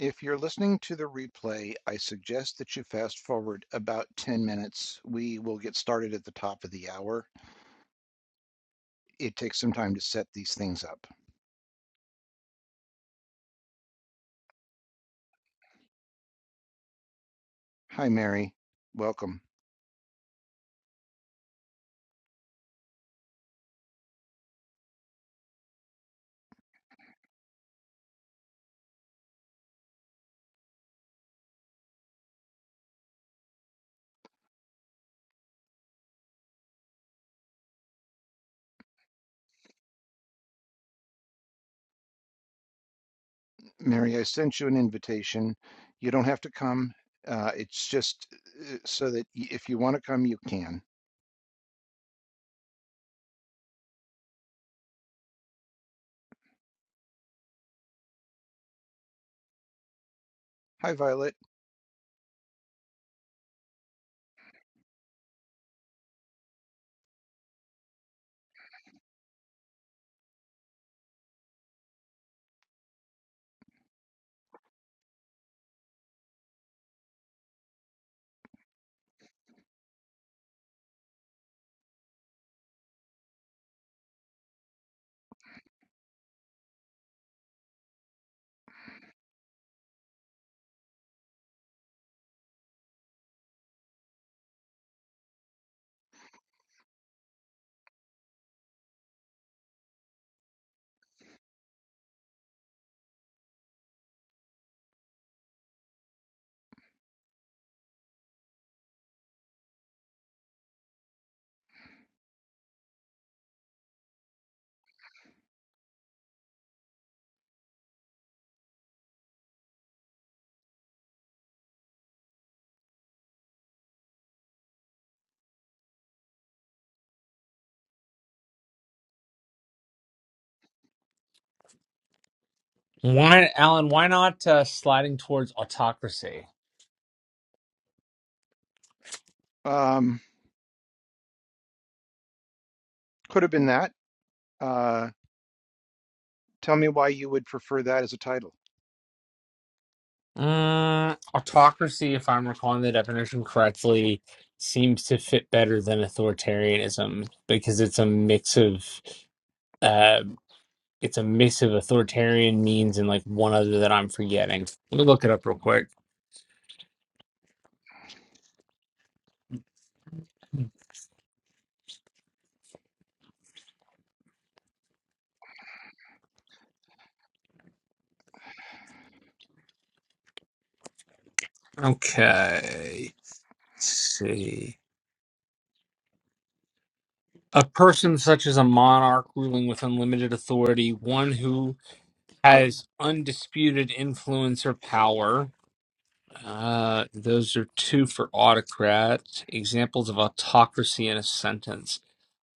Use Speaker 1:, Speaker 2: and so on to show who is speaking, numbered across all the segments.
Speaker 1: If you're listening to the replay, I suggest that you fast forward about 10 minutes. We will get started at the top of the hour. It takes some time to set these things up. Hi, Mary. Welcome. Mary, I sent you an invitation. You don't have to come. Uh, it's just uh, so that y- if you want to come, you can. Hi, Violet.
Speaker 2: Why, Alan? Why not uh, sliding towards autocracy?
Speaker 1: Um, could have been that. Uh, tell me why you would prefer that as a title.
Speaker 2: Mm, autocracy, if I'm recalling the definition correctly, seems to fit better than authoritarianism because it's a mix of uh, it's a mix of authoritarian means and like one other that I'm forgetting. Let me look it up real quick. Okay, let's see. A person such as a monarch ruling with unlimited authority, one who has undisputed influence or power, Uh, those are two for autocrat examples of autocracy in a sentence.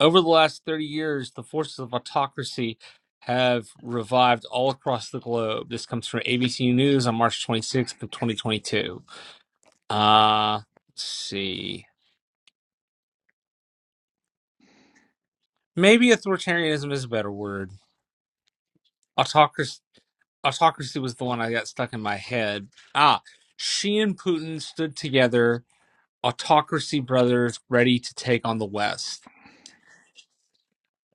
Speaker 2: Over the last 30 years, the forces of autocracy have revived all across the globe. This comes from ABC News on March 26th of 2022. Uh, let's see. Maybe authoritarianism is a better word. Autocracy, autocracy was the one I got stuck in my head. Ah, she and Putin stood together, autocracy brothers ready to take on the West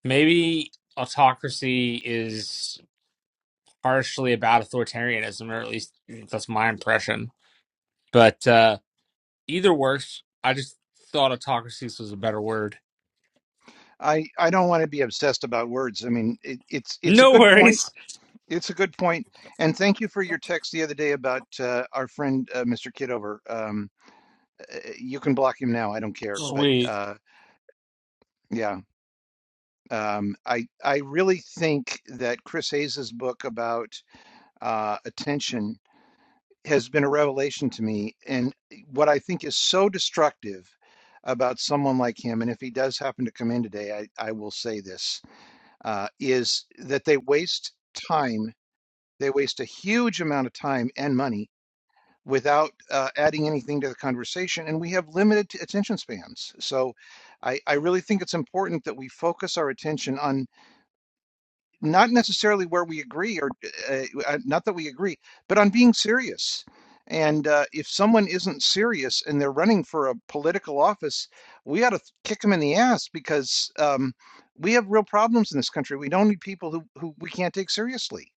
Speaker 2: Maybe autocracy is partially about authoritarianism, or at least that's my impression. But uh, either works. I just thought autocracies was a better word.
Speaker 1: I, I don't want to be obsessed about words. I mean, it, it's it's a
Speaker 2: No
Speaker 1: good point
Speaker 2: worries.
Speaker 1: It's a good point, and thank you for your text the other day about uh, our friend uh, Mr. Kidover. Um, uh, you can block him now; I don't care. But
Speaker 2: Sweet.
Speaker 1: uh, yeah, um, I I really think that Chris Hayes's book about uh, attention has been a revelation to me, and what I think is so destructive about someone like him, and if he does happen to come in today, I I will say this uh, is that they waste time. They waste a huge amount of time and money without uh, adding anything to the conversation. And we have limited attention spans. So I, I really think it's important that we focus our attention on not necessarily where we agree or uh, uh, not that we agree, but on being serious. And uh, if someone isn't serious and they're running for a political office, we ought to kick them in the ass because um, we have real problems in this country. We don't need people who, who we can't take seriously.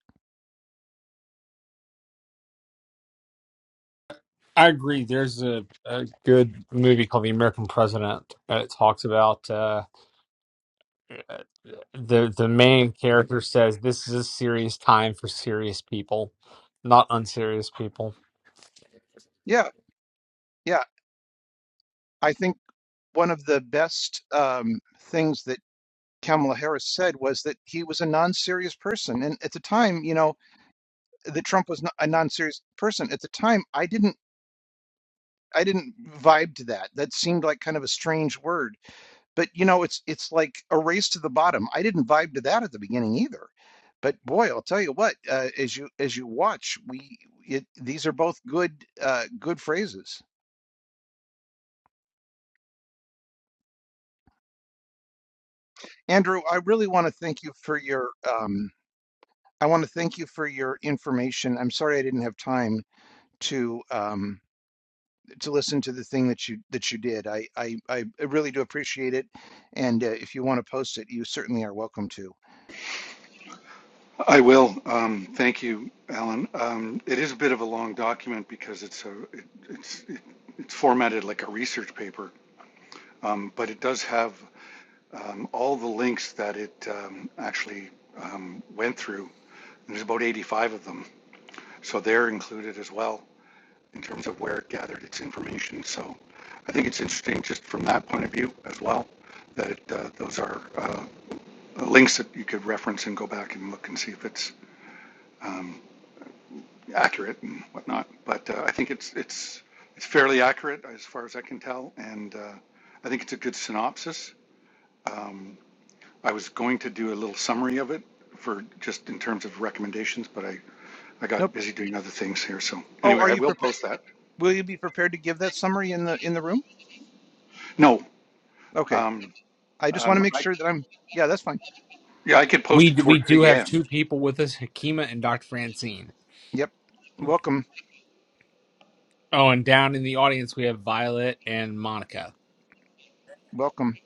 Speaker 2: I agree. There's a, a good movie called The American President. And it talks about uh, the the main character says this is a serious time for serious people, not unserious people.
Speaker 1: Yeah, yeah. I think one of the best um, things that Kamala Harris said was that he was a non-serious person. And at the time, you know, that Trump was not a non-serious person. At the time, I didn't I didn't vibe to that. That seemed like kind of a strange word. But you know, it's it's like a race to the bottom. I didn't vibe to that at the beginning either. But boy, I'll tell you what, uh, as you as you watch, we it, these are both good uh, good phrases. Andrew, I really want to thank you for your um, I want to thank you for your information. I'm sorry I didn't have time to um, to listen to the thing that you that you did. I I, I really do appreciate it, and uh, if you want to post it, you certainly are welcome to.
Speaker 3: I will. Um, thank you, Alan. Um, it is a bit of a long document because it's a it, it's it, it's formatted like a research paper, um, but it does have um, all the links that it um, actually um, went through. And there's about 85 of them, so they're included as well in terms of where it gathered its information. So I think it's interesting just from that point of view as well that uh, those are uh, links that you could reference and go back and look and see if it's accurate and whatnot. But uh, I think it's it's it's fairly accurate as far as I can tell, and uh, I think it's a good synopsis. I was going to do a little summary of it for just in terms of recommendations, but I I got
Speaker 1: Nope.
Speaker 3: busy doing other things here. So
Speaker 1: Oh,
Speaker 3: anyway,
Speaker 1: are
Speaker 3: I
Speaker 1: you
Speaker 3: will
Speaker 1: prepared?
Speaker 3: post that.
Speaker 1: Will you be prepared to give that summary in the in the room?
Speaker 3: No,
Speaker 1: Okay.
Speaker 3: um,
Speaker 1: I just want to
Speaker 3: um,
Speaker 1: make
Speaker 3: I
Speaker 1: sure that I'm. Yeah, that's fine.
Speaker 3: yeah, I could post
Speaker 2: We
Speaker 3: it
Speaker 2: we
Speaker 3: toward
Speaker 2: do
Speaker 3: the
Speaker 2: have
Speaker 3: end.
Speaker 2: two people with us, Hakima and Dr. Francine.
Speaker 1: Yep. Welcome,
Speaker 2: Oh, and down in the audience we have Violet and Monica.
Speaker 1: welcome.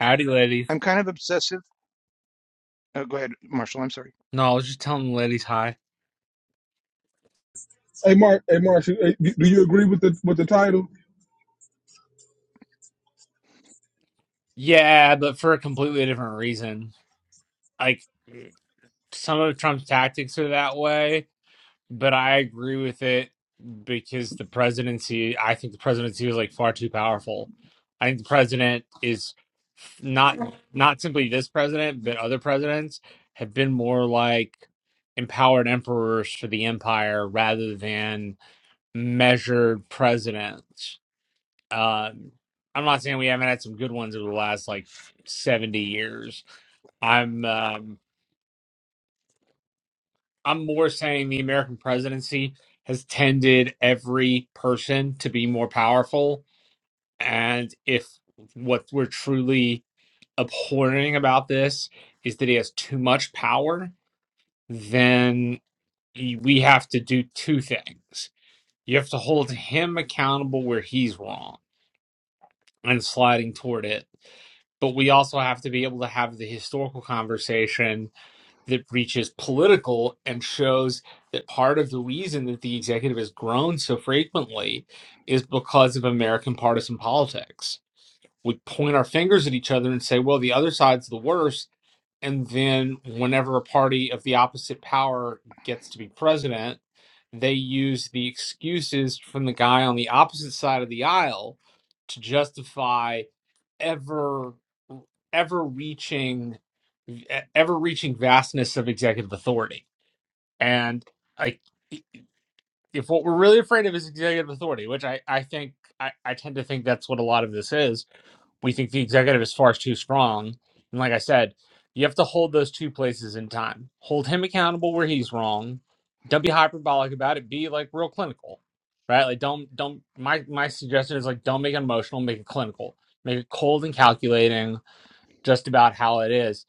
Speaker 2: Howdy, ladies.
Speaker 1: I'm kind of obsessive. Oh, go ahead, Marshall. I'm sorry.
Speaker 2: No, I was just telling the ladies hi.
Speaker 4: Hey Mark, hey Mark, hey, do you agree with the with the title?
Speaker 2: Yeah, but for a completely different reason. Like some of Trump's tactics are that way, but I agree with it because the presidency. I think the presidency was like far too powerful. I think the president is not not simply this president, but other presidents have been more like empowered emperors for the empire rather than measured presidents. Um, I'm not saying we haven't had some good ones over the last like 70 years. I'm um, I'm more saying the American presidency has tended every person to be more powerful, and if what we're truly abhorring about this is that he has too much power, then y- we have to do two things. You have to hold him accountable where he's wrong and sliding toward it but we also have to be able to have the historical conversation that reaches political and shows that part of the reason that the executive has grown so frequently is because of American partisan politics. We point our fingers at each other and say, well, the other side's the worst. And then, whenever a party of the opposite power gets to be president, they use the excuses from the guy on the opposite side of the aisle to justify ever ever reaching ever reaching vastness of executive authority and like if what we're really afraid of is executive authority which i i think I, I tend to think that's what a lot of this is we think the executive is far too strong and like i said you have to hold those two places in time hold him accountable where he's wrong don't be hyperbolic about it be like real clinical right like don't don't my my suggestion is like don't make it emotional make it clinical make it cold and calculating just about how it is.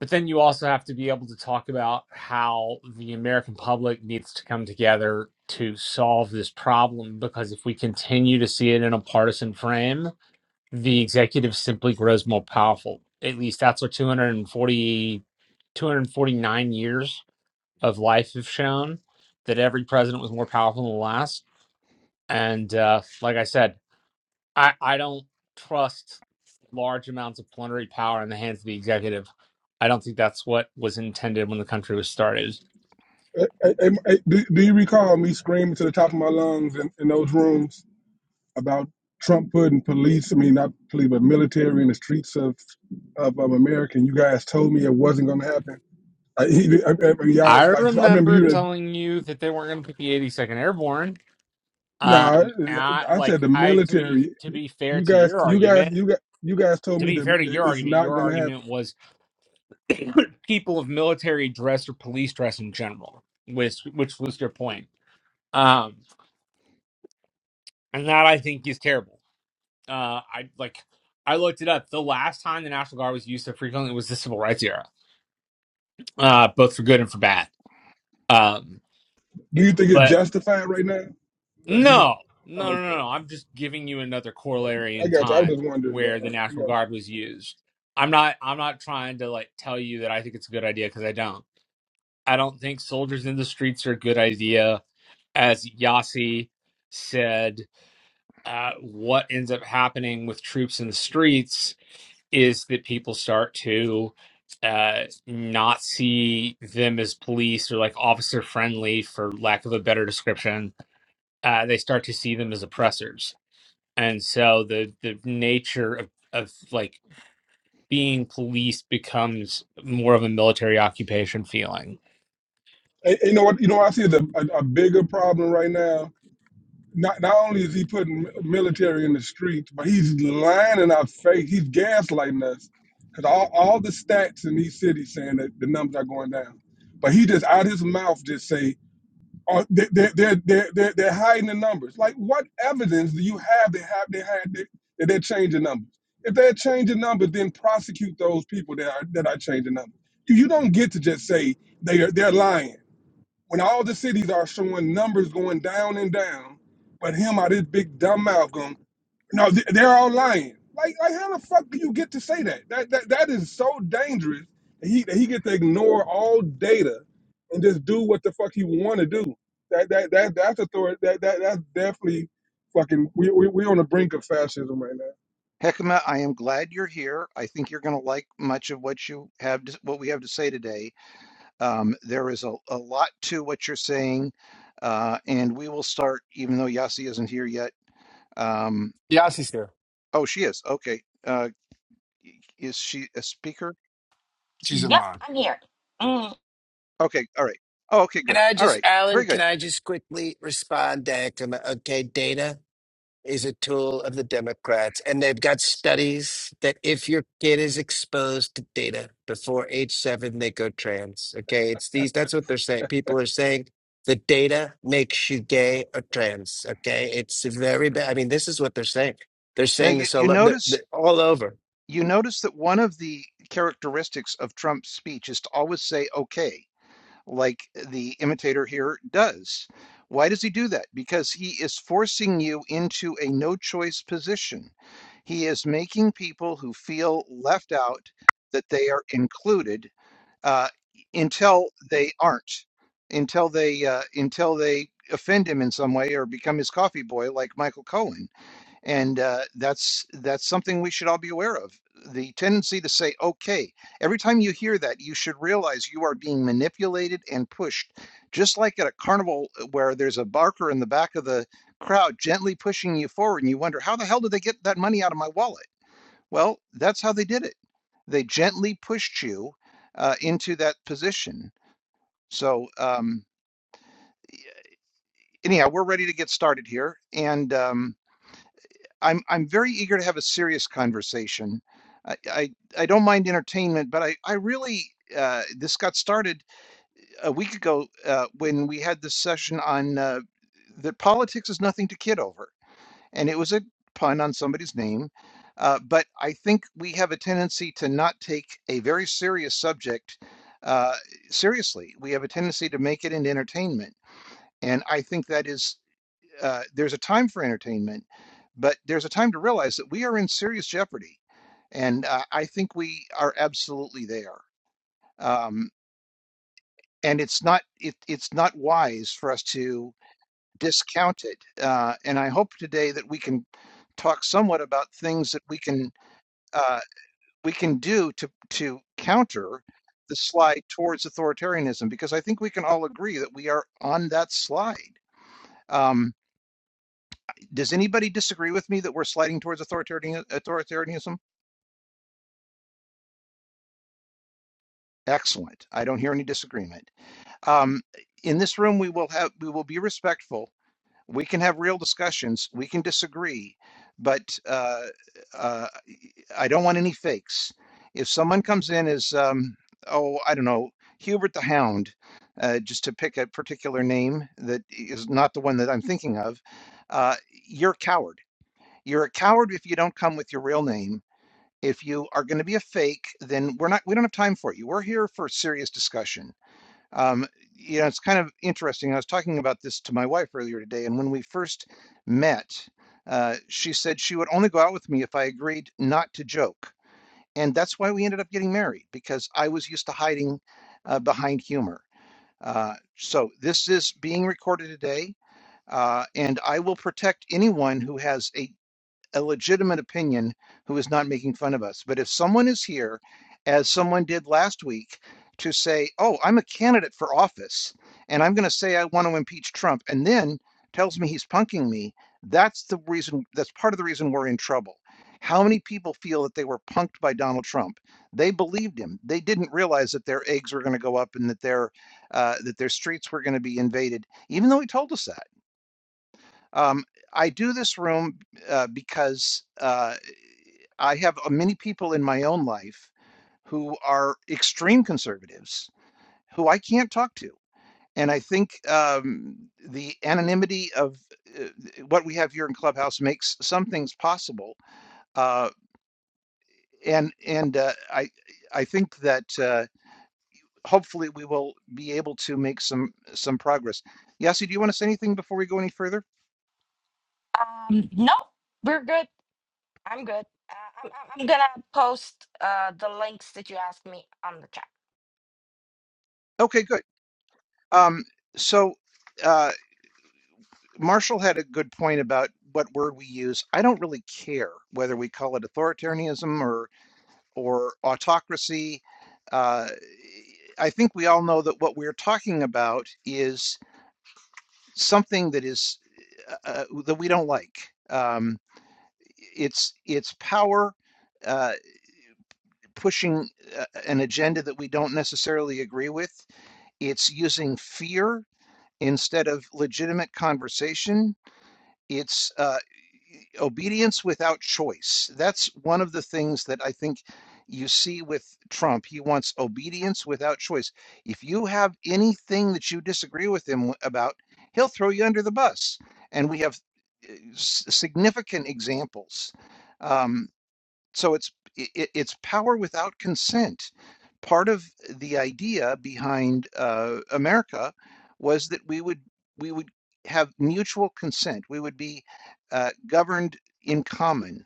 Speaker 2: But then you also have to be able to talk about how the American public needs to come together to solve this problem because if we continue to see it in a partisan frame, the executive simply grows more powerful. At least that's what 240, 249 years of life have shown that every president was more powerful than the last. And uh, like I said, I, I don't trust large amounts of plenary power in the hands of the executive. I don't think that's what was intended when the country was started.
Speaker 4: Hey, hey, hey, do, do you recall me screaming to the top of my lungs in, in those rooms about Trump putting police, I mean not police, but military in the streets of of, of America? And you guys told me it wasn't going to happen. I, I, I, I- y'all-
Speaker 2: I
Speaker 4: like I remember
Speaker 2: remember
Speaker 4: you. to-
Speaker 2: telling you that they weren't going to pick the 82nd Airborne.
Speaker 4: Nah, I,
Speaker 2: Um, and I,
Speaker 4: I said
Speaker 2: like
Speaker 4: the
Speaker 2: I to be
Speaker 4: military.
Speaker 2: to be fair
Speaker 4: You
Speaker 2: to
Speaker 4: guys,
Speaker 2: your
Speaker 4: you guys,
Speaker 2: argument,
Speaker 4: you guys, you guys told
Speaker 2: to
Speaker 4: me
Speaker 2: be
Speaker 4: that
Speaker 2: fair to
Speaker 4: that
Speaker 2: your
Speaker 4: it's
Speaker 2: argument,
Speaker 4: not
Speaker 2: your
Speaker 4: going to happen.
Speaker 2: argument was people of military dress or police dress in general, which which was your point. Um, and that I think is terrible. Uh, I like I looked it up. The last time the National Guard was used so frequently was the Civil Rights era, uh, both for good and for bad. Um,
Speaker 4: Do you think it's
Speaker 2: but
Speaker 4: justified right now? Like, you,
Speaker 2: no, no, no,
Speaker 4: okay,
Speaker 2: no, no. I'm just giving you another corollary
Speaker 4: I
Speaker 2: in
Speaker 4: got you. I was
Speaker 2: time
Speaker 4: just wondering though.
Speaker 2: where
Speaker 4: I
Speaker 2: the
Speaker 4: got
Speaker 2: National
Speaker 4: you.
Speaker 2: Guard was used. I'm not. I'm not trying to like tell you that I think it's a good idea because I don't. I don't think soldiers in the streets are a good idea. as Yasi said, uh, what ends up happening with troops in the streets is that people start to uh, not see them as police or like officer friendly, for lack of a better description. Uh, they start to see them as oppressors, and so the the nature of of like being police becomes more of a military occupation feeling.
Speaker 4: And- and you know what? You know what I see is a, a, a bigger problem right now. Not not only is he putting military in the streets, but he's lying in our face. He's gaslighting us because all, all the stats in these cities saying that the numbers are going down, but he just out his mouth just say, "Oh, they, they, they're they're they're they're hiding the numbers." Like, what evidence do you have? They have they had that that they're changing numbers. If they're changing numbers, then prosecute those people that are that are changing numbers. You you don't get to just say they are they're lying when all the cities are showing numbers going down and down, but him out his big dumb mouth going, no, th- they're all lying. Like, like how the fuck do you get to say that? That that, that is so dangerous that he that he get to ignore all data and just do what the fuck he want to do. That that that that's authority. That that that's definitely fucking. We we we on the brink of fascism right now.
Speaker 1: Hekima, I am glad you're here. I think you're going to like much of what you have, to, what we have to say today. Um, there is a, a lot to what you're saying, uh, and we will start, even though Yasi isn't here yet. Um,
Speaker 5: Yassi's here.
Speaker 1: oh, she is. Okay. Uh, is she a speaker?
Speaker 5: She's in
Speaker 6: Yep,
Speaker 5: mine.
Speaker 6: I'm here. Mm,
Speaker 1: Okay. All right. Oh, okay.
Speaker 5: Can
Speaker 1: Good.
Speaker 5: I
Speaker 1: All
Speaker 5: just,
Speaker 1: right.
Speaker 5: Alan,
Speaker 1: Very
Speaker 5: can
Speaker 1: good.
Speaker 5: I just quickly respond, Dak? Um, Okay, data is a tool of the Democrats, and they've got studies that if your kid is exposed to data before age seven, they go trans. Okay, it's these, that's what they're saying. People are saying the data makes you gay or trans. Okay, it's very bad. I mean, this is what they're saying. They're
Speaker 1: Now
Speaker 5: saying
Speaker 1: you,
Speaker 5: this
Speaker 1: you
Speaker 5: all, o- the- the-
Speaker 1: notice
Speaker 5: all over.
Speaker 1: you notice that one of the characteristics of Trump's speech is to always say okay, like the imitator here does. Why does he do that? Because he is forcing you into a no choice position He is making people who feel left out that they are included uh, until they aren't, until they uh, until they offend him in some way or become his coffee boy, like Michael Cohen. And uh, that's that's something we should all be aware of. The tendency to say "okay" every time you hear that, you should realize you are being manipulated and pushed, just like at a carnival uh, where there's a barker in the back of the crowd gently pushing you forward, and you wonder how the hell did they get that money out of my wallet? Well, that's how they did it. They gently pushed you uh, into that position. So um, anyhow, we're ready to get started here, and um, I'm I'm very eager to have a serious conversation. I I, I don't mind entertainment, but I I really uh, this got started a week ago uh, when we had this session on uh, that politics is nothing to kid over and it was a pun on somebody's name. Uh, but I think we have a tendency to not take a very serious subject uh, seriously. We have a tendency to make it into entertainment, and I think that is uh, there's a time for entertainment, but there's a time to realize that we are in serious jeopardy, and uh, I think we are absolutely there. Um, and it's not it, it's not wise for us to discounted. Uh, and I hope today that we can talk somewhat about things that we can uh, we can do to to counter the slide towards authoritarianism, because I think we can all agree that we are on that slide. Um, does anybody disagree with me that we're sliding towards authoritarian, authoritarianism? Excellent. I don't hear any disagreement. Um, in this room, we will have we will be respectful We can have real discussions. We can disagree, but uh, uh, I don't want any fakes. If someone comes in as, um, oh, I don't know, Hubert the Hound, uh, just to pick a particular name that is not the one that I'm thinking of, uh, you're a coward. You're a coward if you don't come with your real name. If you are going to be a fake, then we're not. We don't have time for you. We're here for a serious discussion. Um, you know, it's kind of interesting. I was talking about this to my wife earlier today, and when we first met, uh, she said she would only go out with me if I agreed not to joke. And that's why we ended up getting married, because I was used to hiding uh, behind humor. Uh, so this is being recorded today, uh, and I will protect anyone who has a a legitimate opinion who is not making fun of us. But if someone is here, as someone did last week, to say, oh, I'm a candidate for office and I'm going to say I want to impeach Trump, and then tells me he's punking me, that's the reason, that's part of the reason we're in trouble. How many people feel that they were punked by Donald Trump? They believed him. They didn't realize that their eggs were going to go up and that their uh, that their streets were going to be invaded, even though he told us that. Um, I do this room uh, because uh, I have uh, many people in my own life who are extreme conservatives who I can't talk to. And I think um, the anonymity of uh, what we have here in Clubhouse makes some things possible. Uh, and and uh, I I think that uh, hopefully we will be able to make some some progress. Yasi, do you want to say anything before we go any further?
Speaker 6: um, no, we're good. I'm good. Uh, I'm, I'm I'm gonna post uh, the links that you asked me on the chat.
Speaker 1: Okay, good. Um, so. Uh, Marshall had a good point about what word we use. I don't really care whether we call it authoritarianism or or autocracy. Uh, I think we all know that what we're talking about is something that is uh, uh, that we don't like. Um, it's it's power uh, pushing uh, an agenda that we don't necessarily agree with. It's using fear instead of legitimate conversation It's uh, e, obedience without choice. That's one of the things that I think you see with Trump. He wants obedience without choice. If you have anything that you disagree with him about, he'll throw you under the bus. And we have uh, s- significant examples. Um, so it's it, it's power without consent. Part of the idea behind uh, America was that we would we would have mutual consent. We would be uh, governed in common.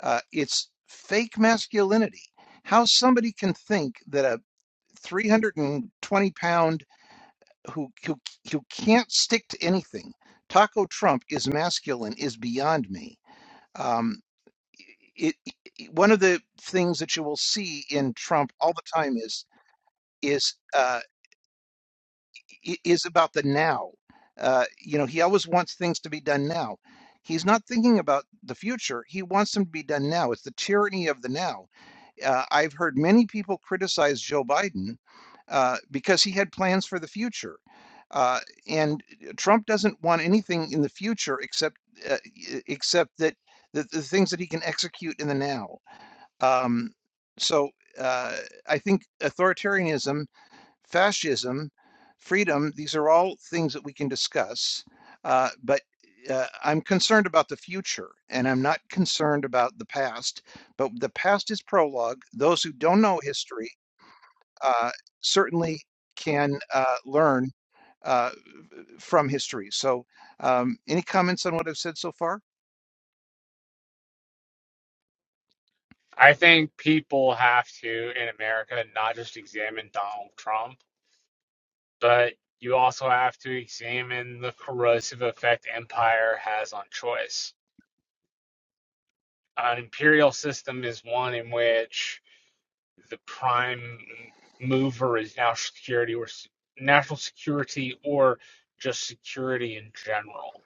Speaker 1: Uh, it's fake masculinity. How somebody can think that a 320 pound who, who who can't stick to anything, Taco Trump is masculine is beyond me. Um, it, it- one of the things that you will see in Trump all the time is is uh, is about the now. Uh, you know, he always wants things to be done now. He's not thinking about the future. He wants them to be done now. It's the tyranny of the now. Uh, I've heard many people criticize Joe Biden uh, because he had plans for the future. Uh, and Trump doesn't want anything in the future except uh, e- except that the, the things that he can execute in the now. Um, so uh, I think authoritarianism, fascism, freedom, these are all things that we can discuss. Uh, but uh, I'm concerned about the future and I'm not concerned about the past. But the past is prologue. Those who don't know history uh, certainly can uh, learn uh, from history. So, um, any comments on what I've said so far?
Speaker 2: I think people have to in America not just examine Donald Trump, but you also have to examine the corrosive effect empire has on choice. An imperial system is one in which the prime mover is national security or national security or just security in general,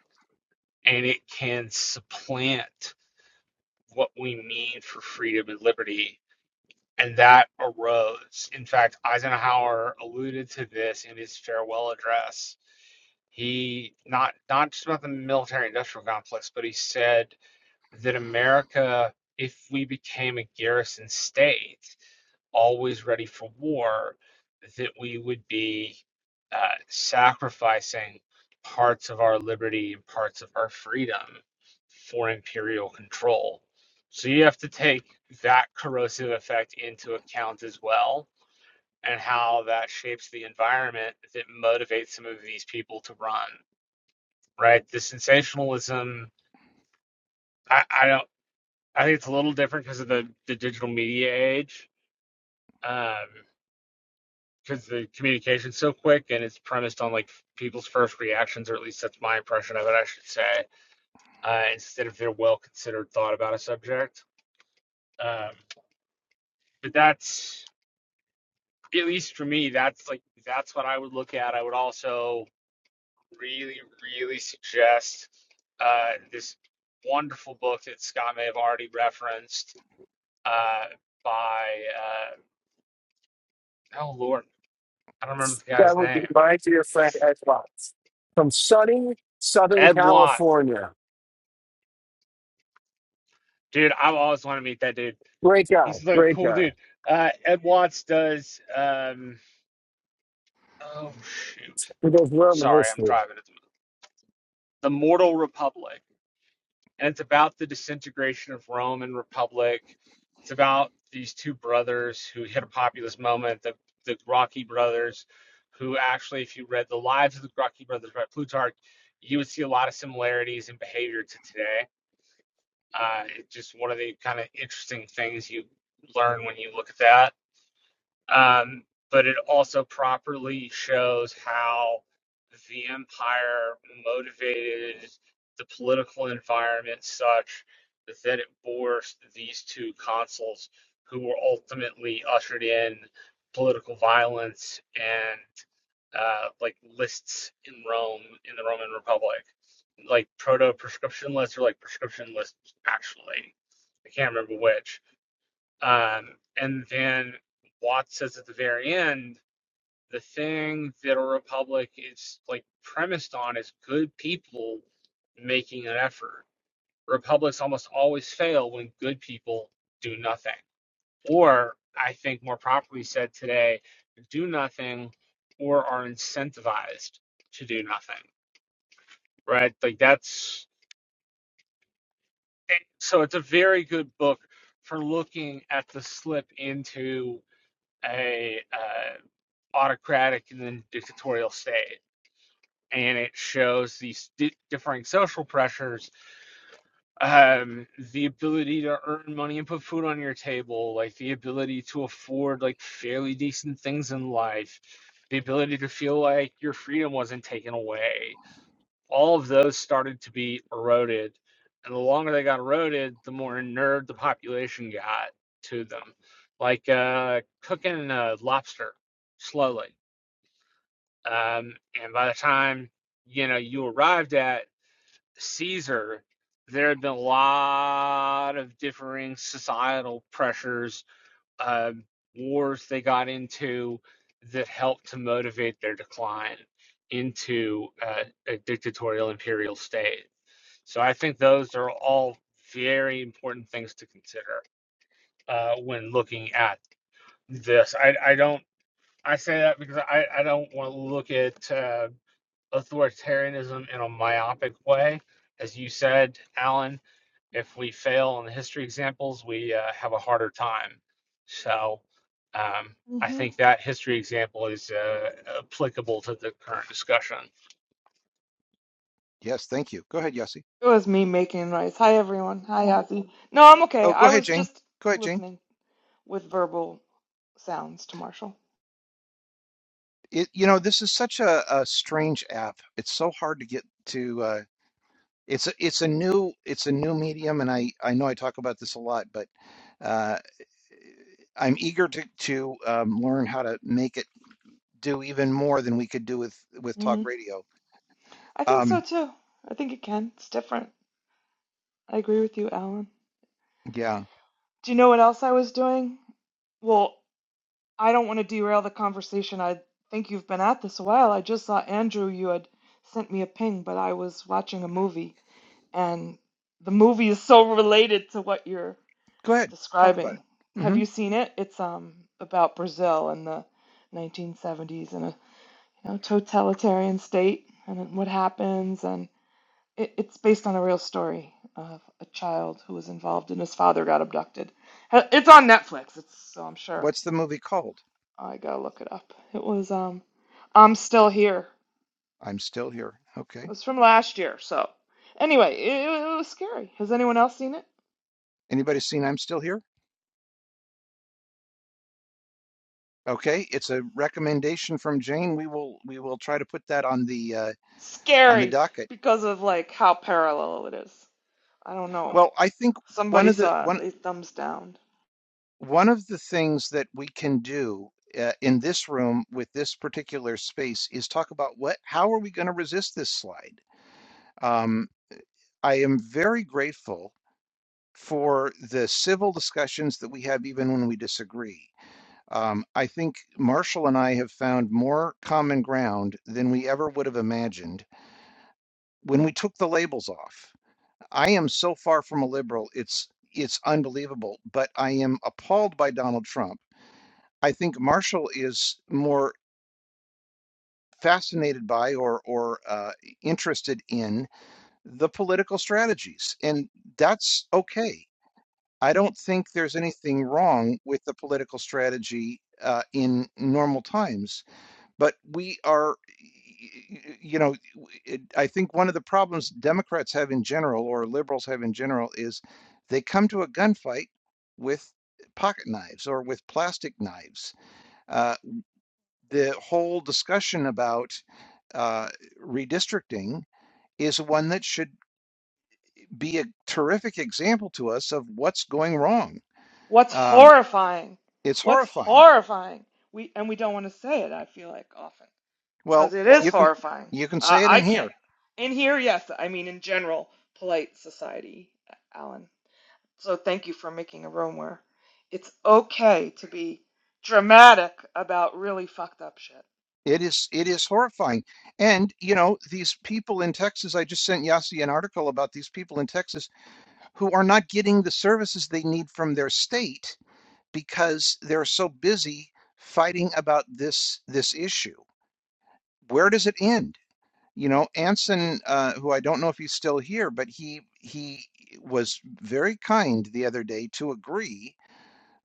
Speaker 2: and it can supplant what we mean for freedom and liberty and that arose. In fact, Eisenhower alluded to this in his farewell address. He not not just about the military industrial complex, but he said that America, if we became a garrison state, always ready for war, that we would be uh, sacrificing parts of our liberty and parts of our freedom for imperial control. So you have to take that corrosive effect into account as well, and how that shapes the environment that motivates some of these people to run. Right, the sensationalism. I, I don't. I think it's a little different because of the, the digital media age, because um, the communication's so quick and it's premised on like people's first reactions, or at least that's my impression of it, I should say, uh, instead of their well considered thought about a subject. Um, but that's, at least for me, that's like, that's what I would look at. I would also really, really suggest uh, this wonderful book that Scott may have already referenced uh, by, uh, oh Lord. I don't remember the
Speaker 5: That
Speaker 2: guy's
Speaker 5: would
Speaker 2: name.
Speaker 5: be my dear friend Ed Watts from sunny Southern
Speaker 2: Ed Watts.
Speaker 5: California.
Speaker 2: Dude, I've always wanted to meet that dude.
Speaker 5: Great guy,
Speaker 2: He's like a
Speaker 5: great
Speaker 2: cool
Speaker 5: guy.
Speaker 2: dude. Uh, Ed Watts does, um, oh, shoot.
Speaker 5: He goes Roman
Speaker 2: Sorry, I'm
Speaker 5: history.
Speaker 2: driving at the moment. The Mortal Republic. And it's about the disintegration of Rome and Republic. It's about these two brothers who hit a populist moment, the, the Gracchi brothers, who actually, if you read The Lives of the Gracchi Brothers by Plutarch, you would see a lot of similarities in behavior to today Uh, it's just one of the kind of interesting things you learn when you look at that um, but it also properly shows how the empire motivated the political environment such that it bore these two consuls who were ultimately ushered in political violence and uh, like lists in Rome in the Roman Republic. Like proto prescription lists or like prescription lists actually. I can't remember which. Um, and then Watts says at the very end, the thing that a republic is like premised on is good people making an effort. Republics almost always fail when good people do nothing. Or I think more properly said today, do nothing or are incentivized to do nothing. Right? Like that's eh, so it's a very good book for looking at the slip into a uh, autocratic and then dictatorial state. And it shows these di- differing social pressures, um, the ability to earn money and put food on your table, like the ability to afford like fairly decent things in life, the ability to feel like your freedom wasn't taken away. All of those started to be eroded. And the longer they got eroded, the more inured the population got to them. Like uh, cooking uh, lobster slowly. Um, and by the time you know you arrived at Caesar, there had been a lot of differing societal pressures, uh, wars they got into that helped to motivate their decline into uh, a dictatorial imperial state. So I think those are all very important things to consider uh, when looking at this. I, I don't. I say that because I, I don't want to look at. Um, authoritarianism in a myopic way. As you said, Alan, if we fail on the history examples, we uh, have a harder time. So um, I
Speaker 7: hmm
Speaker 2: think that history example is uh, applicable to the current discussion.
Speaker 1: Yes, thank you. Go ahead, Yossi.
Speaker 7: It was me making noise. Hi, everyone. Hi, Ozzy. No, I'm okay.
Speaker 1: Oh, go
Speaker 7: I
Speaker 1: ahead,
Speaker 7: was
Speaker 1: Jane.
Speaker 7: just
Speaker 1: Go ahead, Jane.
Speaker 7: listening with verbal sounds to Marshall.
Speaker 1: It, you know, this is such a, a strange app. It's so hard to get to. Uh, it's a, it's a new it's a new medium, and I I know I talk about this a lot, but uh, I'm eager to to um, learn how to make it do even more than we could do with with talk
Speaker 7: hmm
Speaker 1: radio.
Speaker 7: I think
Speaker 1: Um,
Speaker 7: so too. I think it can. It's different. I agree with you, Alan.
Speaker 1: yeah,
Speaker 7: Do you know what else I was doing? Well, I don't want to derail the conversation. I think you've been at this a while. I just saw Andrew, you had sent me a ping, but I was watching a movie, and the movie is so related to what you're
Speaker 1: go ahead, talk about
Speaker 7: describing.
Speaker 1: it.
Speaker 7: Have
Speaker 1: hmm
Speaker 7: you seen it? It's um about Brazil in the 1970s in a you know, totalitarian state and then what happens and it, it's based on a real story of a child who was involved and his father got abducted. Ha- It's on Netflix. It's so I'm sure
Speaker 1: What's the movie called?
Speaker 7: I gotta look it up. It was um I'm still here.
Speaker 1: I'm still here.
Speaker 7: It
Speaker 1: Okay.
Speaker 7: was from last year. So anyway, it, it was scary. Has anyone else seen it?
Speaker 1: Anybody seen I'm still here? Okay, it's a recommendation from Jane. We will we will try to put that on the uh, on the
Speaker 7: Scary
Speaker 1: docket.
Speaker 7: because of like how parallel it is. I don't know.
Speaker 1: Well, I think one
Speaker 7: Somebody
Speaker 1: of the
Speaker 7: saw it.
Speaker 1: one
Speaker 7: They thumbs down.
Speaker 1: one of the things that we can do uh, in this room with this particular space is talk about what how are we going to resist this slide? Um, I am very grateful for the civil discussions that we have even when we disagree. Um, I think Marshall and I have found more common ground than we ever would have imagined when we took the labels off. I am so far from a liberal. It's it's unbelievable, but I am appalled by Donald Trump. I think Marshall is more fascinated by or or uh, interested in the political strategies, and that's okay. I don't think there's anything wrong with the political strategy uh, in normal times but we are you know it, i think one of the problems democrats have in general or liberals have in general is they come to a gunfight with pocket knives or with plastic knives uh, the whole discussion about uh, redistricting is one that should be a terrific example to us of what's going wrong
Speaker 7: What's
Speaker 1: um,
Speaker 7: horrifying?
Speaker 1: it's
Speaker 7: What's
Speaker 1: horrifying
Speaker 7: horrifying? We and we don't want to say it. I feel like often
Speaker 1: well
Speaker 7: because it is
Speaker 1: you can
Speaker 7: horrifying.
Speaker 1: you can
Speaker 7: I,
Speaker 1: say it
Speaker 7: I
Speaker 1: in
Speaker 7: can't.
Speaker 1: here
Speaker 7: In here, yes. I mean, in general, polite society, Alan. So thank you for making a room where it's okay to be dramatic about really fucked up shit.
Speaker 1: It is it is horrifying. And you know, these people in Texas, I just sent Yasi an article about these people in Texas who are not getting the services they need from their state because they're so busy fighting about this this issue. Where does it end? You know, Anson, uh, who I don't know if he's still here, but he he was very kind the other day to agree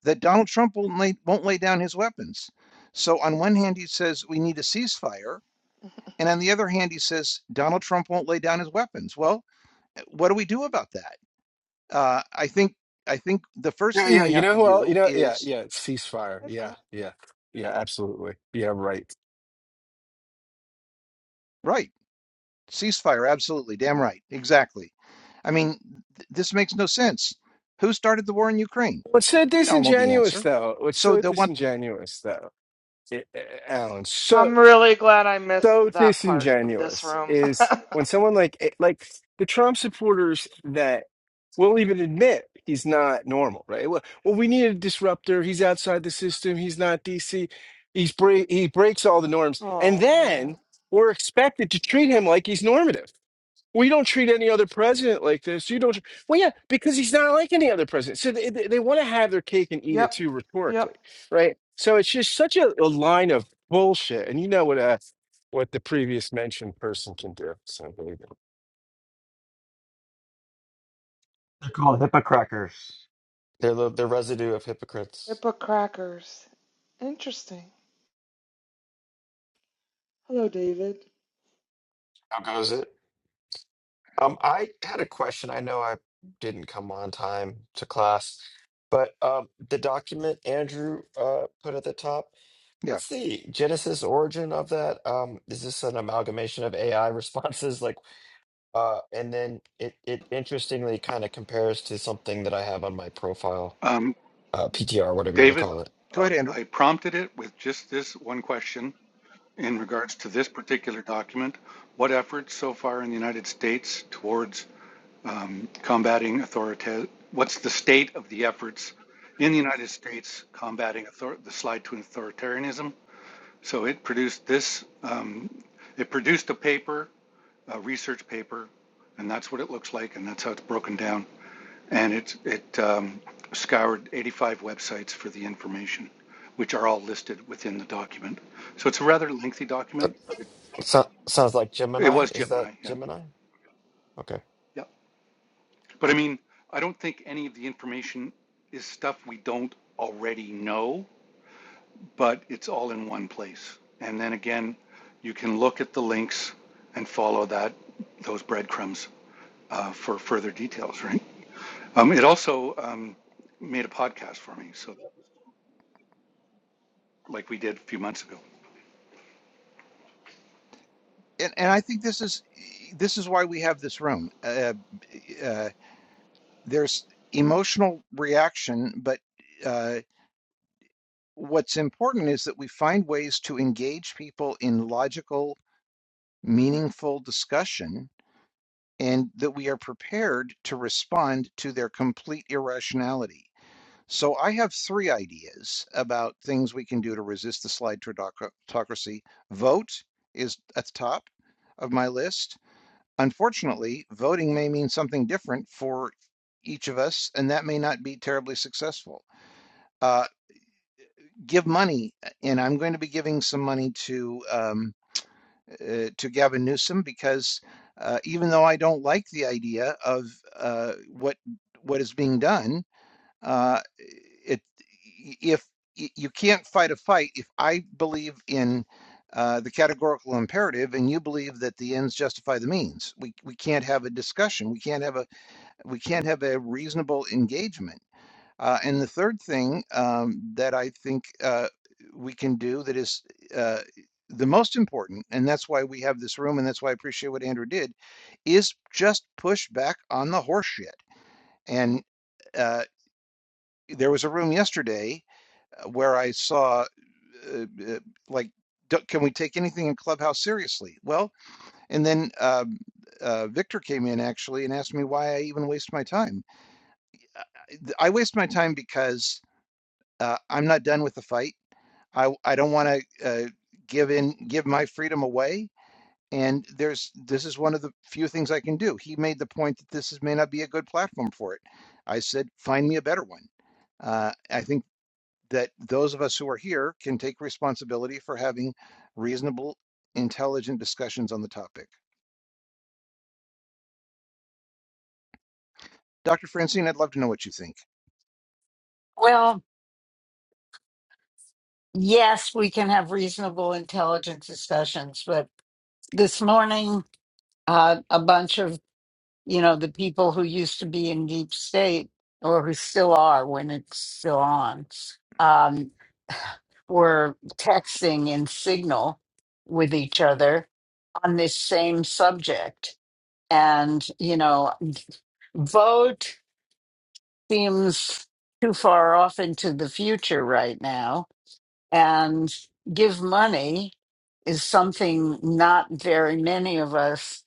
Speaker 1: that Donald Trump won't lay, won't lay down his weapons. So on one hand, he says we need a ceasefire, and on the other hand, he says Donald Trump won't lay down his weapons. Well, eh, what do we do about that? Uh, I think I think the first
Speaker 5: Yeah,
Speaker 1: thing
Speaker 5: yeah.
Speaker 1: we
Speaker 5: You
Speaker 1: have
Speaker 5: know
Speaker 1: to
Speaker 5: who else? You
Speaker 1: do
Speaker 5: know, yeah,
Speaker 1: is
Speaker 5: yeah. Ceasefire.
Speaker 7: It's
Speaker 5: Yeah,
Speaker 7: not.
Speaker 5: yeah, yeah. Absolutely. Yeah, right.
Speaker 1: right ceasefire. Absolutely, damn right, exactly. I mean, th- this makes no sense. Who started the war in Ukraine?
Speaker 5: What's so
Speaker 1: We don't know the
Speaker 5: disingenuous,
Speaker 1: answer.
Speaker 5: though? What's
Speaker 1: So
Speaker 5: so
Speaker 1: the one,
Speaker 5: disingenuous, though, I- I- Alan? So
Speaker 7: I'm really glad I missed
Speaker 5: so
Speaker 7: that part of this
Speaker 5: disingenuous
Speaker 7: room.
Speaker 5: is when someone like it- like the Trump supporters that will even admit he's not normal, right? Well, well, we need a disruptor. He's outside the system. He's not DC. He's break he breaks all the norms, and
Speaker 7: oh man.
Speaker 5: then we're expected to treat him like he's normative we don't treat any other president like this. You don't. tr- Well, yeah, because he's not like any other president. So they, they want to have their cake and eat it
Speaker 7: Yep.
Speaker 5: too,
Speaker 7: Yep.
Speaker 5: rhetorically, right? So it's just such a, a line of bullshit. And you know what? Uh, what the previous mentioned person can do. So there you go.
Speaker 8: They're called hippocrackers. They're the the residue of hypocrites.
Speaker 7: HIPAA crackers. Interesting. Hello, David.
Speaker 8: How goes it? Um, I had a question. I know I didn't come on time to class, but um, the document Andrew uh, put at the top,
Speaker 1: yeah,
Speaker 8: what's the genesis origin of that? Um, is this an amalgamation of AI responses? Like, uh, and then it it interestingly kind of compares to something that I have on my profile,
Speaker 3: Um,
Speaker 8: uh, PTR, whatever you want to
Speaker 3: David,
Speaker 8: call it.
Speaker 1: go
Speaker 3: uh,
Speaker 1: ahead, Andrew.
Speaker 3: I prompted it with just this one question in regards to this particular document. What efforts so far in the United States towards um, combating authorita, what's the state of the efforts in the United States combating author, the slide to authoritarianism? So it produced this, um, it produced a paper, a research paper, and that's what it looks like, and that's how it's broken down. And it, it um, scoured 85 websites for the information, which are all listed within the document. So it's a rather lengthy document.
Speaker 8: So, sounds like
Speaker 3: It
Speaker 8: Gemini.
Speaker 3: was
Speaker 8: Is that
Speaker 3: Gemini, yeah.
Speaker 8: Gemini? Okay.
Speaker 3: yeah. But I mean, I don't think any of the information is stuff we don't already know, but it's all in one place. And then again, you can look at the links and follow that those breadcrumbs uh, for further details, right? Um, it also um, made a podcast for me, so like we did a few months ago.
Speaker 1: And, and I think this is eh, this is why we have this room. Uh, uh, there's emotional reaction, but uh, what's important is that we find ways to engage people in logical, meaningful discussion and that we are prepared to respond to their complete irrationality. So, I have three ideas about things we can do to resist the slide to autocracy. Vote is at the top of my list. Unfortunately, voting may mean something different for each of us, and that may not be terribly successful. Uh, give money, and I'm going to be giving some money to um, uh, to Gavin Newsom because uh, even though I don't like the idea of uh, what what is being done, uh, it if you can't fight a fight, if I believe in uh, the categorical imperative, and you believe that the ends justify the means. We we can't have a discussion. We can't have a we can't have a reasonable engagement uh, and the third thing um, that I think uh, we can do that is uh, the most important, and that's why we have this room, and that's why I appreciate what Andrew did, is just push back on the horse shit. And uh, there was a room yesterday uh, where I saw, uh, uh, like, "D- can we take anything in Clubhouse seriously? Well, and then um, uh, Victor came in actually and asked me why I even waste my time. Uh, th- I waste my time because uh, I'm not done with the fight. I I w- I don't want to uh, give in give my freedom away. And there's this is one of the few things I can do. He made the point that this is, may not be a good platform for it. I said, find me a better one. Uh, I think that those of us who are here can take responsibility for having reasonable, intelligent discussions on the topic. Dr. Francine, I'd love to know what you think.
Speaker 9: Well, yes, we can have reasonable intelligence discussions, but this morning, uh, a bunch of you know the people who used to be in deep state or who still are when it's still on um, were texting in Signal with each other on this same subject, and you know, vote seems too far off into the future right now And give money is something not very many of us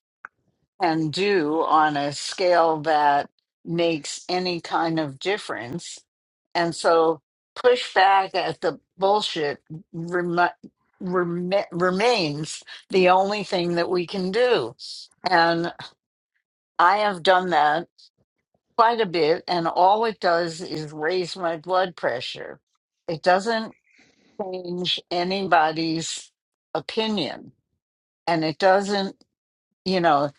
Speaker 9: can do on a scale that makes any kind of difference. And so push back at the bullshit remi- remi- remains the only thing that we can do. And I have done that quite a bit. And all it does is raise my blood pressure. It doesn't change anybody's opinion and it doesn't you know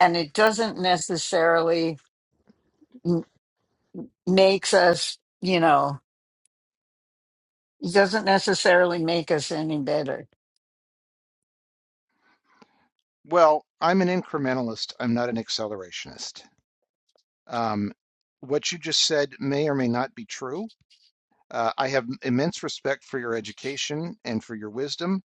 Speaker 9: and it doesn't necessarily m- makes us you know it doesn't necessarily make us any better
Speaker 1: Well, I'm an incrementalist. I'm not an accelerationist. Um, what you just said may or may not be true Uh, I have immense respect for your education and for your wisdom,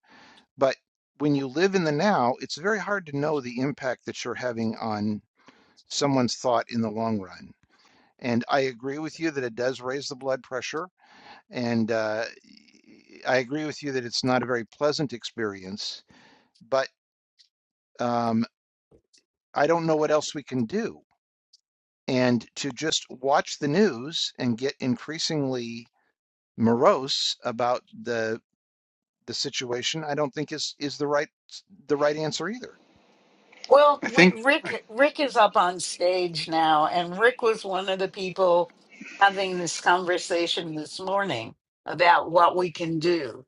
Speaker 1: but when you live in the now, it's very hard to know the impact that you're having on someone's thought in the long run. And I agree with you that it does raise the blood pressure, and uh, I agree with you that it's not a very pleasant experience. But um, I don't know what else we can do. And to just watch the news and get increasingly morose about the the situation, I don't think is is the right the right answer either.
Speaker 9: well
Speaker 3: I
Speaker 9: we,
Speaker 3: think
Speaker 9: rick rick is up on stage now and rick was one of the people having this conversation this morning about what we can do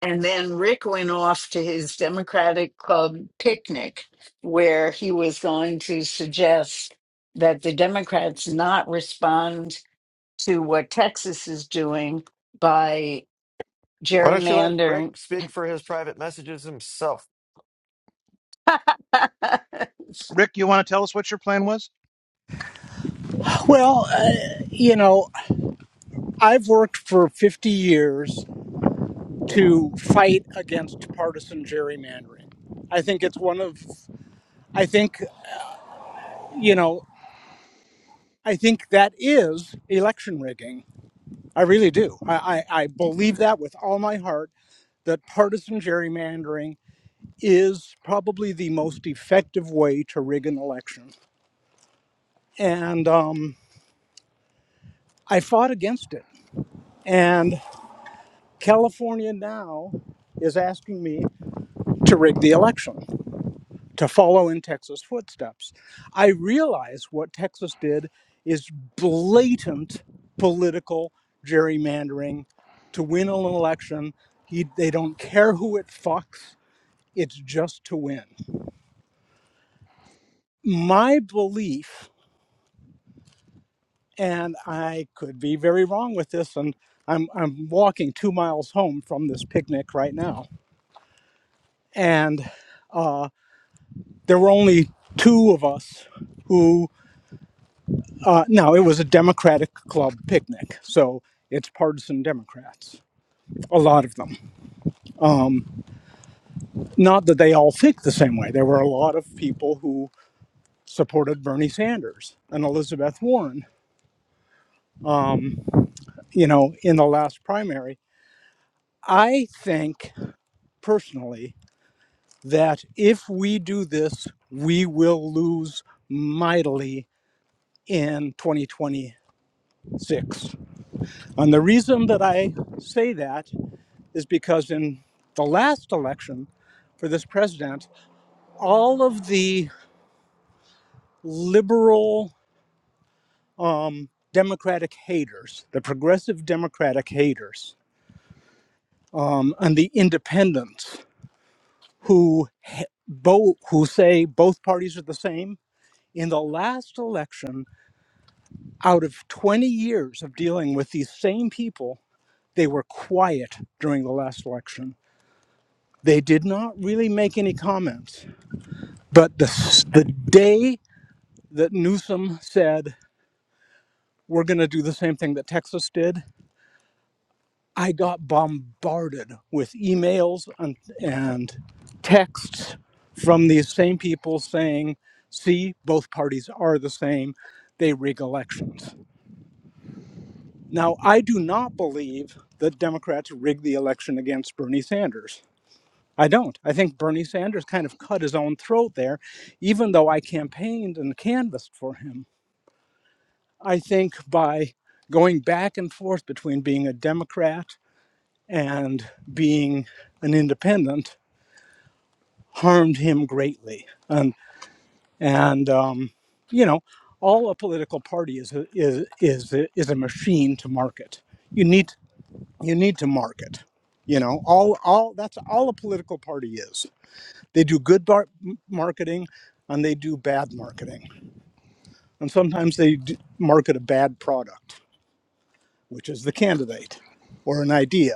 Speaker 9: And then Rick went off to his Democratic Club picnic, where he was going to suggest that the Democrats not respond to what Texas is doing by
Speaker 8: Why don't you let Rick
Speaker 9: gerrymandering.
Speaker 8: speak
Speaker 9: you
Speaker 8: for his private messages himself?
Speaker 9: know,
Speaker 1: Rick, you want to tell us what your plan was?
Speaker 10: Well, uh, you know, I've worked for 50 years to fight against partisan gerrymandering. I think it's one of, I think, you know, I think that is election rigging. I really do. I, I, I believe that with all my heart that partisan gerrymandering is probably the most effective way to rig an election. And um, I fought against it. And California now is asking me to rig the election to follow in Texas' footsteps. I realize what Texas did is blatant political gerrymandering to win an election. He, they don't care who it fucks, it's just to win. My belief, and I could be very wrong with this, and I'm, I'm walking two miles home from this picnic right now, and uh, there were only two of us who. Uh, no, it was a Democratic club picnic, so it's partisan Democrats, a lot of them. Um, not that they all think the same way. There were a lot of people who supported Bernie Sanders and Elizabeth Warren. Um, you know, in the last primary, I think personally that if we do this, we will lose mightily in 2026. And the reason that I say that is because in the last election for this president, all of the liberal um, Democratic haters, the progressive Democratic haters, um, and the independents who both who say both parties are the same. In the last election, out of 20 years of dealing with these same people, they were quiet during the last election. They did not really make any comments. But the, the day that Newsom said, we're going to do the same thing that Texas did. I got bombarded with emails and, and texts from these same people saying, see, both parties are the same. They rig elections. Now, I do not believe that Democrats rigged the election against Bernie Sanders. I don't. I think Bernie Sanders kind of cut his own throat there, even though I campaigned and canvassed for him. I think by going back and forth between being a Democrat and being an independent harmed him greatly. And and um, you know, all a political party is a, is is a, is a machine to market. You need you need to market. You know, all all that's all a political party is. They do good bar- marketing, and they do bad marketing, and sometimes they d- market a bad product, which is the candidate or an idea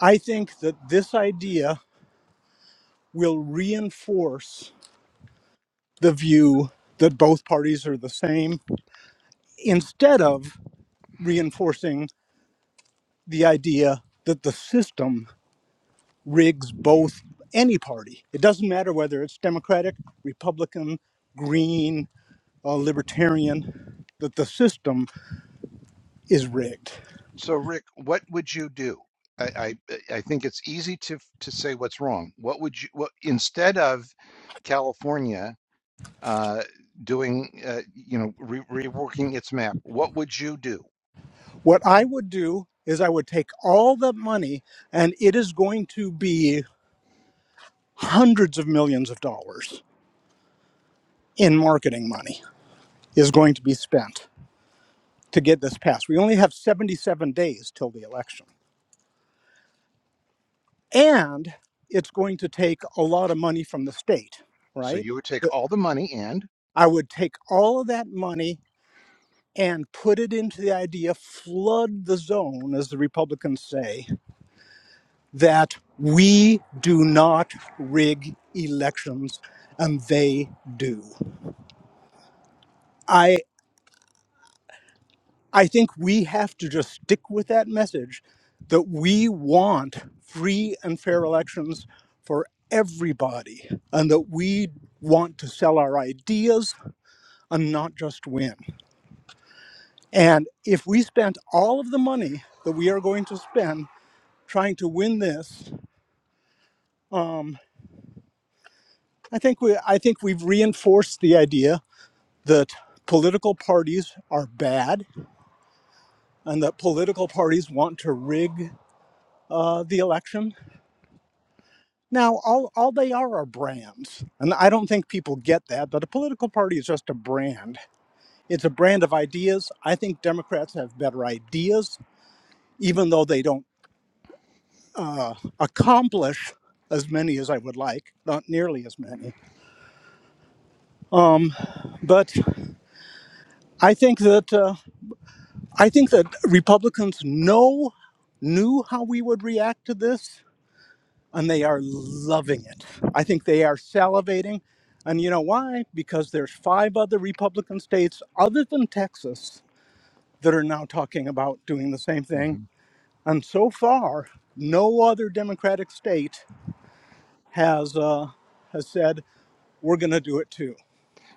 Speaker 10: I think that this idea will reinforce the view that both parties are the same instead of reinforcing the idea that the system rigs both any party. It doesn't matter whether it's Democratic, Republican, Green, uh, Libertarian, that the system is rigged.
Speaker 1: So, Rick, what would you do? I I, I think it's easy to to say what's wrong. What would you what instead of California uh, doing uh, you know re- reworking its map? What would you do?
Speaker 10: What I would do is I would take all that money, and it is going to be hundreds of millions of dollars in marketing money is going to be spent to get this passed. We only have 77 days till the election. And it's going to take a lot of money from the state,
Speaker 1: So
Speaker 10: right?
Speaker 1: you would take
Speaker 10: The-
Speaker 1: all the money and
Speaker 10: I would take all of that money and put it into the idea, flood the zone, as the Republicans say, that we do not rig elections and they do. I. I think we have to just stick with that message that we want free and fair elections for everybody and that we want to sell our ideas and not just win. And if we spent all of the money that we are going to spend trying to win this, um, I think we I think we've reinforced the idea that political parties are bad and that political parties want to rig uh, the election Now, all, all they are are brands. And I don't think people get that, that a political party is just a brand. It's a brand of ideas. I think Democrats have better ideas, even though they don't uh, accomplish as many as I would like, not nearly as many. Um, but I think that uh, I think that Republicans know knew how we would react to this and they are loving it. I think they are salivating. And you know why? Because there's five other Republican states other than Texas that are now talking about doing the same thing.
Speaker 1: Mhm.
Speaker 10: And so far, no other Democratic state has uh, has said we're going to do it too.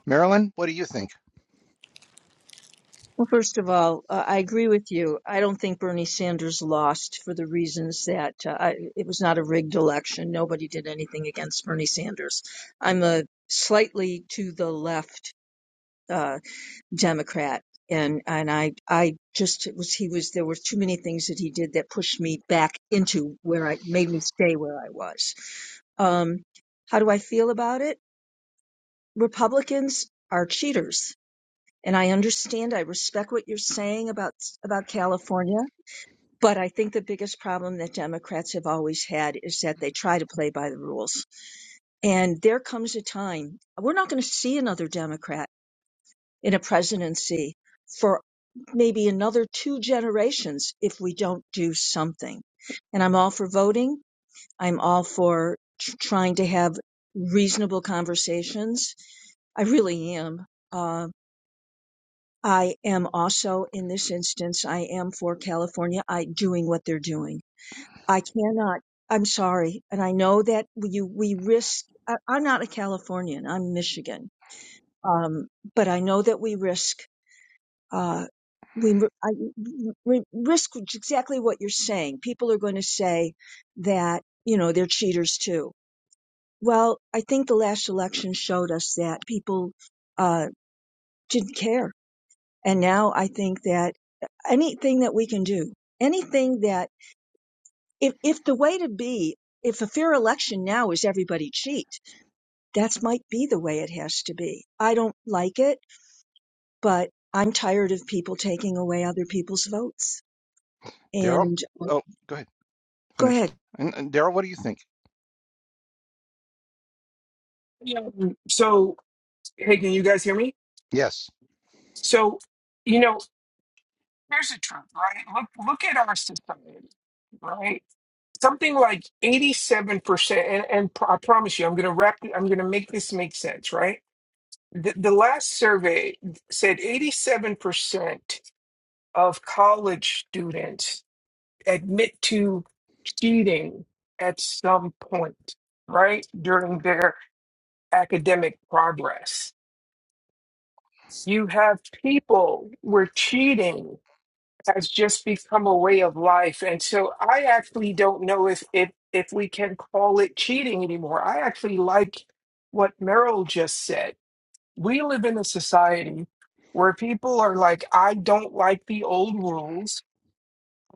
Speaker 1: Marilyn. What do you think,
Speaker 11: Well, first of all, uh, I agree with you. I don't think Bernie Sanders lost for the reasons that uh, I, it was not a rigged election. Nobody did anything against Bernie Sanders. I'm a slightly to the left uh, Democrat, and and I I just it was he was there were too many things that he did that pushed me back into where I made me stay where I was. Um, how do I feel about it? Republicans are cheaters and I understand, I respect what you're saying about, about California, but I think the biggest problem that Democrats have always had is that they try to play by the rules. And there comes a time, we're not going to see another Democrat in a presidency for maybe another two generations if we don't do something. And I'm all for voting. I'm all for tr- trying to have reasonable conversations. I really am. Um, I am also, in this instance, I am for California I, doing what they're doing. I cannot. I'm sorry, and I know that we we risk. I, I'm not a Californian. I'm Michigan, um, but I know that we risk. Uh, we I, we risk exactly what you're saying. People are going to say that you know they're cheaters too. Well, I think the last election showed us that people uh, didn't care And now I think that anything that we can do, anything that if, if the way to be, if a fair election now is everybody cheat, that might be the way it has to be. I don't like it, but I'm tired of people taking away other people's votes.
Speaker 1: Daryl?
Speaker 11: And
Speaker 1: Oh, go ahead,
Speaker 11: go
Speaker 1: finish.
Speaker 11: ahead.
Speaker 1: And, and Daryl, what do you think?
Speaker 12: Yeah. So, hey, can you guys hear me?
Speaker 1: Yes,
Speaker 12: So, you know, here's the truth, right? Look, look at our society, right? Something like 87%, and, and pr- I promise you, I'm going to wrap, I'm going to make this make sense, right? The, the last survey said 87% of college students admit to cheating at some point, right? During their academic progress You have people where cheating has just become a way of life. And so I actually don't know if if, if we can call it cheating anymore. I actually like what Merrill just said. We live in a society where people are like, I don't like the old rules.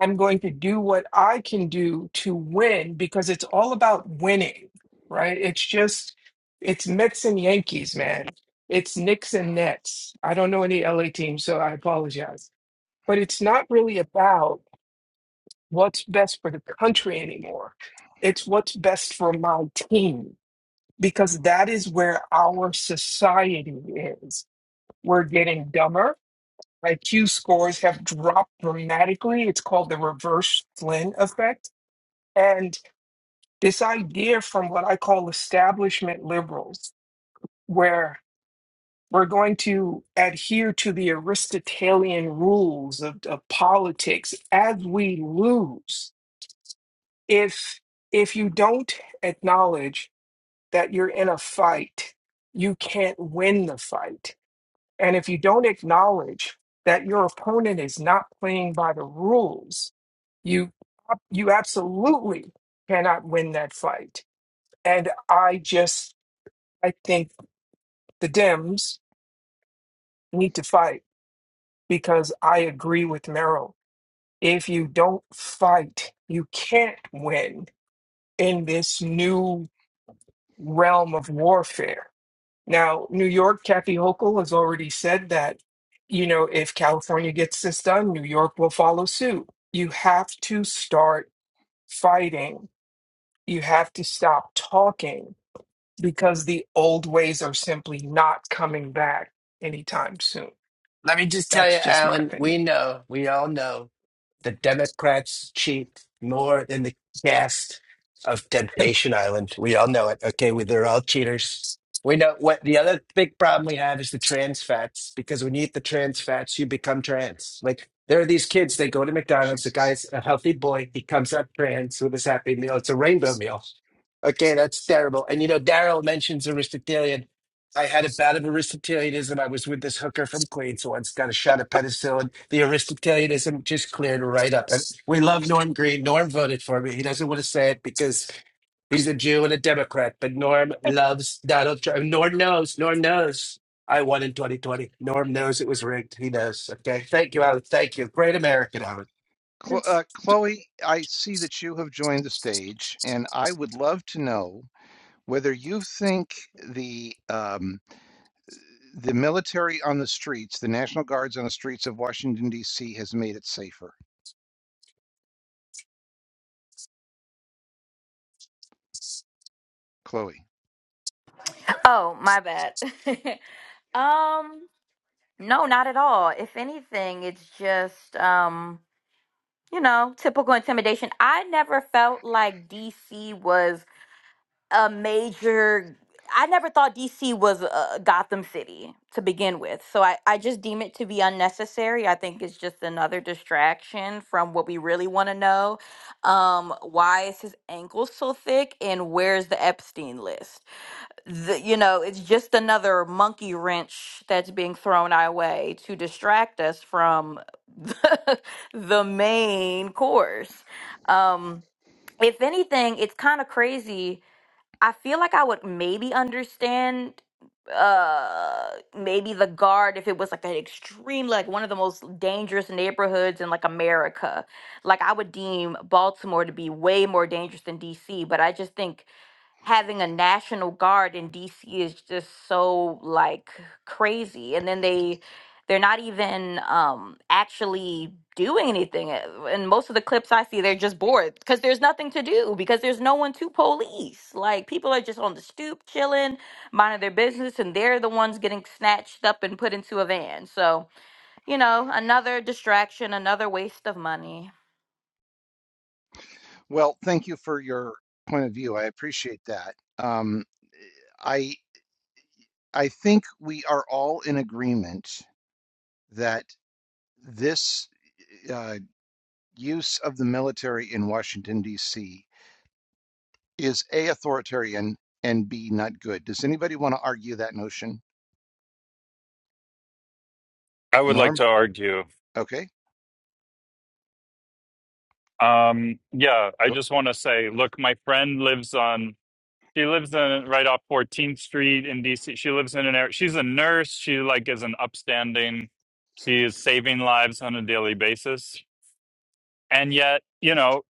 Speaker 12: I'm going to do what I can do to win because it's all about winning, right? It's just, it's Mets and Yankees, man. It's Knicks and Nets. I don't know any LA teams, so I apologize. But it's not really about what's best for the country anymore. It's what's best for my team because that is where our society is. We're getting dumber. IQ scores have dropped dramatically. It's called the reverse Flynn effect and this idea from what I call establishment liberals, where we're going to adhere to the Aristotelian rules of, of politics as we lose. If if you don't acknowledge that you're in a fight, you can't win the fight. And if you don't acknowledge that your opponent is not playing by the rules, you you absolutely cannot win that fight. And I just, I think the Dems need to fight because I agree with Merrill. If you don't fight, you can't win in this new realm of warfare. Now, New York, Kathy Hochul has already said that, you know, if California gets this done, New York will follow suit. You have to start fighting. You have to stop talking because the old ways are simply not coming back anytime soon.
Speaker 5: Let me just tell
Speaker 12: That's
Speaker 5: you,
Speaker 12: just my
Speaker 5: Alan, we
Speaker 12: opinion.
Speaker 5: know, we all know The Democrats cheat more than the cast of Temptation Island. We all know it. Okay, we, they're all cheaters. We know what the other big problem we have is the trans fats because when you eat the trans fats, you become trans. Like there are these kids, they go to McDonald's. The
Speaker 1: Jesus.
Speaker 5: guy's a healthy boy. He comes up trans with his happy meal. It's a rainbow meal Okay, that's terrible. And you know, Daryl mentions Aristotelian. I had a bout of Aristotelianism. I was with this hooker from Queens once, got a shot of penicillin. The Aristotelianism just cleared right up. And we love Norm Green. Norm voted for me. He doesn't want to say it because he's a Jew and a Democrat, but Norm loves Donald Trump. Norm knows. Norm knows. I won in 2020. Norm knows it was rigged. He knows. Okay. Thank you, Alan. Thank you. Great American, Alan.
Speaker 1: Chlo-
Speaker 12: It's,
Speaker 1: uh, Chloe, I see that you have joined the stage, and I would love to know whether you think the um, the military on the streets, the National Guards on the streets of Washington D.C., has made it safer. Chloe,
Speaker 13: Oh, my bad. um, no, not at all. If anything, it's just um, you know, typical intimidation. I never felt like DC was a major I never thought DC was a Gotham City to begin with. So I I just deem it to be unnecessary. I think it's just another distraction from what we really want to know. Um, why is his ankle so thick and where's the Epstein list? the, you know, it's just another monkey wrench that's being thrown our way to distract us from the, the main course. Um, if anything, it's kind of crazy. I feel like I would maybe understand uh maybe the guard if it was like an extreme like one of the most dangerous neighborhoods in like America like I would deem Baltimore to be way more dangerous than DC but I just think having a national guard in DC is just so like crazy and then they they're not even um actually doing anything Uh, and most of the clips I see they're just bored because there's nothing to do because there's no one to police like people are just on the stoop chilling minding their business and they're the ones getting snatched up and put into a van so you know another distraction another waste of money
Speaker 1: well, thank you for your point of view. I appreciate that. Um, I I think we are all in agreement that this uh, use of the military in Washington D.C. is A, authoritarian, and B, not good. Does anybody want to argue that notion?
Speaker 14: I would like
Speaker 1: Norm?
Speaker 14: to argue.
Speaker 1: Okay.
Speaker 14: Um, yeah, I
Speaker 1: Go,
Speaker 14: just want to say, look, my friend lives on. She lives in right off 14th Street in DC. She lives in an area. She's a nurse. She like is an upstanding. She is saving lives on a daily basis, and yet, you know,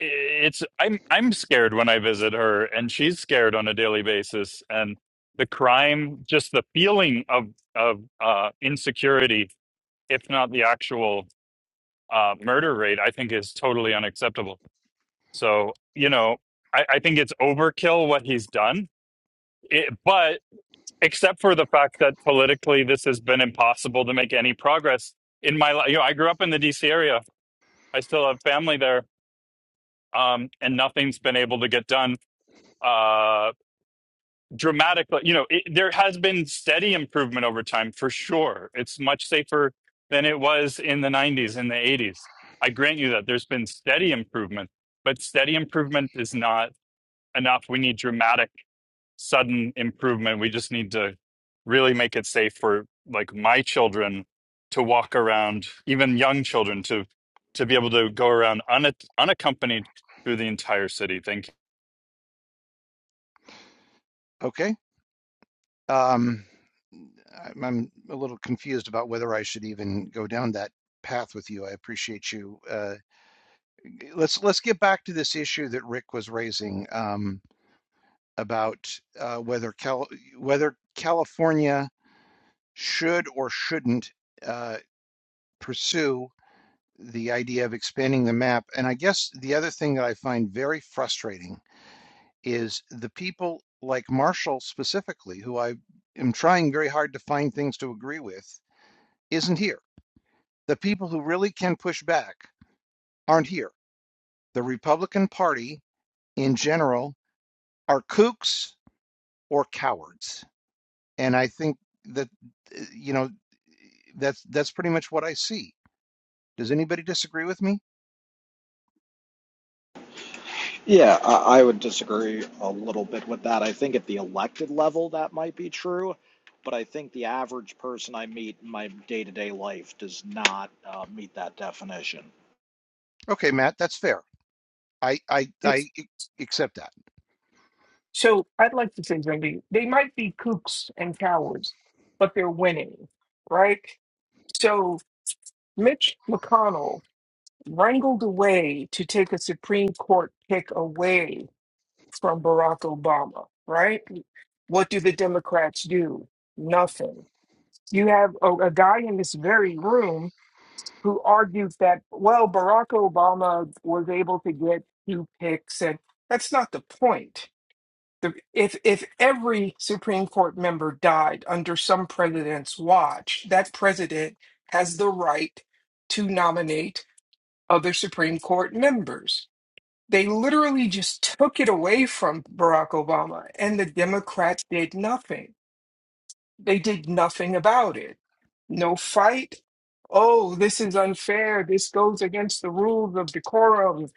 Speaker 14: i- it's I'm I'm scared when I visit her, and she's scared on a daily basis, and the crime, just the feeling of of uh, insecurity, if not the actual uh, murder rate, I think is totally unacceptable. So, you know, I, I think it's overkill what he's done. It, but except for the fact that politically this has been impossible to make any progress in my life. You know, I grew up in the DC area. I still have family there. Um, and nothing's been able to get done uh dramatically you know it, there has been steady improvement over time for sure it's much safer than it was in the 90s in the 80s i grant you that there's been steady improvement but steady improvement is not enough. We need dramatic sudden improvement. We just need to really make it safe for like my children to walk around, even young children to to be able to go around un- unaccompanied through the entire city. Thank you.
Speaker 1: okay. Um, I'm a little confused about whether I should even go down that path with you. I appreciate you. Uh, let's let's get back to this issue that Rick was raising um, about uh, whether Cal- whether California should or shouldn't uh, pursue the idea of expanding the map. And I guess the other thing that I find very frustrating is the people like Marshall specifically, who I am trying very hard to find things to agree with, isn't here. The people who really can push back aren't here. The Republican Party in general are kooks or cowards. And I think that, uh, you know, that's that's pretty much what I see. Does anybody disagree with me?
Speaker 15: Yeah, I, I would disagree a little bit with that. I think at the elected level, that might be true, but I think the average person I meet in my day to day life does not uh, meet that definition.
Speaker 1: Okay, Matt, that's fair. I I I
Speaker 12: it's,
Speaker 1: accept that.
Speaker 12: so I'd like to say something. They might be kooks and cowards, but they're winning, right? So Mitch McConnell wrangled away to take a Supreme Court pick away from Barack Obama, right? What do the Democrats do? Nothing. You have a, a guy in this very room who argues that, well, Barack Obama was able to get two picks, and that's not the point. The, if if every Supreme Court member died under some president's watch, that president has the right to nominate other Supreme Court members. They literally just took it away from Barack Obama, and the Democrats did nothing. They did nothing about it. No fight. Oh, this is unfair. This goes against the rules of decorum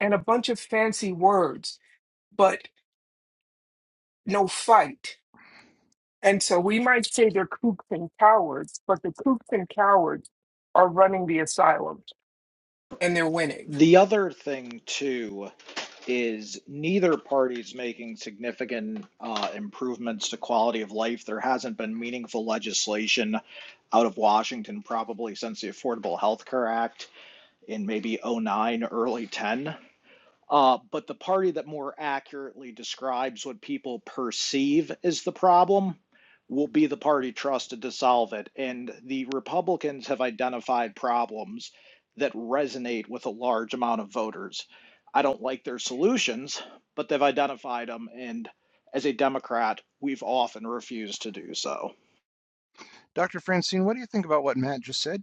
Speaker 12: and a bunch of fancy words, but no fight. And so we might say they're kooks and cowards, but the kooks and cowards are running the asylum and they're winning.
Speaker 15: The other thing, too, is neither party's making significant uh, improvements to quality of life. There hasn't been meaningful legislation out of Washington probably since the Affordable Health Care Act in maybe '09, early 10 Uh, but the party that more accurately describes what people perceive as the problem will be the party trusted to solve it. And the Republicans have identified problems that resonate with a large amount of voters. I don't like their solutions, but they've identified them. And as a Democrat, we've often refused to do so.
Speaker 1: Dr. Francine, what do you think about what Matt just said?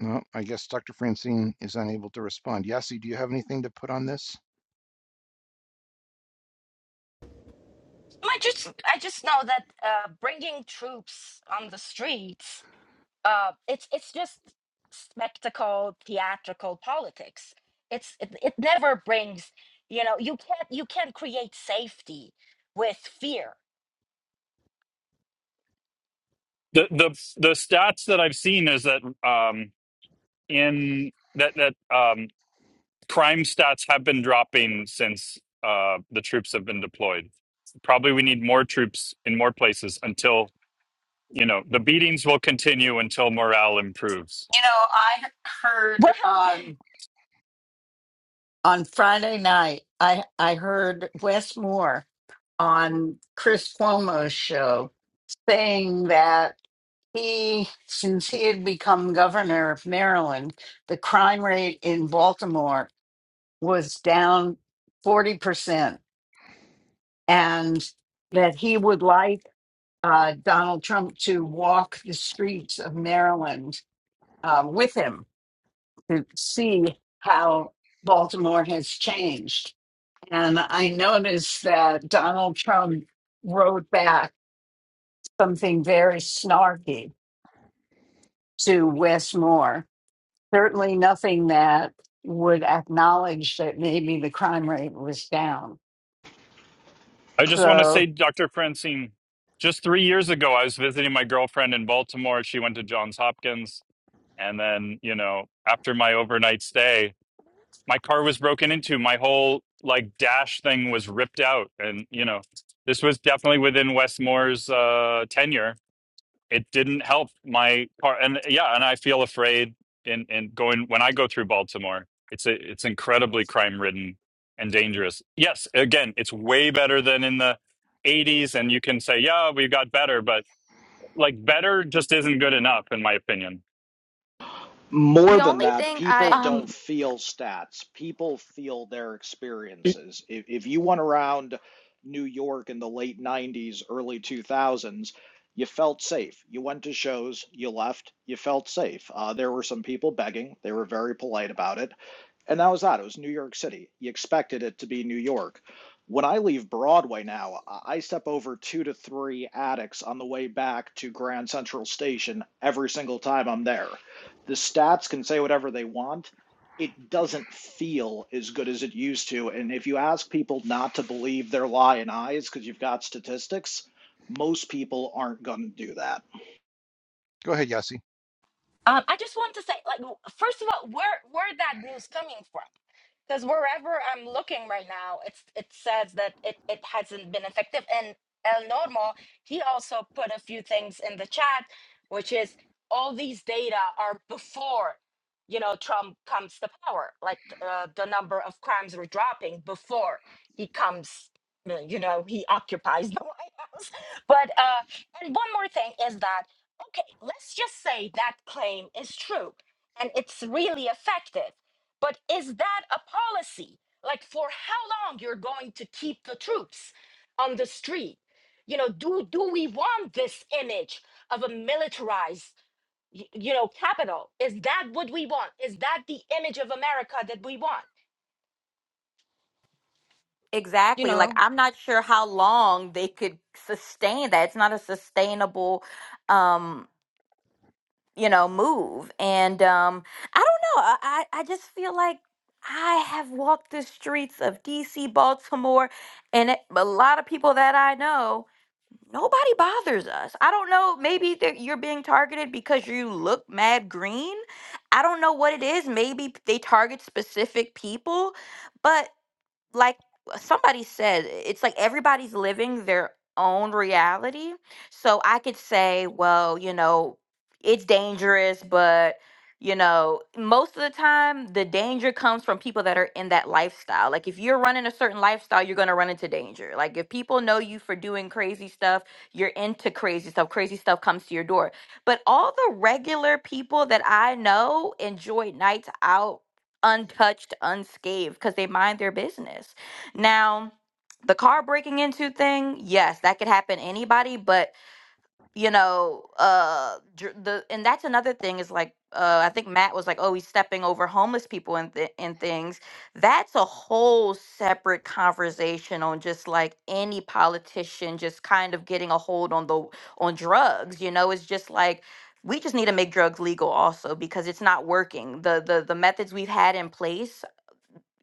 Speaker 1: Well, I guess Dr. Francine is unable to respond. Yasi, do you have anything to put on this?
Speaker 6: I just I just know that uh, bringing troops on the streets, uh, it's it's just spectacle, theatrical politics. It's it, it never brings you know you can't you can't create safety with fear.
Speaker 14: The the the stats that I've seen is that um in that that um crime stats have been dropping since uh the troops have been deployed. Probably we need more troops in more places until you know the beatings will continue until morale improves.
Speaker 9: I heard
Speaker 6: Well,
Speaker 9: um, on Friday night, I, I heard Wes Moore on Chris Cuomo's show saying that. He, since he had become governor of Maryland, the crime rate in Baltimore was down 40%, and that he would like uh, Donald Trump to walk the streets of Maryland uh, with him to see how Baltimore has changed. And I noticed that Donald Trump wrote back something very snarky to Wes Moore certainly nothing that would acknowledge that maybe the crime rate was down.
Speaker 14: I just want to say,
Speaker 9: So
Speaker 14: Dr. Francine, just three years ago, I was visiting my girlfriend in Baltimore. She went to Johns Hopkins. And then, you know, after my overnight stay, my car was broken into. My whole like dash thing was ripped out. And, you know, this was definitely within Westmore's uh, tenure it didn't help my car and yeah and i feel afraid in in going when i go through baltimore it's a, it's incredibly crime ridden and dangerous yes again it's way better than in the 80s and you can say yeah we got better but like better just isn't good enough in my opinion
Speaker 13: the
Speaker 15: more than
Speaker 13: only
Speaker 15: that,
Speaker 13: thing I
Speaker 15: people don't
Speaker 6: um,
Speaker 15: feel stats. People feel their experiences. If, if you went around New York in the late 90s, early 2000s, you felt safe. You went to shows, you left, you felt safe. Uh, there were some people begging, they were very polite about it. And that was that. It was New York City. You expected it to be New York. When I leave Broadway now, I step over two to three attics on the way back to Grand Central Station every single time I'm there the stats can say whatever they want. It doesn't feel as good as it used to. And if you ask people not to believe their lying eyes because you've got statistics, most people aren't going to do that.
Speaker 1: Go ahead, Yasi.
Speaker 6: Um, I just want to say, like, w- first of all, where where that news coming from? Because wherever I'm looking right now, it's it says that it, it hasn't been effective. And El Normo, he also put a few things in the chat, which is all these data are before, you know, Trump comes to power. Like uh, the number of crimes were dropping before he comes, you know, he occupies the White House. But uh, and one more thing is that okay, let's just say that claim is true and it's really effective. But is that a policy? Like for how long you're going to keep the troops on the street? You know, do do we want this image of a militarized y- you know capital? Is that what we want? Is that the image of America that we want? You
Speaker 13: Exactly.
Speaker 6: know,
Speaker 13: Like I'm not sure how long they could sustain that. It's not a sustainable um, you know, move. And um I don't know. I I I just feel like I have walked the streets of DC, Baltimore, and it, a lot of people that I know, nobody bothers us. I don't know, maybe that you're being targeted because you look mad green. I don't know what it is. Maybe they target specific people, but like uh, somebody said, it's like everybody's living their own reality. So I could say, well, you know, it's dangerous, but you know, most of the time the danger comes from people that are in that lifestyle. Like if you're running a certain lifestyle, you're going to run into danger. Like if people know you for doing crazy stuff, you're into crazy stuff. Crazy stuff comes to your door. But all the regular people that I know enjoy nights out untouched, unscathed, because they mind their business. Now, the car breaking into thing, yes, that could happen to anybody, but you know uh dr- the and that's another thing is like uh i think matt was like oh he's stepping over homeless people and th- and things that's a whole separate conversation on just like any politician just kind of getting a hold on the on drugs you know it's just like we just need to make drugs legal also because it's not working the the the methods we've had in place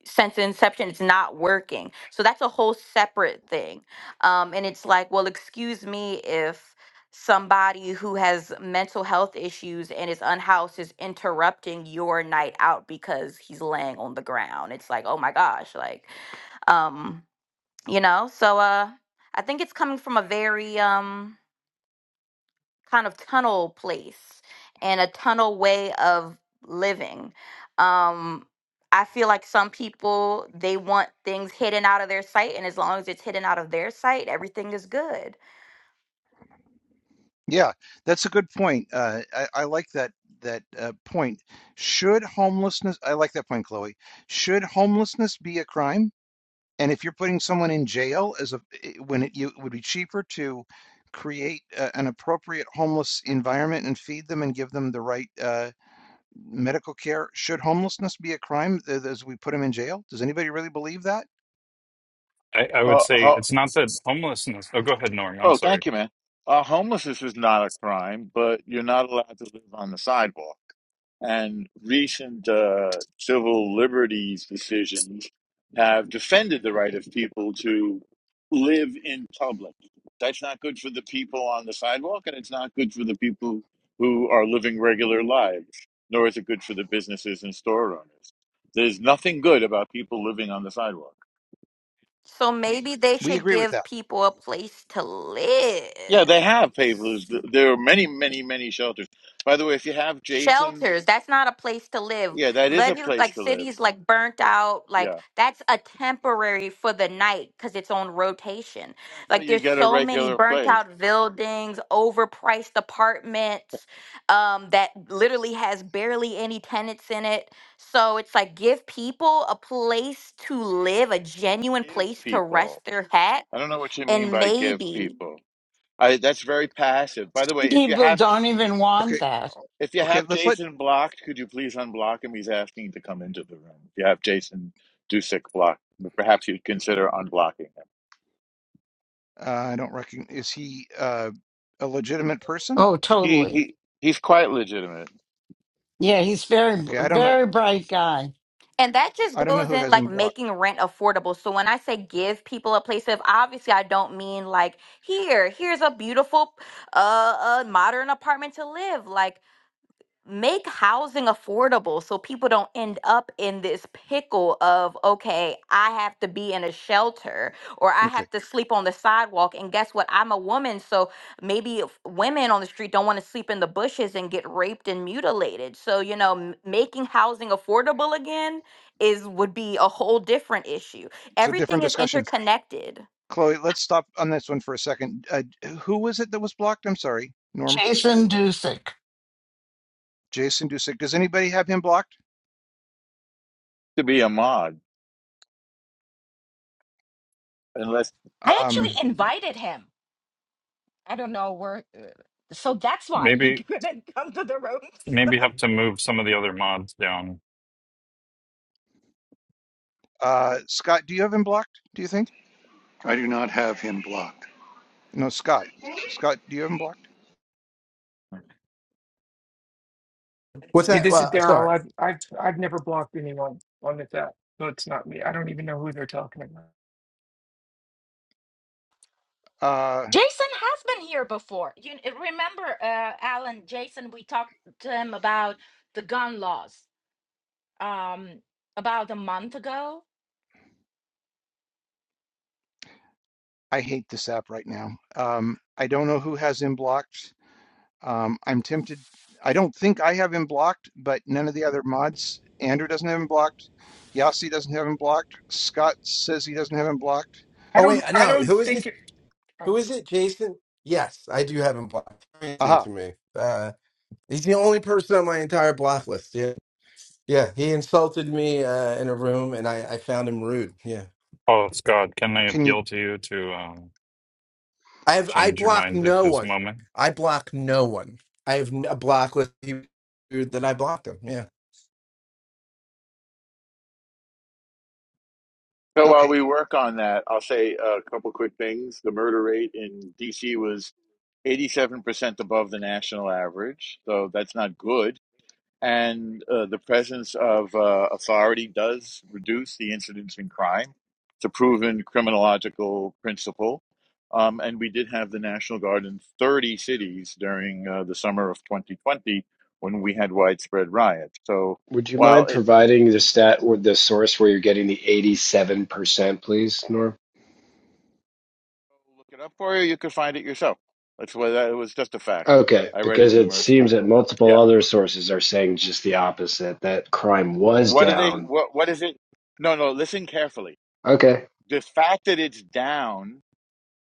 Speaker 13: since inception it's not working so that's a whole separate thing um and it's like well excuse me if somebody who has mental health issues and is unhoused is interrupting your night out because he's laying on the ground it's like oh my gosh like um you know so uh i think it's coming from a very um kind of tunnel place and a tunnel way of living. Um, I feel like some people they want things hidden out of their sight, and as long as it's hidden out of their sight, everything is good.
Speaker 1: Yeah, that's a good point. Uh, I, I like that that uh, point. Should homelessness? I like that point, Chloe. Should homelessness be a crime? And if you're putting someone in jail as a, eh, when it, you, it would be cheaper to create uh, an appropriate homeless environment and feed them and give them the right uh, medical care. Should homelessness be a crime th- as we put them in jail? Does anybody really believe that?
Speaker 14: i, I would
Speaker 16: Uh,
Speaker 14: say
Speaker 16: ho-
Speaker 14: it's not that homelessness oh go ahead norm i'm
Speaker 16: oh,
Speaker 14: sorry
Speaker 16: thank you, man. Uh, homelessness is not a crime, but you're not allowed to live on the sidewalk. And recent uh, civil liberties decisions have defended the right of people to live in public. That's not good for the people on the sidewalk, and it's not good for the people who are living regular lives, nor is it good for the businesses and store owners. There's nothing good about people living on the sidewalk.
Speaker 13: So maybe they
Speaker 1: We
Speaker 13: should
Speaker 1: agree with
Speaker 13: give
Speaker 1: that.
Speaker 13: people a place to live.
Speaker 16: Yeah, they have papers. Th- There are many, many, many shelters. By the way, if you have Jason,
Speaker 13: shelters that's not a place to live
Speaker 16: yeah, that is a
Speaker 13: letting Yeah.
Speaker 16: place
Speaker 13: like
Speaker 16: to live.
Speaker 13: cities like burnt out like
Speaker 16: Yeah.
Speaker 13: that's a temporary for the night because it's on rotation
Speaker 16: Until
Speaker 13: like
Speaker 16: you
Speaker 13: there's
Speaker 16: get a
Speaker 13: so many
Speaker 16: regular
Speaker 13: burnt
Speaker 16: place.
Speaker 13: out buildings overpriced apartments um that literally has barely any tenants in it so it's like give people a place to live a genuine
Speaker 16: Give
Speaker 13: place to rest
Speaker 16: people.
Speaker 13: their hat
Speaker 16: I don't know what you mean
Speaker 13: and
Speaker 16: by give
Speaker 13: maybe
Speaker 16: people. I that's very passive. By the way, if you
Speaker 9: people
Speaker 16: have
Speaker 9: don't even want
Speaker 1: Okay,
Speaker 9: that.
Speaker 16: if you
Speaker 1: okay.
Speaker 16: have
Speaker 1: Let's let.
Speaker 16: Jason blocked, could you please unblock him? He's asking to come into the room. If you have Jason Dusick blocked, perhaps you'd consider unblocking him.
Speaker 1: Uh, I don't reckon. Is he uh, a legitimate person?
Speaker 9: Oh,
Speaker 16: He
Speaker 9: totally.
Speaker 16: he he's quite legitimate
Speaker 9: Yeah, he's very,
Speaker 1: Okay, I don't know.
Speaker 9: very bright guy.
Speaker 13: And that just
Speaker 1: I don't know
Speaker 13: goes
Speaker 1: who
Speaker 13: in
Speaker 1: has him
Speaker 13: like
Speaker 1: blocked.
Speaker 13: making rent affordable. So when I say give people a place to live, obviously I don't mean like here, here's a beautiful uh, uh modern apartment to live. Like make housing affordable so people don't end up in this pickle of okay i have to be in a shelter or i
Speaker 1: Okay,
Speaker 13: have to sleep on the sidewalk and guess what i'm a woman so maybe if women on the street don't want to sleep in the bushes and get raped and mutilated so you know m- making housing affordable again is would be a whole different issue
Speaker 1: it's a
Speaker 13: everything
Speaker 1: different
Speaker 13: is
Speaker 1: discussion.
Speaker 13: interconnected
Speaker 1: Chloe, let's stop on this one for a second. Uh, who was it that was blocked? I'm sorry, Norm.
Speaker 9: Jason Dusick.
Speaker 1: Jason Dusick. Does anybody have him blocked?
Speaker 16: to be a mod, unless
Speaker 6: I actually
Speaker 1: Um,
Speaker 6: invited him. I don't know where uh, so that's why he
Speaker 14: maybe
Speaker 6: couldn't come to the room.
Speaker 14: maybe have to move some of the other mods down
Speaker 1: uh, Scott, do you have him blocked? Do you think?
Speaker 3: I do not have him blocked.
Speaker 1: No, Scott. Scott, do you have him blocked?
Speaker 5: What's
Speaker 12: See,
Speaker 5: that?
Speaker 12: this is
Speaker 5: Well, sorry.
Speaker 12: Daryl. I've, I've, I've never blocked anyone on this app, so it's not me. I don't even know who they're talking about.
Speaker 1: Uh,
Speaker 6: Jason has been here before. You n- remember, uh, Alan, Jason, we talked to him about the gun laws um, about a month ago.
Speaker 1: I hate this app right now. Um, I don't know who has him blocked. Um, I'm tempted. I don't think I have him blocked, but none of the other mods. Andrew doesn't have him blocked. Yossi doesn't have him blocked. Scott says he doesn't have him blocked.
Speaker 12: I
Speaker 5: Oh wait,
Speaker 12: don't, I
Speaker 5: no.
Speaker 12: don't
Speaker 5: Who is it?
Speaker 12: think it. oh.
Speaker 5: Yes, I do have him blocked. Amazing
Speaker 1: Aha.
Speaker 5: to me. Uh, he's the only person on my entire block list. Yeah, yeah. He insulted me uh, in a I, yeah.
Speaker 14: oh Scott, can i
Speaker 1: Can you?
Speaker 14: appeal to you to um,
Speaker 5: I have I
Speaker 14: change your
Speaker 5: block
Speaker 14: mind at
Speaker 5: no
Speaker 14: this
Speaker 5: one.
Speaker 14: moment
Speaker 5: I block no one. I have n- a block list of people that I blocked him. yeah.
Speaker 16: So while
Speaker 1: Okay.
Speaker 16: we work on that, I'll say a couple quick things. The murder rate in DC was 87% above the national average, so that's not good. And uh, the presence of uh, authority does reduce the incidence in crime. It's a proven criminological principle. Um, and we did have the National Guard in 30 cities during uh, the summer of 2020 when we had widespread riots. So
Speaker 17: Would you
Speaker 16: while
Speaker 17: mind
Speaker 16: it
Speaker 17: providing the stat or the source where you're getting the 87%, please, Norm?
Speaker 16: look it up for you. You could find it yourself. That's why that it was just a fact.
Speaker 17: Okay,
Speaker 16: I read it
Speaker 17: because it
Speaker 16: numerous
Speaker 17: seems
Speaker 16: times.
Speaker 17: that multiple
Speaker 16: Yeah.
Speaker 17: other sources are saying just the opposite, that crime was
Speaker 16: What do they?
Speaker 17: down.
Speaker 16: What What is it? No, no. Listen carefully.
Speaker 17: Okay,
Speaker 16: The fact that it's down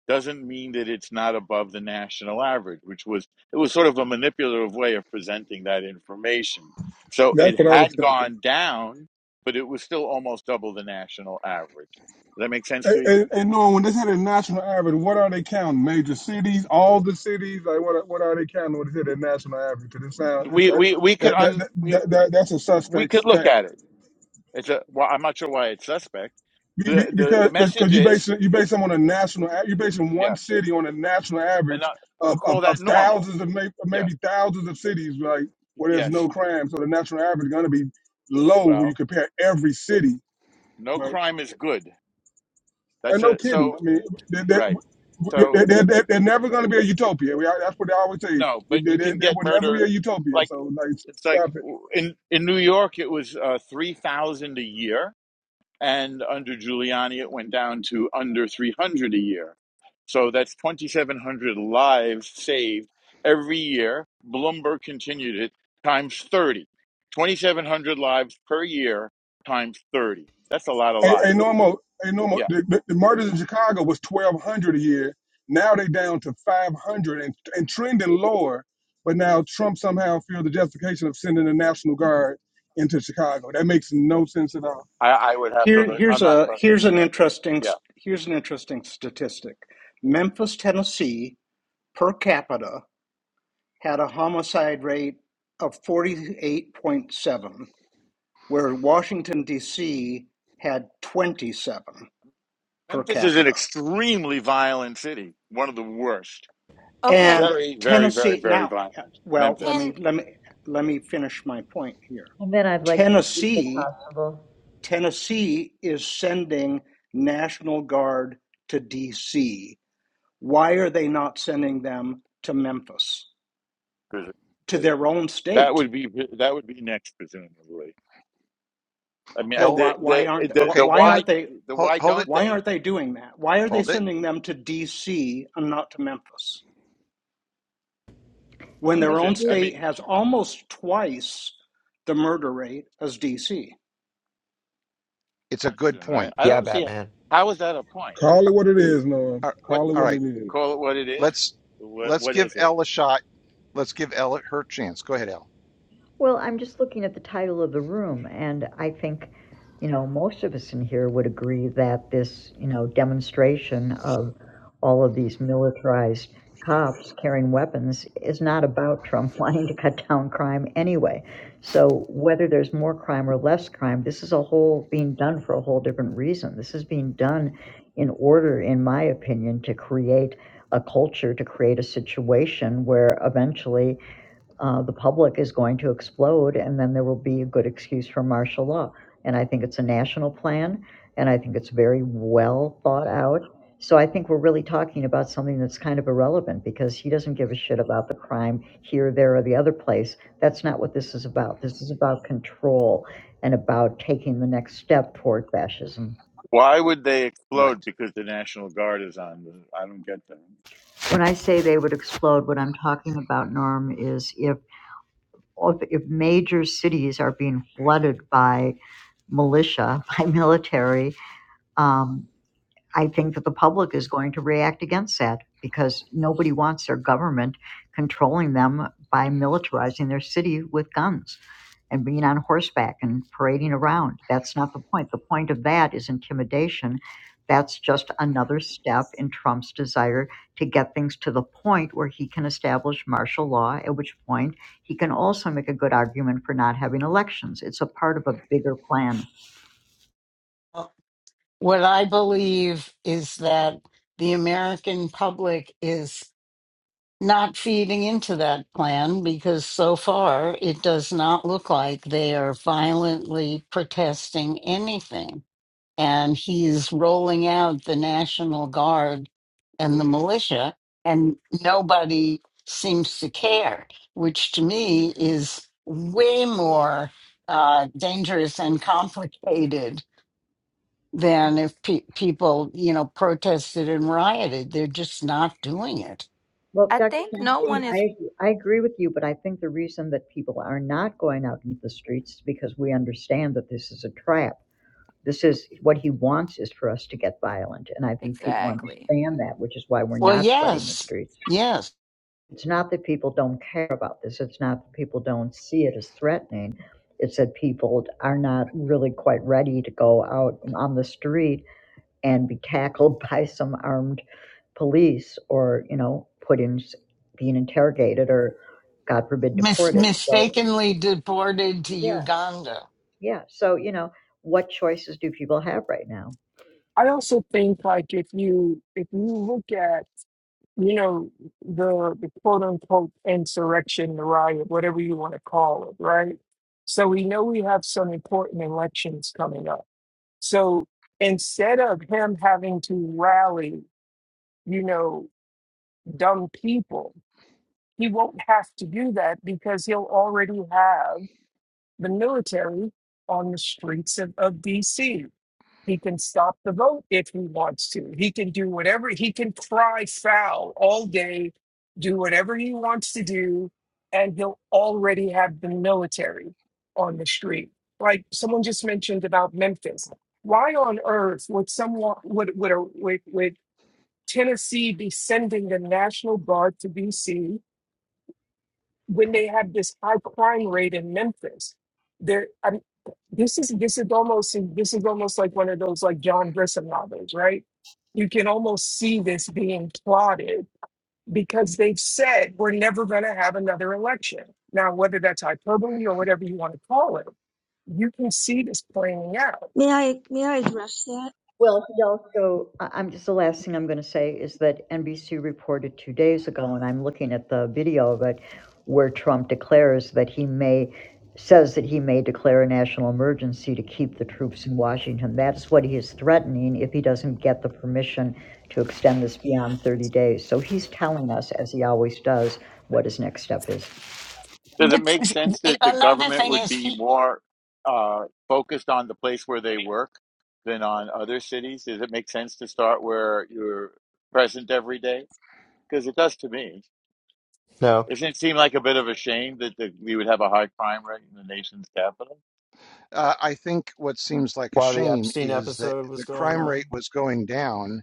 Speaker 16: doesn't mean that it's not above the national average, which was it was sort of a manipulative way of presenting that information. So it
Speaker 4: That's what I was
Speaker 16: had
Speaker 4: thinking.
Speaker 16: gone down, but it was still almost double the national average. Does that make sense to
Speaker 4: And,
Speaker 16: you?
Speaker 4: and, and knowing when they say the national average, what are they counting? Major cities, all the cities, like what? are- What are they counting when they say the national average? Because it sounds it's
Speaker 16: We
Speaker 4: that,
Speaker 16: we we could
Speaker 4: that, that,
Speaker 16: un
Speaker 4: that,
Speaker 16: we
Speaker 4: that, that- that's a
Speaker 16: we
Speaker 4: suspect
Speaker 16: could look
Speaker 4: stat.
Speaker 16: at it. It's a well, I'm not sure why it's suspect.
Speaker 4: Be- be-
Speaker 16: The the the
Speaker 4: Because
Speaker 16: message
Speaker 4: because you base
Speaker 16: is
Speaker 4: it- you base them on a national a- you basing one
Speaker 16: yes,
Speaker 4: city on a national
Speaker 16: and
Speaker 4: average
Speaker 16: not,
Speaker 4: of,
Speaker 16: call
Speaker 4: of,
Speaker 16: that
Speaker 4: of
Speaker 16: normal.
Speaker 4: thousands of may-
Speaker 16: Yeah,
Speaker 4: maybe thousands of cities like where there's no
Speaker 16: yes.
Speaker 4: crime. So the national average is going to be low when you
Speaker 16: Well,
Speaker 4: compare every city.
Speaker 16: no
Speaker 4: right?
Speaker 16: crime is good. That's
Speaker 4: And no
Speaker 16: a
Speaker 4: kidding.
Speaker 16: so
Speaker 4: I mean, they, they,
Speaker 16: right. So
Speaker 4: they, they, they, they're never going to be a utopia. We, that's what they always say.
Speaker 16: no, but
Speaker 4: They, they,
Speaker 16: you can
Speaker 4: they
Speaker 16: get
Speaker 4: will never be
Speaker 16: murder.
Speaker 4: a utopia.
Speaker 16: Like
Speaker 4: So, like,
Speaker 16: it's like
Speaker 4: stop it.
Speaker 16: in in New York, it was uh, three thousand a year And under Giuliani, it went down to under 300 a year. So that's 2,700 lives saved every year. Bloomberg continued it times 30. 2,700 lives per year times 30. That's a lot of
Speaker 4: A, a
Speaker 16: lives.
Speaker 4: normal, a normal.
Speaker 16: Yeah,
Speaker 4: The, the, the murders in Chicago was twelve hundred a year. Now they down to five hundred and, and trending lower. But now Trump somehow feels the justification of sending the National Guard into Chicago. That makes no sense at all.
Speaker 16: I, I would have to.
Speaker 10: Here,
Speaker 16: Look. I'm
Speaker 10: here's
Speaker 16: not
Speaker 10: a
Speaker 16: talking
Speaker 10: here's an
Speaker 16: Chicago.
Speaker 10: interesting
Speaker 16: Yeah.
Speaker 10: here's an interesting statistic. Memphis, Tennessee, per capita had a homicide rate of 48.7 where Washington, D.C. had 27 per
Speaker 16: Memphis is an
Speaker 10: capita.
Speaker 16: extremely violent city, one of the worst.
Speaker 13: okay
Speaker 10: And
Speaker 16: Very, very, very,
Speaker 10: Tennessee,
Speaker 16: very
Speaker 10: now, yeah,
Speaker 16: violent.
Speaker 10: well, let
Speaker 16: Memphis.
Speaker 10: me,
Speaker 13: can
Speaker 10: let me, let me finish my point here.
Speaker 18: And then I'd like to keep it
Speaker 10: Tennessee,
Speaker 18: possible.
Speaker 10: Tennessee is sending National Guard to D.C. Why are they not sending them to Memphis, to
Speaker 16: Presumably.
Speaker 10: their own
Speaker 16: That
Speaker 10: state?
Speaker 16: would be that would be next, presumably. I mean, I-
Speaker 10: Well,
Speaker 1: L.
Speaker 10: why,
Speaker 16: the
Speaker 10: why
Speaker 16: the
Speaker 10: aren't they,
Speaker 16: the, the
Speaker 1: Okay.
Speaker 10: why
Speaker 1: Hold
Speaker 16: why
Speaker 1: it.
Speaker 10: aren't they
Speaker 16: the
Speaker 1: Hold.
Speaker 16: why
Speaker 1: Hold it.
Speaker 16: don't
Speaker 10: why
Speaker 16: they
Speaker 10: aren't they doing that? Why are they
Speaker 1: Hold it.
Speaker 10: sending them to D.C. and not to Memphis? when
Speaker 18: May
Speaker 16: work?
Speaker 10: their
Speaker 16: To,
Speaker 10: own
Speaker 16: I
Speaker 10: state
Speaker 16: mean,
Speaker 10: has almost twice the murder rate as DC.
Speaker 1: It's a good
Speaker 16: question, right?
Speaker 1: point.
Speaker 16: I
Speaker 8: Yeah,
Speaker 16: don't see
Speaker 8: Batman.
Speaker 16: how is that a point.
Speaker 4: Call it what it is, Norm.
Speaker 1: All
Speaker 16: What
Speaker 4: Call it
Speaker 1: all
Speaker 4: what
Speaker 1: right.
Speaker 4: it is.
Speaker 16: call it what it is?
Speaker 1: Let's
Speaker 16: What
Speaker 1: let's
Speaker 16: what
Speaker 1: give
Speaker 16: is it?
Speaker 1: Elle a shot. Let's give Elle her chance. Go ahead, Elle.
Speaker 18: Well, I'm just looking at the title of the room, and I think, you know, most of us in here would agree that this, you know, demonstration of all of these militarized cops carrying weapons is not about Trump wanting to cut down crime anyway. So whether there's more crime or less crime, this is a whole being done for a whole different reason. This is being done in order, in my opinion, to create a culture, to create a situation where eventually uh, the public is going to explode, and then there will be a good excuse for martial law. And I think it's a national plan, and I think it's very well thought out. So I think we're really talking about something that's kind of irrelevant because he doesn't give a shit about the crime here, there, or the other place. That's not what this is about. This is about control and about taking the next step toward fascism.
Speaker 16: Why would they explode
Speaker 1: Right.
Speaker 16: because the National Guard is on? I don't get that.
Speaker 18: When I say they would explode, what I'm talking about, Norm, is if if major cities are being flooded by militia, by military, um, I think that the public is going to react against that because nobody wants their government controlling them by militarizing their city with guns and being on horseback and parading around. That's not the point. The point of that is intimidation. That's just another step in Trump's desire to get things to the point where he can establish martial law, at which point he can also make a good argument for not having elections. It's a part of a bigger plan.
Speaker 9: What I believe is that the American public is not feeding into that plan because so far it does not look like they are violently protesting anything and he's rolling out the National Guard and the militia, and nobody seems to care, which to me is way more uh, dangerous and complicated than if pe- people, you know, protested and rioted. They're just not doing it.
Speaker 18: Well,
Speaker 13: i
Speaker 18: Dr.
Speaker 13: think no
Speaker 18: Sunstein,
Speaker 13: one
Speaker 18: I,
Speaker 13: is
Speaker 18: I agree with you, but I think the reason that people are not going out into the streets is because we understand that this is a trap. This is what he wants is for us to get violent. And I think people
Speaker 13: exactly
Speaker 18: understand that, which is why we're
Speaker 9: Well,
Speaker 18: not flooding the
Speaker 9: yes,
Speaker 18: streets.
Speaker 9: yes.
Speaker 18: It's not that people don't care about this. It's not that people don't see it as threatening. It's that people are not really quite ready to go out on the street and be tackled by some armed police or, you know, put in, being interrogated or, God forbid,
Speaker 9: Mis-
Speaker 18: deported. So,
Speaker 9: mistakenly deported to
Speaker 18: yeah,
Speaker 9: Uganda.
Speaker 18: yeah, so, you know, what choices do people have right now?
Speaker 12: I also think like if you if you look at you know the the quote unquote insurrection, the riot, whatever you want to call it, right? So we know we have some important elections coming up. So instead of him having to rally, you know, dumb people, he won't have to do that because he'll already have the military on the streets of, of DC. He can stop the vote if he wants to. He can do whatever, he can cry foul all day, do whatever he wants to do, and he'll already have the military on the street. Like someone just mentioned about Memphis. Why on earth would someone, would, would, a, would, would Tennessee be sending the National Guard to DC? when they have this high crime rate in Memphis. There, I'm, this is this is almost this is almost like one of those like John Grissom novels, right? You can almost see this being plotted because they've said we're never going to have another election. Now, whether that's hyperbole or whatever you want to call it, you can see this playing out.
Speaker 11: May I may I address that?
Speaker 18: Well, he also, I- I'm just, the last thing I'm going to say is that NBC reported two days ago, and I'm looking at the video of it, where Trump declares that he may, says that he may declare a national emergency to keep the troops in Washington. That's what he is threatening if he doesn't get the permission to extend this beyond 30 days. So he's telling us, as he always does, what his next step is.
Speaker 16: Does it make
Speaker 9: But
Speaker 16: sense that the
Speaker 9: another
Speaker 16: government
Speaker 9: thing
Speaker 16: would
Speaker 9: is,
Speaker 16: be
Speaker 9: he,
Speaker 16: more uh, focused on the place where they work than on other cities? Does it make sense to start where you're present every day? Because it does to me.
Speaker 8: No.
Speaker 16: Doesn't it seem like a bit of a shame that the, we would have a high crime rate in the nation's capital?
Speaker 1: Uh, I think what seems like a
Speaker 8: While the
Speaker 1: shame
Speaker 8: Epstein
Speaker 1: is that
Speaker 8: episode
Speaker 1: the
Speaker 8: was going
Speaker 1: crime
Speaker 8: on,
Speaker 1: rate was going down,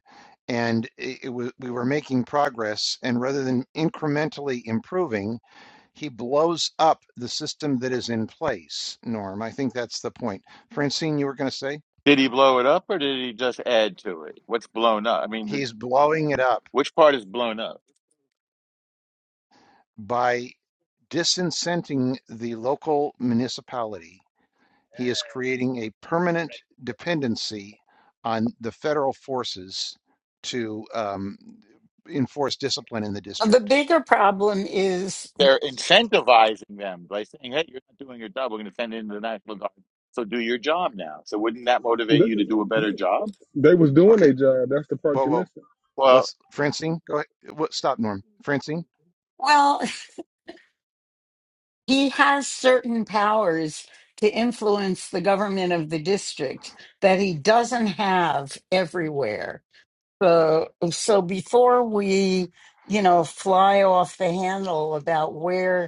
Speaker 1: and it, it was we were making progress. And rather than incrementally improving, he blows up the system that is in place. Norm, I think that's the point. Francine, you were going to say
Speaker 16: Did he blow it up or did he just add to it? What's blown up? I mean,
Speaker 1: he's
Speaker 16: the-
Speaker 1: blowing it up.
Speaker 16: which part is blown up?
Speaker 1: By disincenting the local municipality, he is creating a permanent dependency on the federal forces to um, enforce discipline in the
Speaker 9: the
Speaker 1: district.
Speaker 9: bigger problem is
Speaker 16: They're incentivizing them by saying, hey, you're not doing your job. We're going to send in the National Guard. So do your job now. So wouldn't that motivate
Speaker 4: Th-
Speaker 16: you to do a
Speaker 4: th-
Speaker 16: better job?
Speaker 4: They was doing
Speaker 1: Okay,
Speaker 4: their job. That's the part
Speaker 1: whoa,
Speaker 4: you're
Speaker 1: whoa.
Speaker 4: missing.
Speaker 16: Well,
Speaker 1: Let's, Francine, go ahead. What, stop, Norm. Francine,
Speaker 9: Well, he has certain powers to influence the government of the district that he doesn't have everywhere. So, so before we, you know, fly off the handle about where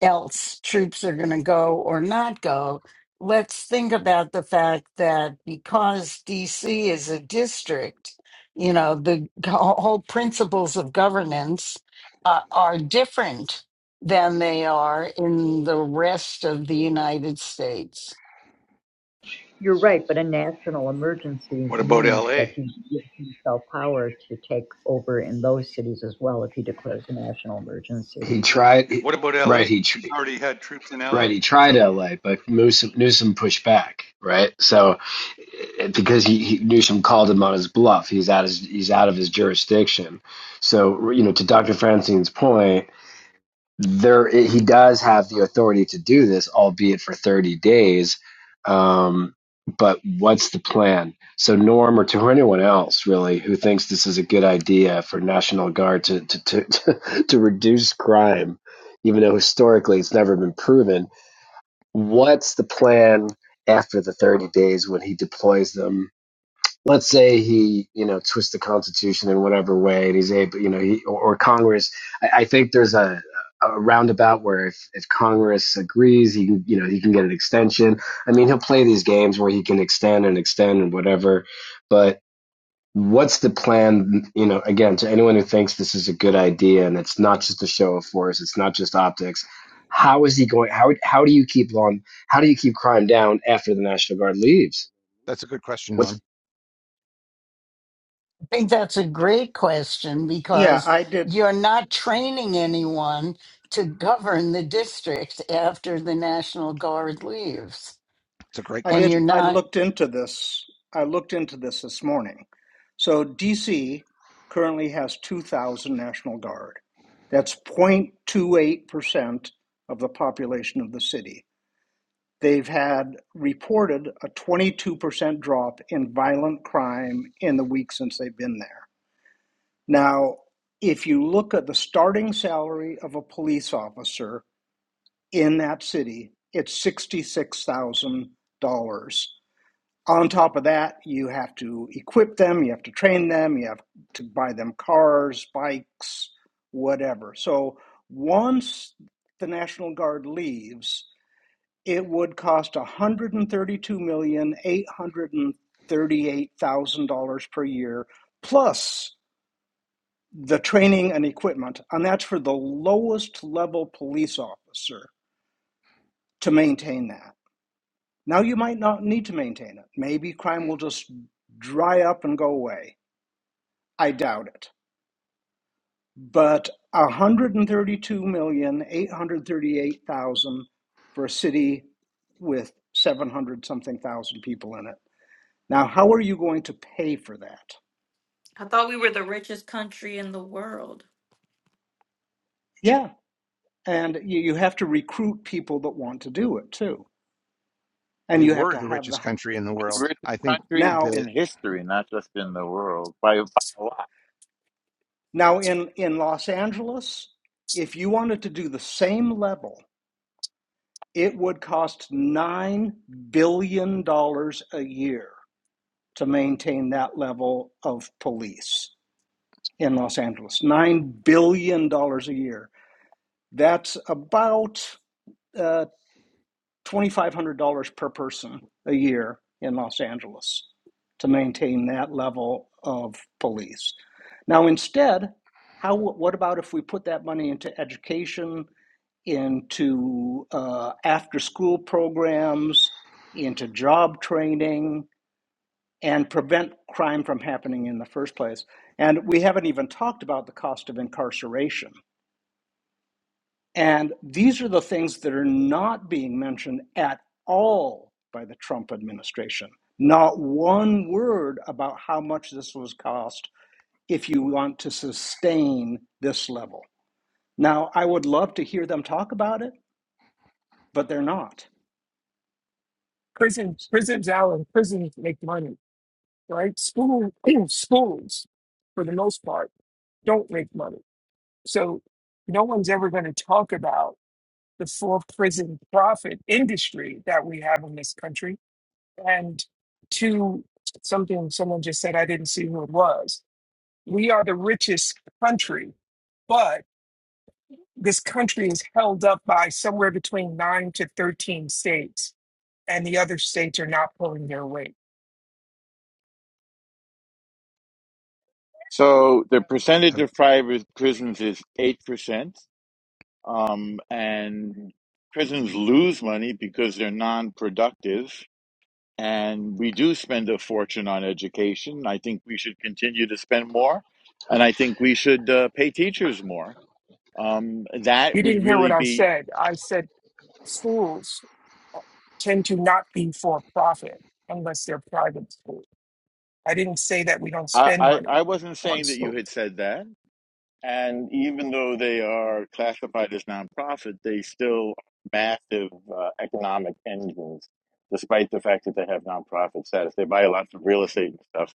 Speaker 9: else troops are going to go or not go, let's think about the fact that because DC is a district, you know, the wh- whole principles of governance uh, are different than they are in the rest of the United States.
Speaker 18: You're right, but a national emergency
Speaker 3: What about
Speaker 18: means
Speaker 3: LA?
Speaker 18: that he gives himself power to take over in those cities as well if he declares a national emergency.
Speaker 17: he tried, he,
Speaker 3: What about
Speaker 17: right,
Speaker 3: LA?
Speaker 17: he
Speaker 3: He's already had troops in
Speaker 17: right,
Speaker 3: LA,
Speaker 17: he tried
Speaker 3: so
Speaker 17: LA, but Newsom, Newsom pushed back, right? So eh, because he, he Newsom called him on his bluff, he's out his, he's out of his jurisdiction. So, you know, to Dr. Francine's point, there he does have the authority to do this, albeit for 30 days. Um, but what's the plan? So Norm, or to anyone else really who thinks this is a good idea for National Guard to to to, to, to reduce crime, even though historically it's never been proven, what's the plan after the 30 days when he deploys them? let's say he you know twists the constitution in whatever way and he's able you know he or, or congress I, I think there's a a roundabout where if, if Congress agrees, he can, you know, he can get an extension. I mean, he'll play these games where he can extend and extend and whatever. But what's the plan? You know, again, to anyone who thinks this is a good idea and it's not just a show of force, it's not just optics. How is he going? How how do you keep law? How do you keep crime down after the National Guard leaves?
Speaker 1: that's a good question,
Speaker 17: What's
Speaker 1: Norm.
Speaker 9: I think that's a great question
Speaker 10: Yeah,
Speaker 9: because
Speaker 10: I did.
Speaker 9: you're not training anyone to govern the district after the National Guard leaves.
Speaker 1: It's a great
Speaker 10: I
Speaker 9: And you're
Speaker 10: did.
Speaker 1: question.
Speaker 10: I
Speaker 9: not.
Speaker 10: looked into this. I looked into this this morning. So DC currently has 2,000 National Guard. That's 0.28% of the population of the city. They've had reported a 22% drop in violent crime in the week since they've been there. Now, if you look at the starting salary of a police officer in that city, it's $66,000. On top of that, you have to equip them, you have to train them, you have to buy them cars, bikes, whatever. So once the National Guard leaves, it would cost $132,838,000 per year plus the training and equipment, and that's for the lowest level police officer to maintain that. Now, you might not need to maintain it. Maybe crime will just dry up and go away. I doubt it. But 132,838,000 for a city with 700 something thousand people in it. Now, how are you going to pay for that?
Speaker 13: i thought we were the richest country in the world
Speaker 10: Yeah. And you, you have to recruit people that want to do it too. And
Speaker 1: We
Speaker 10: you have
Speaker 1: were
Speaker 10: to
Speaker 1: the
Speaker 10: have the.
Speaker 1: richest country in the
Speaker 16: we're the
Speaker 1: world.
Speaker 16: richest
Speaker 1: I think
Speaker 16: country
Speaker 10: Now,
Speaker 1: that.
Speaker 16: in history, not just in the world, by, by a lot.
Speaker 10: Now, in, in Los Angeles, if you wanted to do the same level, it would cost $9 billion dollars a year to maintain that level of police in Los Angeles. $9 billion dollars a year. That's about uh, $2,500 per person a year in Los Angeles to maintain that level of police. Now, instead, how, what about if we put that money into education? into uh, after school programs, into job training, and prevent crime from happening in the first place. And we haven't even talked about the cost of incarceration. And these are the things that are not being mentioned at all by the Trump administration. Not one word about how much this was cost if you want to sustain this level. Now, I would love to hear them talk about it, but they're not.
Speaker 12: Prison, prisons out, and prisons make money, right? School, schools, for the most part, don't make money So no one's ever going to talk about the full prison profit industry that we have in this country. And to something someone just said, I didn't see who it was. We are the richest country, but this country is held up by somewhere between nine to 13 states, and the other states are not pulling their weight.
Speaker 16: So the
Speaker 1: Uh,
Speaker 16: percentage of private prisons is 8%. Um, and prisons lose money because they're non productive and we do spend a fortune on education. I think we should continue to spend more, and I think we should uh, pay teachers more. Um, that
Speaker 12: You
Speaker 16: would
Speaker 12: didn't hear
Speaker 16: really
Speaker 12: what I
Speaker 16: be.
Speaker 12: said. I said schools tend to not be for profit unless they're private schools I didn't say that we don't
Speaker 16: I,
Speaker 12: spend
Speaker 16: I,
Speaker 12: money
Speaker 16: I wasn't
Speaker 12: on
Speaker 16: saying that you
Speaker 12: schools.
Speaker 16: had said that, and even though they are classified as nonprofit, they still are massive uh, economic engines, despite the fact that they have nonprofit status. They buy lots of real estate and stuff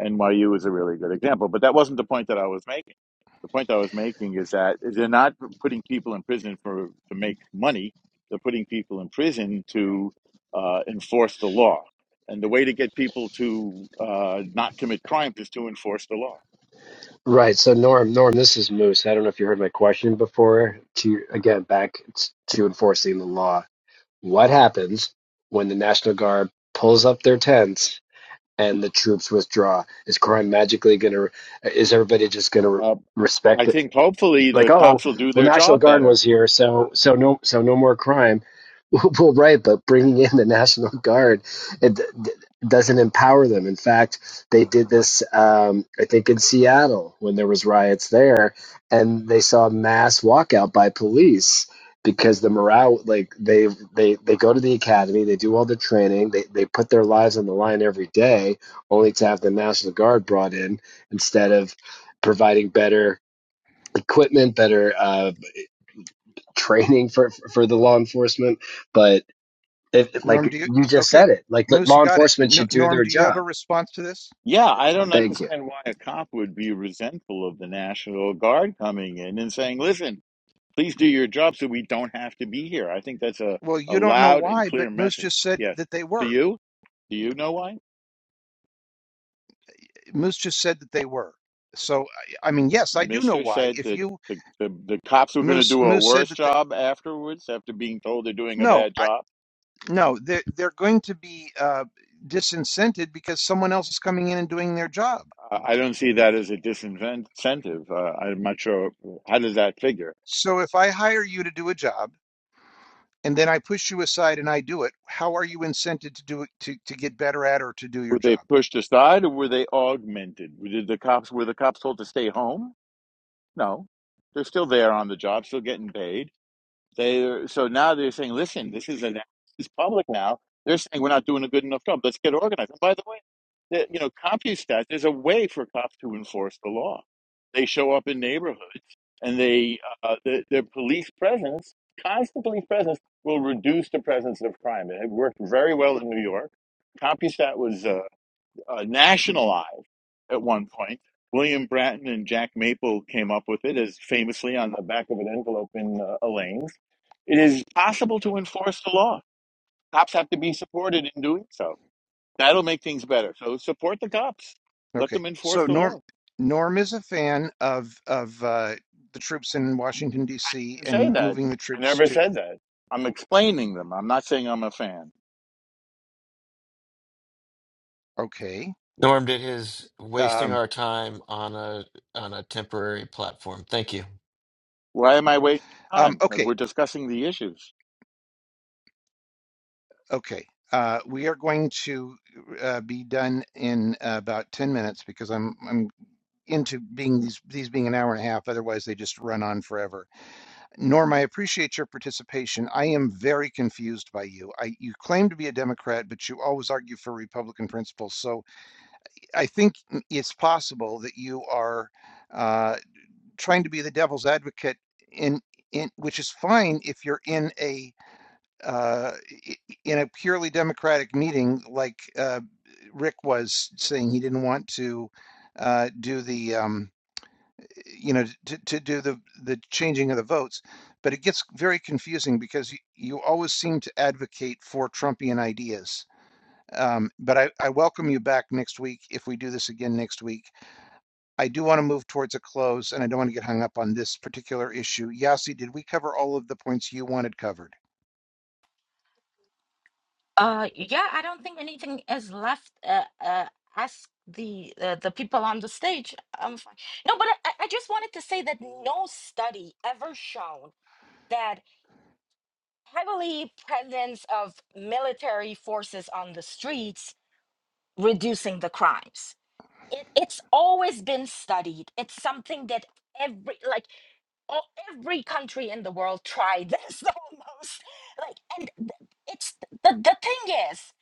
Speaker 16: NYU is a really good example, but that wasn't the point that I was making. The point I was making is that they're not putting people in prison for to make money. They're putting people in prison to uh, enforce the law, and the way to get people to uh, not commit crimes is to enforce the law.
Speaker 17: Right. So Norm, Norm, this is Moose. I don't know if you heard my question before. To again, back to enforcing the law. What happens when the National Guard pulls up their tents and the troops withdraw? Is crime magically going to? Is everybody just going to
Speaker 16: Uh,
Speaker 17: respect
Speaker 16: I
Speaker 17: it?
Speaker 16: think hopefully
Speaker 17: Like,
Speaker 16: the
Speaker 17: oh,
Speaker 16: cops will do
Speaker 17: well,
Speaker 16: their
Speaker 17: National
Speaker 16: job
Speaker 17: Guard
Speaker 16: better.
Speaker 17: was here, so so no, so no more crime. Well, right, but bringing in the National Guard it doesn't empower them. In fact, they did this, um, I think, in Seattle when there was riots there, and they saw a mass walkout by police because the morale, like they they they go to the academy, they do all the training, they they put their lives on the line every day, only to have the National Guard brought in instead of providing better equipment, better uh, training for for the law enforcement, but if,
Speaker 1: Norm,
Speaker 17: like
Speaker 1: do you?
Speaker 17: you just
Speaker 1: Okay,
Speaker 17: said it, like
Speaker 1: Moose, you
Speaker 17: law
Speaker 1: got it.
Speaker 17: enforcement
Speaker 1: N- N-
Speaker 17: should do
Speaker 1: Norm,
Speaker 17: their
Speaker 1: do you have a
Speaker 17: job.
Speaker 1: response to this?
Speaker 16: Yeah, I don't
Speaker 17: Thank you.
Speaker 16: understand why a cop would be resentful of the National Guard coming in and saying, "Listen, Please do your job so we don't have to be here. I think that's a,
Speaker 1: Well,
Speaker 16: a
Speaker 1: you don't know
Speaker 16: loud and
Speaker 1: why, but
Speaker 16: clear
Speaker 1: Moose
Speaker 16: message.
Speaker 1: just said
Speaker 16: Yes.
Speaker 1: that they
Speaker 16: Do
Speaker 1: were.
Speaker 16: you? Do you know why?
Speaker 1: Moose just said that they were. So, I, I mean, yes, I do know
Speaker 16: Mister
Speaker 1: why.
Speaker 16: said
Speaker 1: If
Speaker 16: that
Speaker 1: you
Speaker 16: the, the, the cops were going to
Speaker 1: Moose
Speaker 16: do a
Speaker 1: Moose said
Speaker 16: worse
Speaker 1: that, the,
Speaker 16: job afterwards after being told they're doing a
Speaker 1: no,
Speaker 16: bad
Speaker 1: I,
Speaker 16: job.
Speaker 1: no, they're they're going to be uh, disincented because someone else is coming in and doing their job.
Speaker 16: I I don't see that as a disincentive. Uh, I'm not sure. How does that figure?
Speaker 1: So, if I hire you to do a job. and then I push you aside and I do it, how are you incented to do it to, to get better at or to do your
Speaker 16: Were they
Speaker 1: job?
Speaker 16: pushed aside or were they augmented? Did the cops, were the cops told to stay home? No. They're still there on the job, still getting paid They so now they're saying, listen, this is a this is public now. They're saying we're not doing a good enough job. Let's get organized. And by the way, the, you know, CompuStat, there's a way for cops to enforce the law. They show up in neighborhoods, and they uh, the, their police presence, constant police presence, will reduce the presence of crime. It worked very well in New York. CompuStat was uh, uh, nationalized at one point. William Bratton and Jack Maple came up with it as famously on the back of an envelope in uh, Elaine's. It is possible to enforce the law. Cops have to be supported in doing so. That'll make things better. So support the cops. Let
Speaker 1: Okay.
Speaker 16: them enforce
Speaker 1: So
Speaker 16: the
Speaker 1: Norm
Speaker 16: law.
Speaker 1: Norm is a fan of of uh, the troops in Washington D.C.
Speaker 16: You say
Speaker 1: and
Speaker 16: that.
Speaker 1: moving the
Speaker 16: I
Speaker 1: troops
Speaker 16: never
Speaker 1: to.
Speaker 16: said that. I'm explaining them. I'm not saying I'm a fan.
Speaker 1: Okay.
Speaker 8: Norm did his wasting
Speaker 1: Um,
Speaker 8: our time on a on a temporary platform. Thank you.
Speaker 16: Why am I wasting
Speaker 1: um,
Speaker 16: time?
Speaker 1: okay.
Speaker 16: We're discussing the issues.
Speaker 1: Okay. Uh, we are going to uh, be done in uh, about ten minutes because I'm I'm into being these these being an hour and a half. Otherwise, they just run on forever. Norm, I appreciate your participation. I am very confused by you. I, you claim to be a Democrat, but you always argue for Republican principles. So I think it's possible that you are uh, trying to be the devil's advocate in in which is fine if you're in a uh, in a purely Democratic meeting, like uh, Rick was saying he didn't want to uh, do the. Um, you know, to, to do the, the changing of the votes. But it gets very confusing because you, you always seem to advocate for Trumpian ideas. Um, but I, I welcome you back next week if we do this again next week. I do want to move towards a close and I don't want to get hung up on this particular issue. Yasi, did we cover all of the points you wanted covered?
Speaker 6: Uh, yeah, I don't think anything is left. Uh, uh, ask the uh, the people on the stage. I'm fine. No, but I, I I just wanted to say that no study ever shown that heavily presence of military forces on the streets reducing the crimes it, it's always been studied it's something that every like all, every country in the world tried this almost like and th- it's the the thing is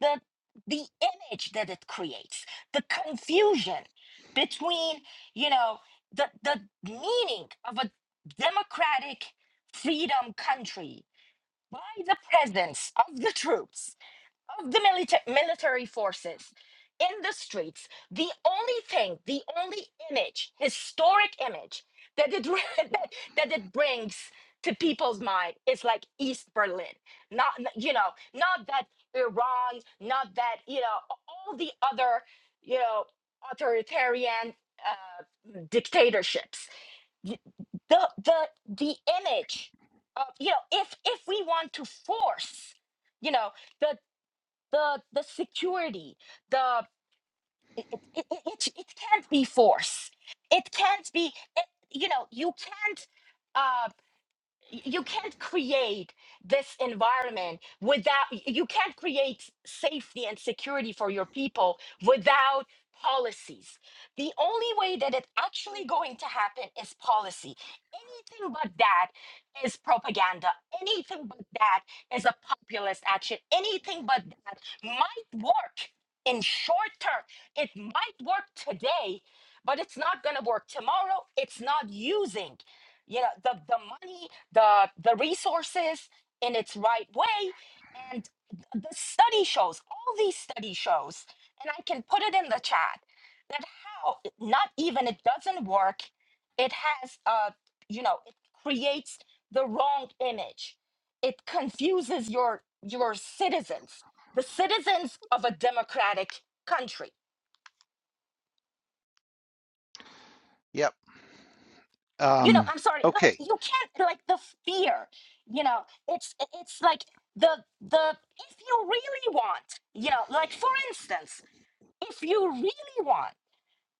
Speaker 6: the the image that it creates the confusion between you know the the meaning of a democratic freedom country by the presence of the troops of the milita- military forces in the streets, the only thing, the only image, historic image that it that, that it brings to people's mind is like East Berlin. Not you know, not that Iran, not that you know, all the other you know authoritarian uh, dictatorships. Y- The the the image of you know, if if we want to force, you know. the the the security the it, it, it, it, it can't be force it can't be it, you know you can't uh, you can't create this environment without you can't create safety and security for your people without policies the only way that it's actually going to happen is policy anything but that is propaganda anything but that is a populist action anything but that might work in short term it might work today but it's not going to work tomorrow it's not using you know the, the money the the resources in its right way and the study shows all these study shows and i can put it in the chat that how not even it doesn't work it has uh you know it creates the wrong image it confuses your your citizens the citizens of a democratic country
Speaker 1: Yep.
Speaker 6: you know
Speaker 1: Um,
Speaker 6: i'm sorry like
Speaker 1: okay.
Speaker 6: you can't like the fear you know it's it's like the the if you really want you know like for instance if you really want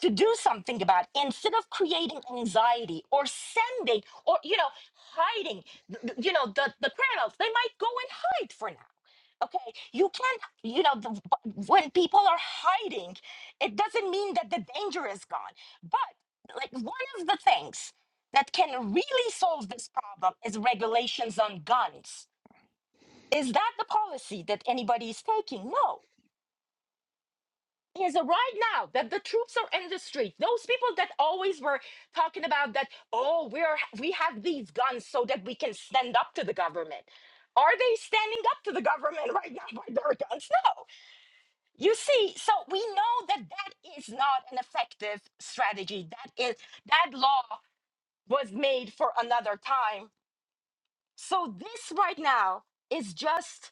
Speaker 6: to do something about it, instead of creating anxiety or sending or you know hiding th- th- you know the the criminals they might go and hide for now okay you can't you know the, but when people are hiding it doesn't mean that the danger is gone but like one of the things that can really solve this problem is regulations on guns is that the policy that anybody is taking no is uh, right now that the troops are in the street. Those people that always were talking about that, oh, we're we have these guns so that we can stand up to the government. Are they standing up to the government right now by their guns? No. You see, so we know that that is not an effective strategy. That is that law was made for another time. So this right now is just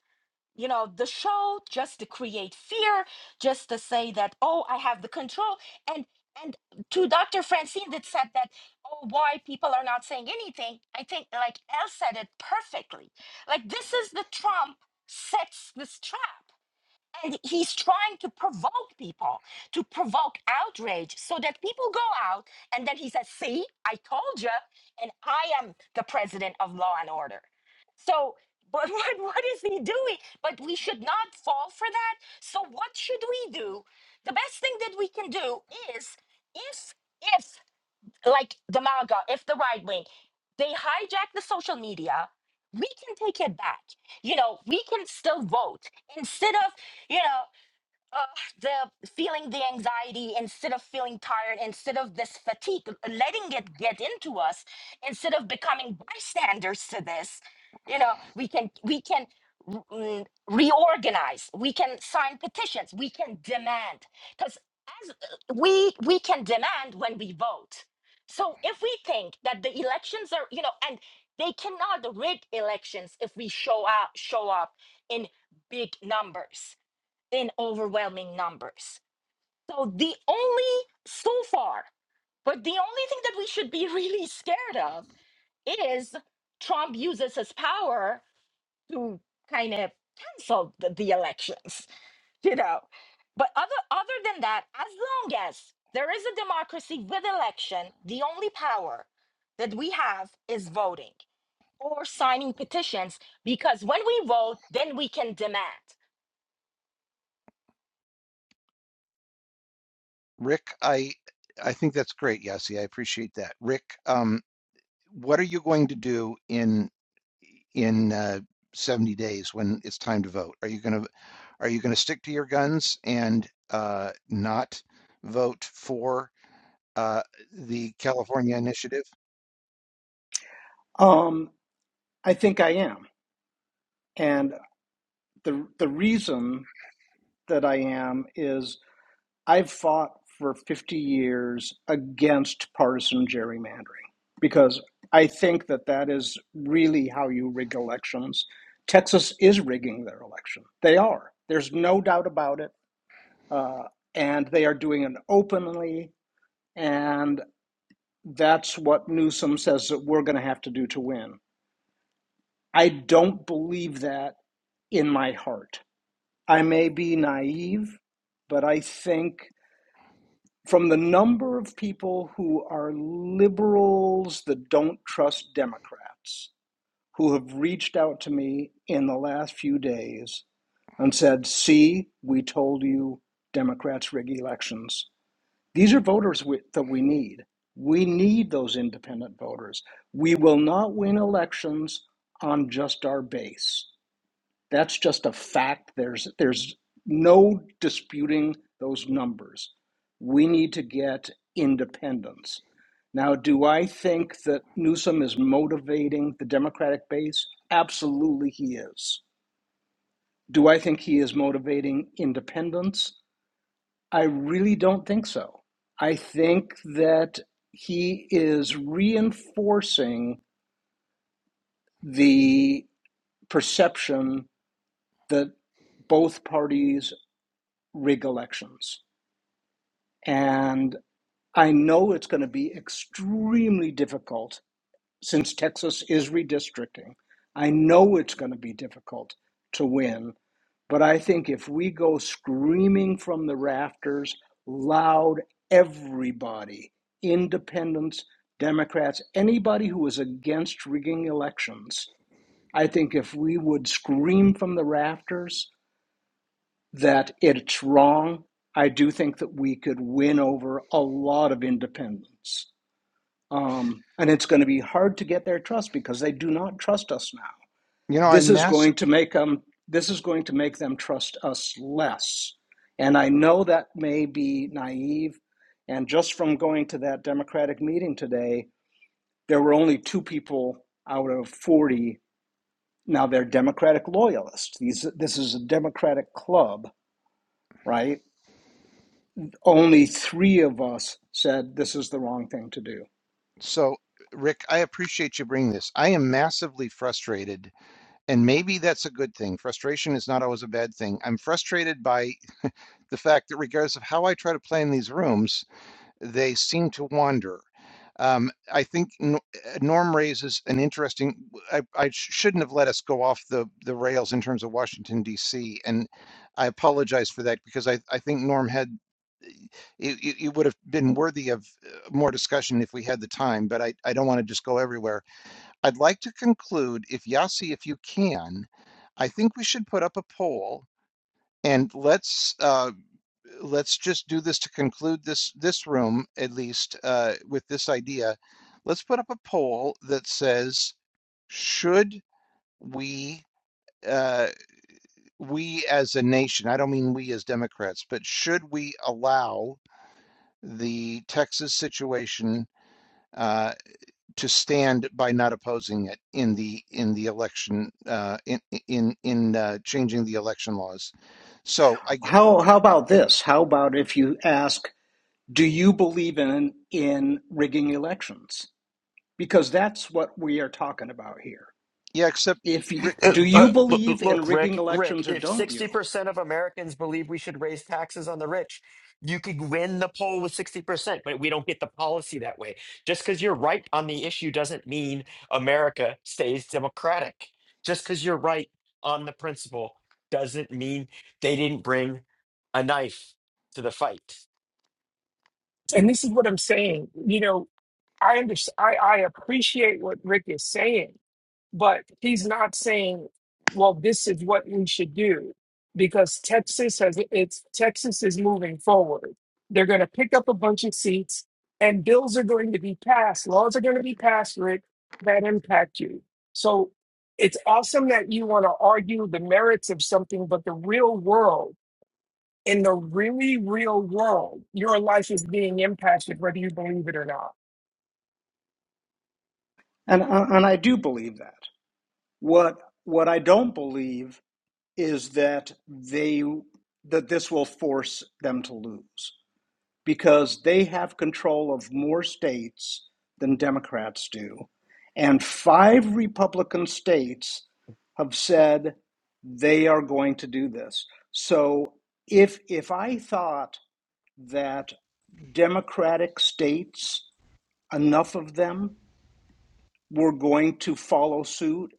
Speaker 6: you know the show just to create fear just to say that oh i have the control and and to dr francine that said that oh why people are not saying anything i think like elle said it perfectly like this is the trump sets this trap and he's trying to provoke people, to provoke outrage so that people go out and then he says, See, I told you, and I am the president of law and order. So, but what, what is he doing? But we should not fall for that. So, what should we do? The best thing that we can do is if, if like the MAGA, if the right wing, they hijack the social media, we can take it back. You know, we can still vote instead of, you know uh, the feeling the anxiety instead of feeling tired instead of this fatigue letting it get into us instead of becoming bystanders to this you know we can we can mm, reorganize we can sign petitions we can demand because as uh, we we can demand when we vote so if we think that the elections are you know and they cannot rig elections if we show up show up in big numbers in overwhelming numbers. So the only so far, but the only thing that we should be really scared of is Trump uses his power to kind of cancel the, the elections, you know. But other other than that, as long as there is a democracy with election, the only power that we have is voting or signing petitions because when we vote, then we can demand.
Speaker 1: Rick, I I think that's great, Yasi. I appreciate that. Rick, um, what are you going to do in in uh, 70 days when it's time to vote? Are you going to are you going to stick to your guns and uh, not vote for uh, the California initiative?
Speaker 10: Um, I think I am. And the the reason that I am is I've fought for 50 years against partisan gerrymandering because I think that that is really how you rig elections. Texas is rigging their election. They are. There's no doubt about it. Uh, and they are doing it openly. And that's what Newsom says that we're going to have to do to win. I don't believe that in my heart. I may be naive, but I think from the number of people who are liberals that don't trust Democrats who have reached out to me in the last few days and said, See, we told you Democrats rig elections. These are voters we, that we need. We need those independent voters. We will not win elections on just our base. That's just a fact. There's there's no disputing those numbers. We need to get independence. Now, do I think that Newsom is motivating the Democratic base? Absolutely, he is. Do I think he is motivating independence? I really don't think so. I think that he is reinforcing the perception that both parties rig elections. And I know it's going to be extremely difficult since Texas is redistricting. I know it's going to be difficult to win, but I think if we go screaming from the rafters, loud, everybody, independents, Democrats, anybody who is against rigging elections, I think if we would scream from the rafters, that it's wrong. I do think that we could win over a lot of independents. Um, and it's going to be hard to get their trust because they do not trust us now.
Speaker 1: You know,
Speaker 10: This
Speaker 1: I'm
Speaker 10: is
Speaker 1: massive.
Speaker 10: going to make them this is going to make them trust us less. And I know that may be naive. And just from going to that Democratic meeting today, there were only two people out of 40. Now they're Democratic loyalists. These, this is a Democratic club, right? only three of us said this is the wrong thing to do.
Speaker 1: So, Rick, I appreciate you bringing this. I am massively frustrated, and maybe that's a good thing. Frustration is not always a bad thing. I'm frustrated by the fact that, regardless of how I try to plan these rooms, they seem to wander. Um, I think uh, Norm raises an interesting. I, I shouldn't have let us go off the, the rails in terms of Washington D.C. and I apologize for that because I, I think Norm had it, it would have been worthy of uh, more discussion if we had the time, but I, I don't want to just go everywhere. I'd like to conclude if Yasi, if you can, I think we should put up a poll and let's uh, let's just do this to conclude this this room at least uh, with this idea. Let's put up a poll that says, should we uh, we as a nation, I don't mean we as Democrats, but should we allow the Texas situation uh, to stand by not opposing it in the in the election uh, in in in uh, changing the election laws? So I get
Speaker 10: How how about this? How about if you ask, do you believe in in rigging elections? Because that's what we are talking about here.
Speaker 1: yeah, except
Speaker 10: If you,
Speaker 1: Rick.
Speaker 8: Uh,
Speaker 10: do
Speaker 8: uh,
Speaker 10: you
Speaker 8: look,
Speaker 10: believe in
Speaker 8: look,
Speaker 10: rigging
Speaker 8: Rick, Rick,
Speaker 10: elections or
Speaker 8: if
Speaker 10: don't you?
Speaker 8: 60% of Americans believe we should raise taxes on the rich, you could win the poll with 60%, but we don't get the policy that way. Just because you're right on the issue doesn't mean America stays democratic. Just because you're right on the principle doesn't mean they didn't bring a knife to the fight.
Speaker 12: And this is what I'm saying. You know, I understand. I, I appreciate what Rick is saying, but he's not saying, "Well, this is what we should do," because Texas has it's Texas is moving forward. They're going to pick up a bunch of seats, and bills are going to be passed. Laws are going to be passed, Rick, that impact you. So it's awesome that you want to argue the merits of something, but the real world in the really real world, your life is being impacted whether you believe it or not.
Speaker 10: And uh, and I do believe that. What what I don't believe is that they that this will force them to lose. because they have control of more states than Democrats do. And five Republican states have said they are going to do this. So if if I thought that Democratic states, enough of them, were going to follow suit,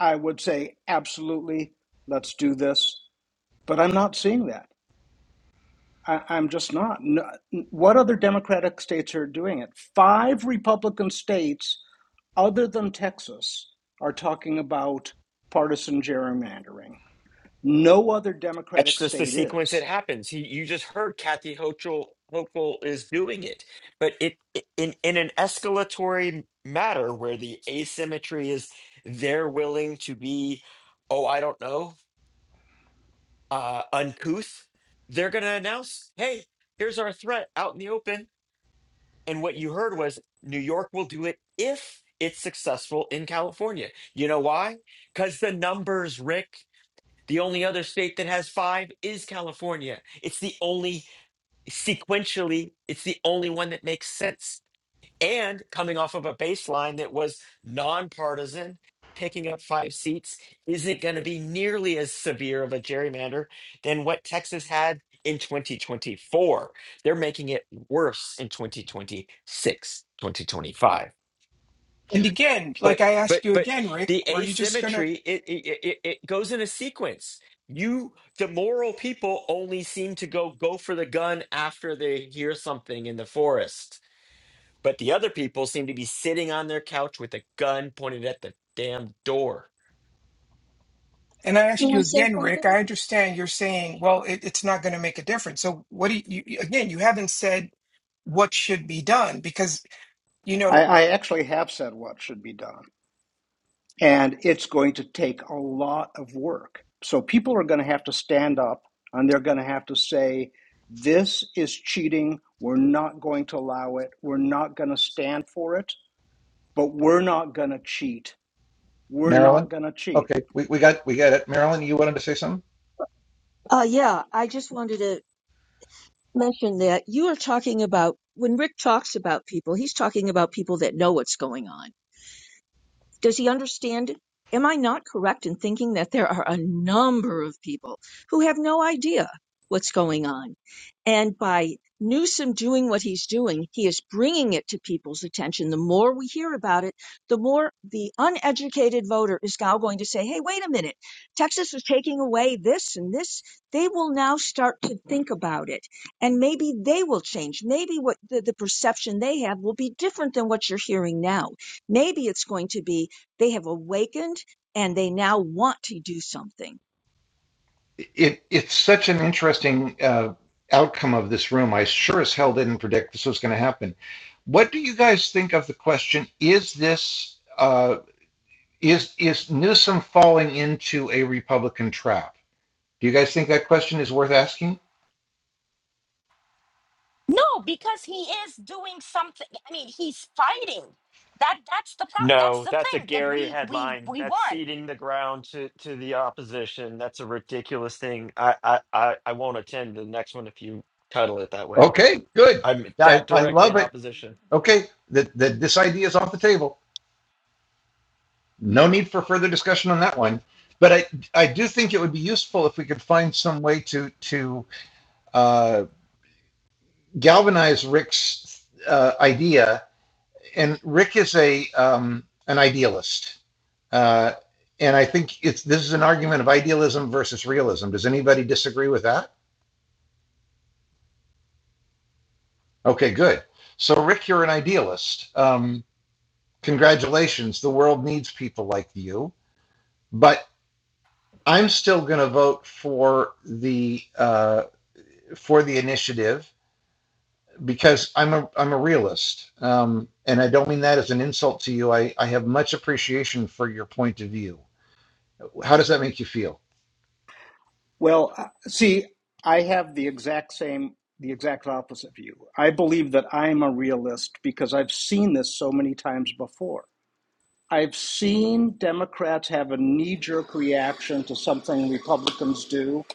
Speaker 10: I would say absolutely, let's do this. But I'm not seeing that. I, I'm just not. No, what other Democratic states are doing it? Five Republican states, other than Texas, are talking about partisan gerrymandering. No other
Speaker 8: That's
Speaker 10: Democratic
Speaker 8: just the
Speaker 10: state
Speaker 8: sequence it
Speaker 10: is.
Speaker 8: happens. He, you just heard Kathy Hochul, Hochul is doing it, but it in in an escalatory matter where the asymmetry is they're willing to be, oh I don't know, uh, uncouth. They're going to announce, hey, here's our threat out in the open. And what you heard was New York will do it if it's successful in California. You know why? Because the numbers, Rick. The only other state that has five is California. It's the only sequentially, it's the only one that makes sense. And coming off of a baseline that was nonpartisan, picking up five seats isn't going to be nearly as severe of a gerrymander than what Texas had in 2024. They're making it worse in 2026, 2025
Speaker 12: And again,
Speaker 8: but
Speaker 12: like I
Speaker 8: but
Speaker 12: ask you
Speaker 8: but
Speaker 12: again, Rick,
Speaker 8: the
Speaker 12: are you just gonna?
Speaker 8: asymmetry it it, it it goes in a sequence you the moral people only seem to go go for the gun after they hear something in the forest but the other people seem to be sitting on their couch with a gun pointed at the damn door
Speaker 12: And I
Speaker 11: May
Speaker 12: ask you
Speaker 11: I say
Speaker 12: again, Rick.
Speaker 11: something?
Speaker 12: I understand you're saying, well, it, it's not going to make a difference. So what do you? you- Again, you haven't said what should be done because you know
Speaker 10: I, I actually have said what should be done, and it's going to take a lot of work. So people are going to have to stand up and they're going to have to say, this is cheating. We're not going to allow it. We're not going to stand for it, but we're not going to cheat we're not
Speaker 1: Marilyn?
Speaker 10: going to cheat.
Speaker 1: Okay, we, we got, we got it. Marilyn, you wanted to say something?
Speaker 11: Uh, yeah, I just wanted to mention that you are talking about when Rick talks about people, he's talking about people that know what's going on. Does he understand? Am I not correct in thinking that there are a number of people who have no idea what's going on? And by Newsom doing what he's doing, he is bringing it to people's attention. The more we hear about it, the more the uneducated voter is now going to say, hey, wait a minute, Texas is taking away this and this. They will now start to think about it. And maybe they will change. Maybe what the, the perception they have will be different than what you're hearing now. Maybe it's going to be they have awakened and they now want to do something.
Speaker 1: it it's such an interesting uh, outcome of this room. I sure as hell didn't predict this was going to happen. What do you guys think of the question? Is this uh, is is Newsom falling into a Republican trap? Do you guys think that question is worth asking?
Speaker 6: No, because he is doing something. I mean, he's fighting. That that's the pro- that's
Speaker 8: no
Speaker 6: the
Speaker 8: that's a
Speaker 6: thing that
Speaker 8: gary
Speaker 6: we we
Speaker 8: headline
Speaker 6: we
Speaker 8: that's
Speaker 6: want.
Speaker 8: ceding the ground to to the opposition that's a ridiculous thing i i i, I won't attend the next one if you title it that way
Speaker 1: Okay, good.
Speaker 8: i'm
Speaker 1: I,
Speaker 8: that
Speaker 1: I
Speaker 8: directly in
Speaker 1: love it.
Speaker 8: opposition
Speaker 1: Okay, the, the, this idea is off the table. no need for further discussion on that one. But I, I do think it would be useful if we could find some way to to uh, galvanize Rick's uh, idea. And Rick is a um, an idealist, uh, and I think it's this is an argument of idealism versus realism. Does anybody disagree with that? Okay, good. So Rick, you're an idealist. Um, congratulations. The world needs people like you. But I'm still going to vote for the. Uh, for the initiative because I'm a I'm a realist, um, and I don't mean that as an insult to you. I I have much appreciation for your point of view. How does that make you feel?
Speaker 10: Well, uh, see, I have the exact same, the exact opposite view. I believe that I'm a realist because I've seen this so many times before. I've seen Democrats have a knee jerk reaction to something Republicans do,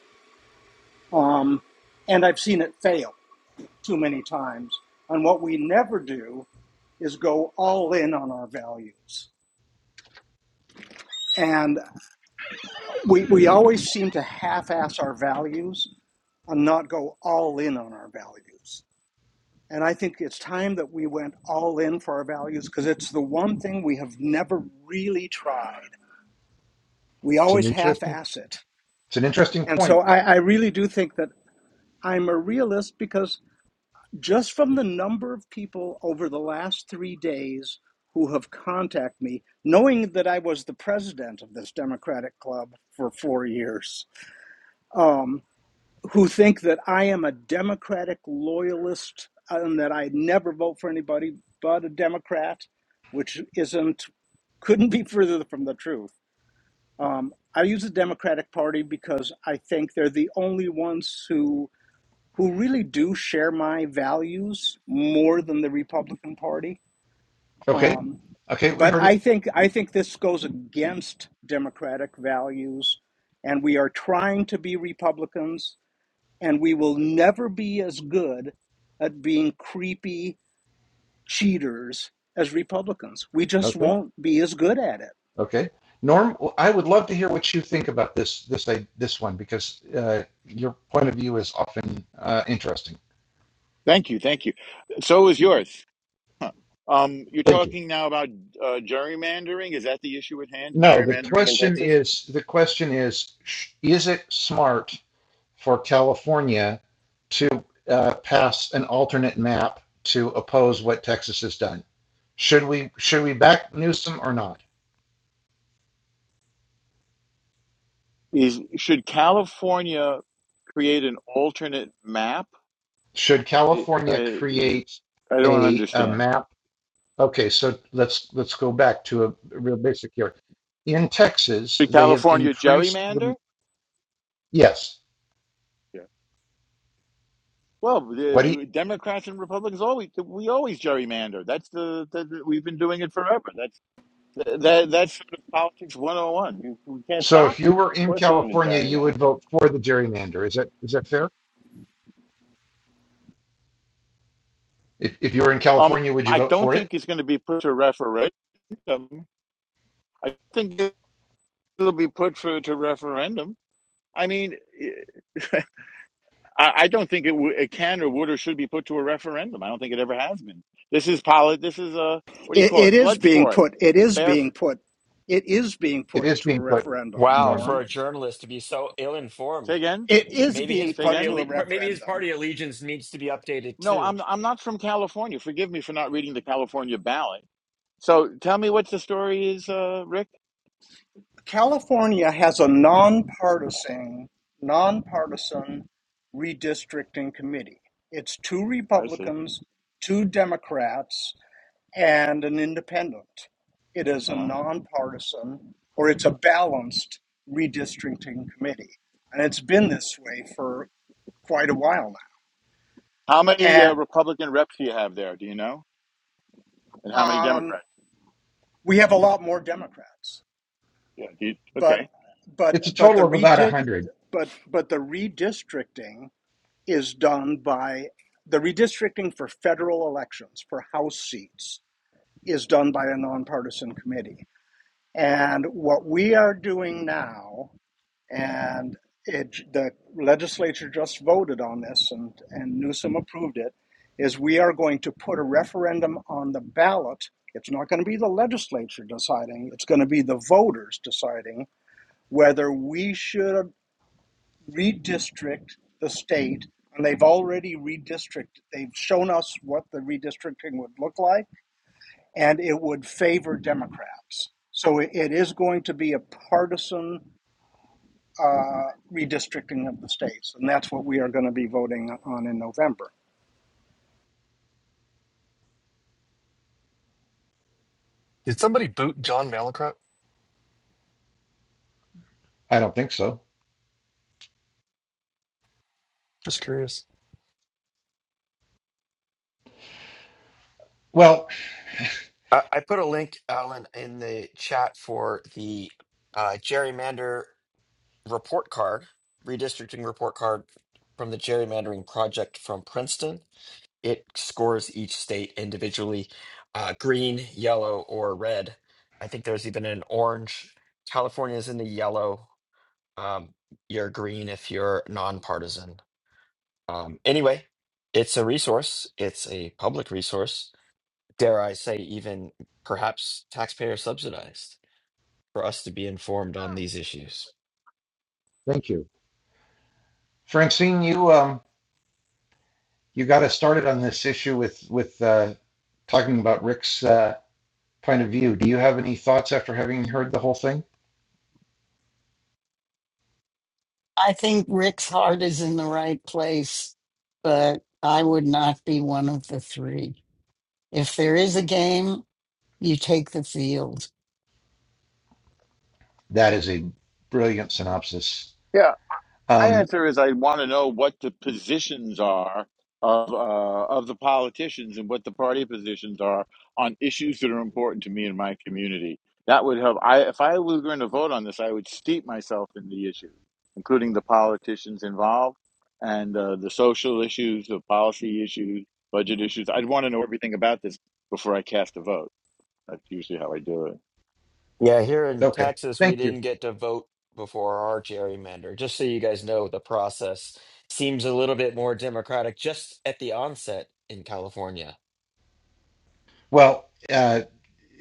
Speaker 10: um, and I've seen it fail too many times. And what we never do is go all in on our values. And we, we always seem to half ass our values and not go all in on our values. And I think it's time that we went all in for our values because it's the one thing we have never really tried. We
Speaker 1: It's an
Speaker 10: always half
Speaker 1: interesting
Speaker 10: ass it.
Speaker 1: it's an interesting
Speaker 10: And so
Speaker 1: point.
Speaker 10: I, I really do think that I'm a realist because just from the number of people over the last three days who have contacted me, knowing that I was the president of this Democratic Club for four years, um, who think that I am a Democratic loyalist and that I never vote for anybody but a Democrat, which isn't couldn't be further from the truth. Um, I use the Democratic Party because I think they're the only ones who who really do share my values more than the Republican Party.
Speaker 1: Okay,
Speaker 10: Um,
Speaker 1: okay, we
Speaker 10: but
Speaker 1: heard it.
Speaker 10: I think I think this goes against democratic values, and we are trying to be Republicans, and we will never be as good at being creepy cheaters as Republicans. We just
Speaker 1: Okay,
Speaker 10: won't be as good at it.
Speaker 1: okay. Norm, well, I would love to hear what you think about this this uh, this one because uh, your point of view is often uh, interesting.
Speaker 16: Thank you. Thank you. So is yours. Um, you're
Speaker 1: Thank you.
Speaker 16: talking now about uh, gerrymandering. Is that the issue at hand?
Speaker 1: No, the
Speaker 16: Gerrymandering in
Speaker 1: question
Speaker 16: Texas?
Speaker 1: is the question is is it smart for California to uh, pass an alternate map to oppose what Texas has done. Should we should we back Newsom or not?
Speaker 16: Is should California create an alternate map?
Speaker 1: Should
Speaker 16: I
Speaker 1: California
Speaker 16: I,
Speaker 1: create
Speaker 16: I don't
Speaker 1: a, a
Speaker 16: understand.
Speaker 1: map? Okay, so let's let's go back to a real basic here. In Texas,
Speaker 16: Should
Speaker 1: they have
Speaker 16: California
Speaker 1: increased the
Speaker 16: gerrymander?
Speaker 1: yes.
Speaker 16: Yeah. Well,
Speaker 1: What do you,
Speaker 16: the Democrats and Republicans always we always gerrymander. That's the, the we've been doing it forever. That's. Th- That that's sort of politics 101. You, we can't
Speaker 1: so
Speaker 16: stop
Speaker 1: if you
Speaker 16: them.
Speaker 1: were
Speaker 16: Of
Speaker 1: in
Speaker 16: course, they're going to
Speaker 1: California, you would
Speaker 16: gerrymander.
Speaker 1: vote for the gerrymander. Is that is that fair? If if you were in
Speaker 16: Um,
Speaker 1: California, would you
Speaker 16: I
Speaker 1: vote
Speaker 16: don't
Speaker 1: for it?
Speaker 16: think it's going to be put to referendum. I think it'll be put for, to referendum. I mean, I, I don't think it, w- it can or would or should be put to a referendum. I don't think it ever has been. This is polit. This is a what do you
Speaker 10: It,
Speaker 16: call
Speaker 10: it
Speaker 16: it?
Speaker 10: is
Speaker 16: Blood
Speaker 10: being
Speaker 16: sport.
Speaker 10: put. It is
Speaker 16: Bear.
Speaker 10: being put. It is being
Speaker 1: It
Speaker 10: put
Speaker 1: is
Speaker 10: to a
Speaker 1: being put.
Speaker 10: referendum,
Speaker 8: Wow,
Speaker 1: No,
Speaker 8: for
Speaker 10: Norm.
Speaker 8: a journalist to be so
Speaker 16: Say
Speaker 8: ill-informed.
Speaker 16: again.
Speaker 10: It is
Speaker 8: Maybe his
Speaker 10: being
Speaker 16: Say
Speaker 10: put
Speaker 8: party
Speaker 10: to
Speaker 16: again.
Speaker 8: alle
Speaker 10: a
Speaker 8: maybe his
Speaker 10: referendum.
Speaker 8: party allegiance needs to be updated
Speaker 16: No,
Speaker 8: too.
Speaker 16: I'm I'm not from California. Forgive me for not reading the California ballot. So tell me what the story is, uh, Rick.
Speaker 10: California has a nonpartisan, nonpartisan redistricting committee. It's two
Speaker 16: I see.
Speaker 10: Republicans, two Democrats, and an independent. It is a
Speaker 16: Uh-huh.
Speaker 10: nonpartisan or it's a balanced redistricting committee. And it's been this way for quite a while now.
Speaker 16: How many uh,
Speaker 10: And
Speaker 16: Republican reps do you have there? Do you know? And how many
Speaker 10: um,
Speaker 16: Democrats?
Speaker 10: we have a lot more Democrats,
Speaker 16: Yeah. Do you, okay.
Speaker 10: but but
Speaker 1: It's a
Speaker 10: but
Speaker 1: total
Speaker 10: the
Speaker 1: of about a
Speaker 10: redi-
Speaker 1: hundred.
Speaker 10: but but the redistricting is done by the redistricting for federal elections for House seats is done by a nonpartisan committee. And what we are doing now and it the legislature just voted on this and and Newsom approved it is we are going to put a referendum on the ballot it's not going to be the legislature deciding it's going to be the voters deciding whether we should redistrict the state and they've already redistricted they've shown us what the redistricting would look like and it would favor democrats so it is going to be a partisan uh, redistricting of the states. And that's what we are going to be voting on in November.
Speaker 19: Did somebody boot John Mallinckrodt?
Speaker 1: I don't think so.
Speaker 19: Just curious.
Speaker 1: Well,
Speaker 8: I, I put a link, Alan, in the chat for the uh, gerrymander report card, redistricting report card from the gerrymandering project from Princeton. It scores each state individually, uh, green, yellow, or red. I think there's even an orange. California is in the yellow. Um, you're green if you're nonpartisan. Um, anyway, it's a resource. It's a public resource. Dare I say, even perhaps taxpayer subsidized for us to be informed on these issues.
Speaker 1: Thank you. Francine, you um you got us started on this issue with with uh, talking about Rick's uh, point of view. Do you have any thoughts after having heard the whole thing?
Speaker 9: I think Rick's heart is in the right place, but I would not be one of the three. If there is a game, you take the field.
Speaker 1: That is a brilliant synopsis.
Speaker 16: Yeah. My
Speaker 1: Um,
Speaker 16: answer is I want to know what the positions are of uh, of the politicians and what the party positions are on issues that are important to me and my community. That would help. I if I was going to vote on this, I would steep myself in the issues, including the politicians involved and uh, the social issues, the policy issues, budget issues. I'd want to know everything about this before I cast a vote. That's usually how I do it.
Speaker 8: Yeah, here in
Speaker 1: okay,
Speaker 8: Texas, we
Speaker 1: thank you.
Speaker 8: didn't get to vote before our gerrymander. Just so you guys know, the process seems a little bit more democratic just at the onset in California.
Speaker 1: Well. uh,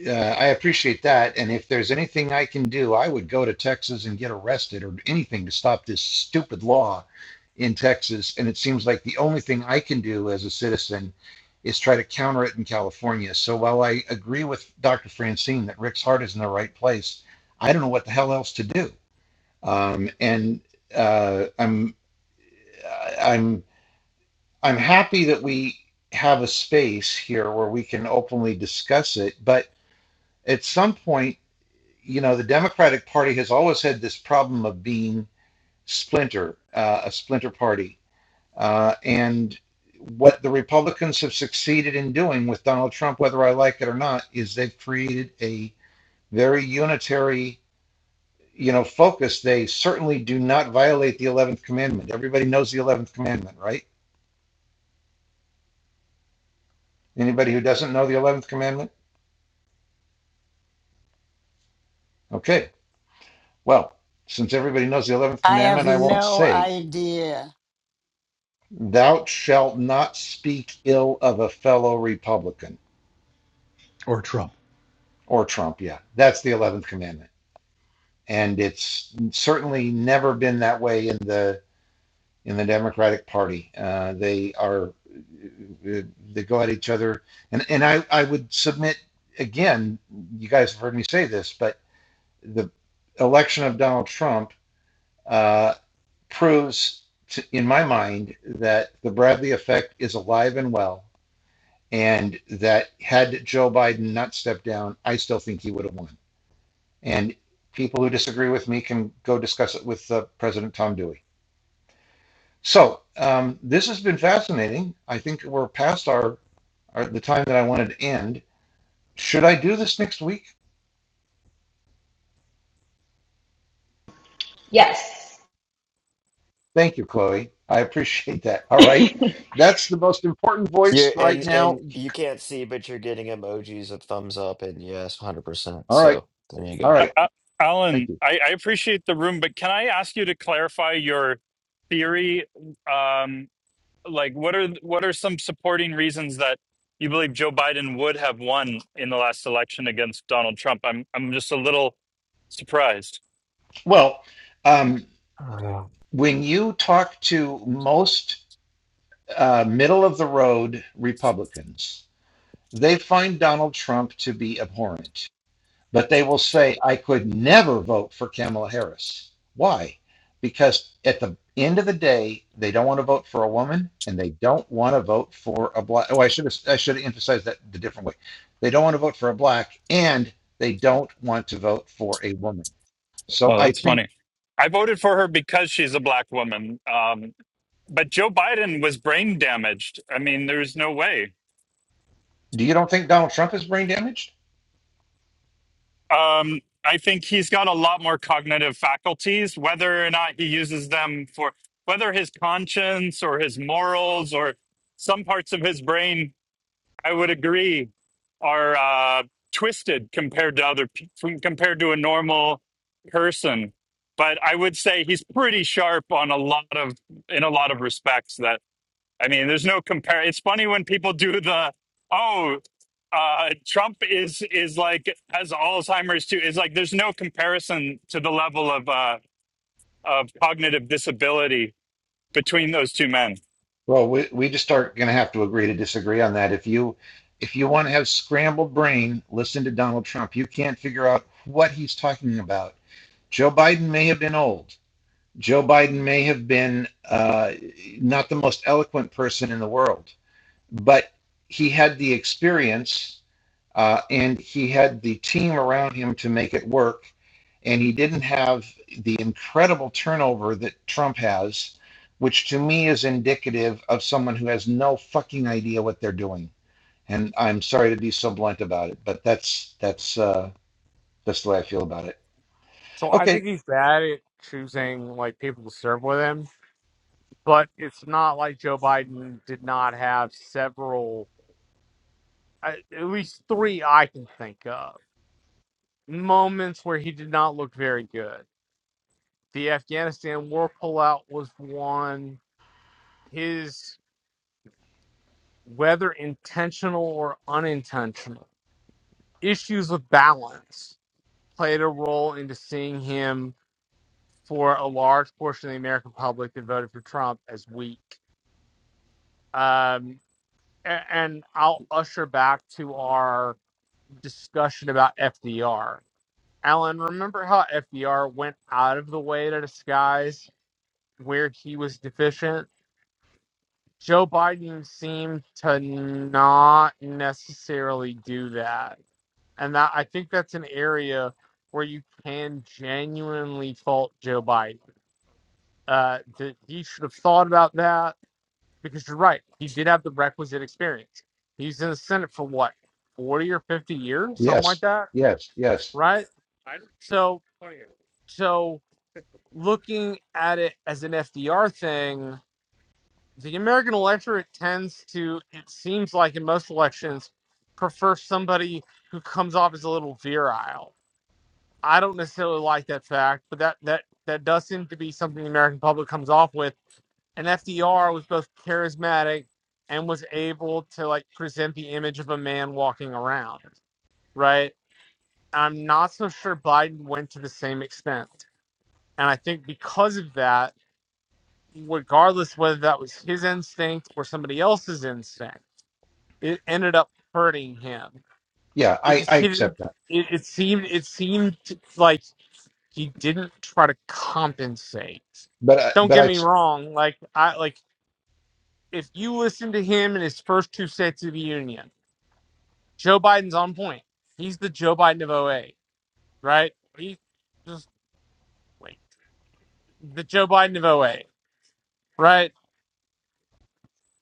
Speaker 1: Uh, I appreciate that. And if there's anything I can do, I would go to Texas and get arrested or anything to stop this stupid law in Texas. And it seems like the only thing I can do as a citizen is try to counter it in California. So while I agree with Dr. Francine that Rick's heart is in the right place, I don't know what the hell else to do. Um, and uh, I'm I'm I'm happy that we have a space here where we can openly discuss it. But at some point you know, the Democratic Party has always had this problem of being splinter, uh, a splinter party. Uh, and what the Republicans have succeeded in doing with Donald Trump, whether I like it or not, is they've created a very unitary, you know, focus. They certainly do not violate the 11th commandment. Everybody knows the 11th commandment, right? Anybody who doesn't know the 11th commandment? Okay. Well, since everybody knows the 11th
Speaker 9: I have
Speaker 1: commandment, I won't
Speaker 9: no
Speaker 1: say
Speaker 9: idea
Speaker 1: thou shalt not speak ill of a fellow Republican
Speaker 3: or Trump.
Speaker 1: or Trump. Yeah, that's the eleventh commandment, and it's certainly never been that way in the in the Democratic Party. Uh, they are they go at each other, and and I I would submit again. You guys have heard me say this, but the election of Donald Trump uh, proves, to, in my mind, that the Bradley effect is alive and well and that had Joe Biden not stepped down, I still think he would have won. And people who disagree with me can go discuss it with uh, President Tom Dewey. So um, this has been fascinating. I think we're past our, our the time that I wanted to end. Should I do this next week?
Speaker 13: Yes
Speaker 1: Thank you, Chloe. I appreciate that. All right, that's the most important voice
Speaker 8: Yeah,
Speaker 1: right
Speaker 8: and
Speaker 1: now.
Speaker 8: and you can't see, but you're getting emojis of thumbs up and yes, one hundred percent.
Speaker 1: All right,
Speaker 8: So there you
Speaker 1: all
Speaker 8: go.
Speaker 14: Uh,
Speaker 1: right.
Speaker 14: uh,
Speaker 1: Thank
Speaker 14: Alan,
Speaker 1: you.
Speaker 14: I, I appreciate the room, but can I ask you to clarify your theory? Um, like, what are what are some supporting reasons that you believe Joe Biden would have won in the last election against Donald Trump? I'm I'm just a little surprised.
Speaker 1: Well, um,
Speaker 8: Oh, yeah.
Speaker 1: when you talk to most uh, middle of the road Republicans. They find Donald Trump to be abhorrent, but they will say, I could never vote for Kamala Harris. Why? Because at the end of the day, they don't want to vote for a woman and they don't want to vote for a black. Oh, I should have I should have emphasized that the different way. They don't want to vote for a black and they don't want to vote for a woman. So
Speaker 14: Oh,
Speaker 1: I
Speaker 14: that's
Speaker 1: think
Speaker 14: funny. I voted for her because she's a black woman, um, but Joe Biden was brain damaged. I mean, there's no way.
Speaker 1: do you don't think Donald Trump is brain damaged?
Speaker 14: Um, I think he's got a lot more cognitive faculties, whether or not he uses them for whether his conscience or his morals or some parts of his brain, I would agree, are uh, twisted compared to other pe- from- compared to a normal person. But I would say he's pretty sharp on a lot of in a lot of respects I mean, there's no compare. It's funny when people do the oh, uh, Trump is is like has Alzheimer's too. It's like there's no comparison to the level of uh, of cognitive disability between those two men.
Speaker 1: Well, we, we just start going to have to agree to disagree on that. If you if you want to have scrambled brain, listen to Donald Trump. You can't figure out what he's talking about. Joe Biden may have been old. Joe Biden may have been uh, not the most eloquent person in the world but he had the experience uh, and he had the team around him to make it work. And he didn't have the incredible turnover that Trump has, which to me is indicative of someone who has no fucking idea what they're doing. And I'm sorry to be so blunt about it, but that's that's uh, that's the way I feel about it.
Speaker 2: So I think
Speaker 1: Okay.
Speaker 2: he's bad at choosing like people to serve with him. but it's not like Joe Biden did not have several, at at least three I can think of, moments where he did not look very good. The Afghanistan war pullout was one. His, whether intentional or unintentional, issues with balance played a role into seeing him for a large portion of the American public that voted for Trump as weak. Um, a- and I'll usher back to our discussion about FDR. Alan, remember how FDR went out of the way to disguise where he was deficient? Joe Biden seemed to not necessarily do that. And that I think that's an area where you can genuinely fault Joe Biden. Uh, that he should have thought about that because you're right. He did have the requisite experience. He's in the Senate for what, 40 or 50 years, something like
Speaker 1: Yes.
Speaker 2: that?
Speaker 1: Yes. Yes.
Speaker 2: right? So so looking at it as an FDR thing, the American electorate tends to, it seems like in most elections, prefer somebody who comes off as a little virile. I don't necessarily like that fact, but that that that does seem to be something the American public comes off with. And FDR was both charismatic and was able to like present the image of a man walking around, right? I'm not so sure Biden went to the same extent. And I think because of that, regardless whether that was his instinct or somebody else's instinct, it ended up hurting him
Speaker 1: Yeah. I,
Speaker 2: because
Speaker 1: I
Speaker 2: he didn't.
Speaker 1: accept that.
Speaker 2: It, it seemed it seemed like he didn't try to compensate.
Speaker 1: But I,
Speaker 2: Don't
Speaker 1: but
Speaker 2: get
Speaker 1: I
Speaker 2: me wrong. Like I like if you listen to him in his first two states of the union, Joe Biden's on point. He's the Joe Biden of OA, right? He just wait the Joe Biden of OA, right?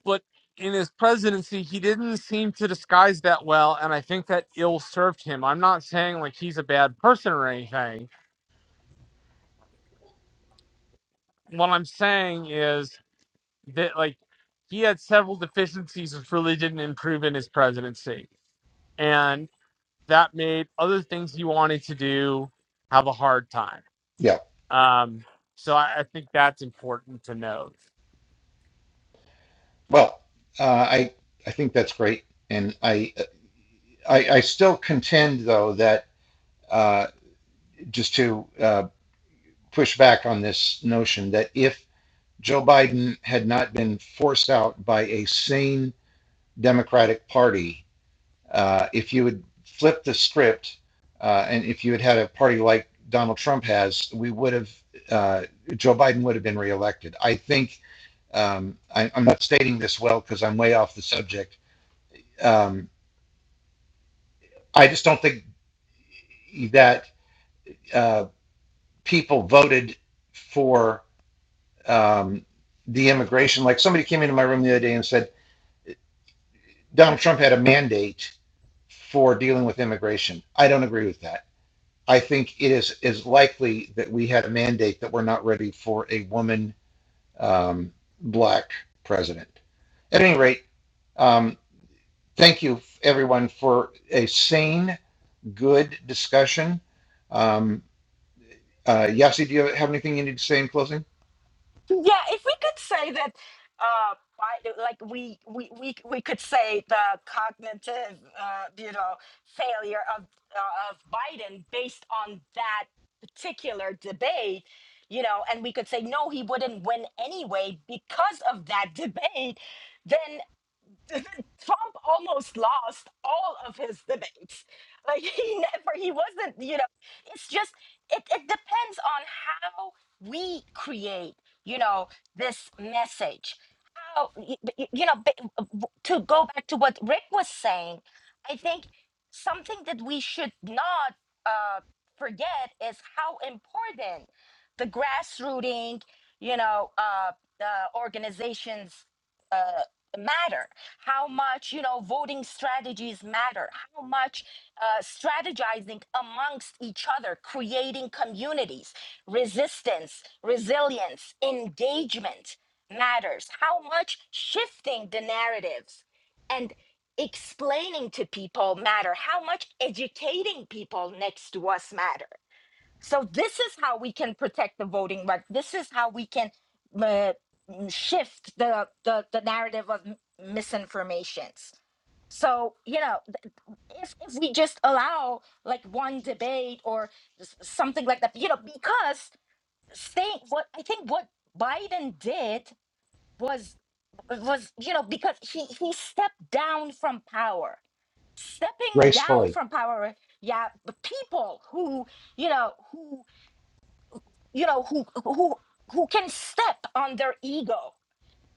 Speaker 2: but in his presidency, he didn't seem to disguise that well, and I think that ill served him. I'm not saying like he's a bad person or anything. What I'm saying is that like he had several deficiencies which really didn't improve in his presidency, and that made other things he wanted to do have a hard time.
Speaker 1: yeah.
Speaker 2: Um, so I, I think that's important to note.
Speaker 1: Well, uh, I I think that's great, and I I, I still contend, though, that uh, just to uh, push back on this notion that if Joe Biden had not been forced out by a sane Democratic Party, uh, if you had flipped the script uh, and if you had had a party like Donald Trump has, we would have, uh, Joe Biden would have been reelected. I think um, I, I'm not stating this well because I'm way off the subject. Um, I just don't think that. uh, people voted for um, the immigration. Like somebody came into my room the other day and said Donald Trump had a mandate for dealing with immigration. I don't agree with that. I think it is is likely that we had a mandate that we're not ready for a woman um, black president. At any rate, um, thank you everyone for a sane, good discussion. Um, uh, Yossi, do you have anything you need to say in closing?
Speaker 6: Yeah, if we could say that, uh, Biden- like we we we we could say the cognitive, uh, you know, failure of uh, of Biden based on that particular debate, you know, and we could say no, he wouldn't win anyway because of that debate. Then Trump almost lost all of his debates. Like he never, he wasn't, you know, it's just, it, it depends on how we create, you know, this message. How, y- y- you know, ba- to go back to what Rick was saying, I think something that we should not uh, forget is how important the grassrooting, you know, uh, uh, organizations uh, matter how much you know voting strategies matter how much uh, strategizing amongst each other creating communities resistance resilience engagement matters how much shifting the narratives and explaining to people matter how much educating people next to us matter so this is how we can protect the voting rights. This is how we can uh, shift the, the the narrative of m- misinformations. So you know, th- if if we just allow like one debate or s- something like that, you know, because saying what I think what Biden did was was you know because he he stepped down from power. Stepping down
Speaker 1: Gracefully.
Speaker 6: from power, yeah, the people who you know who you know who who who can step on their ego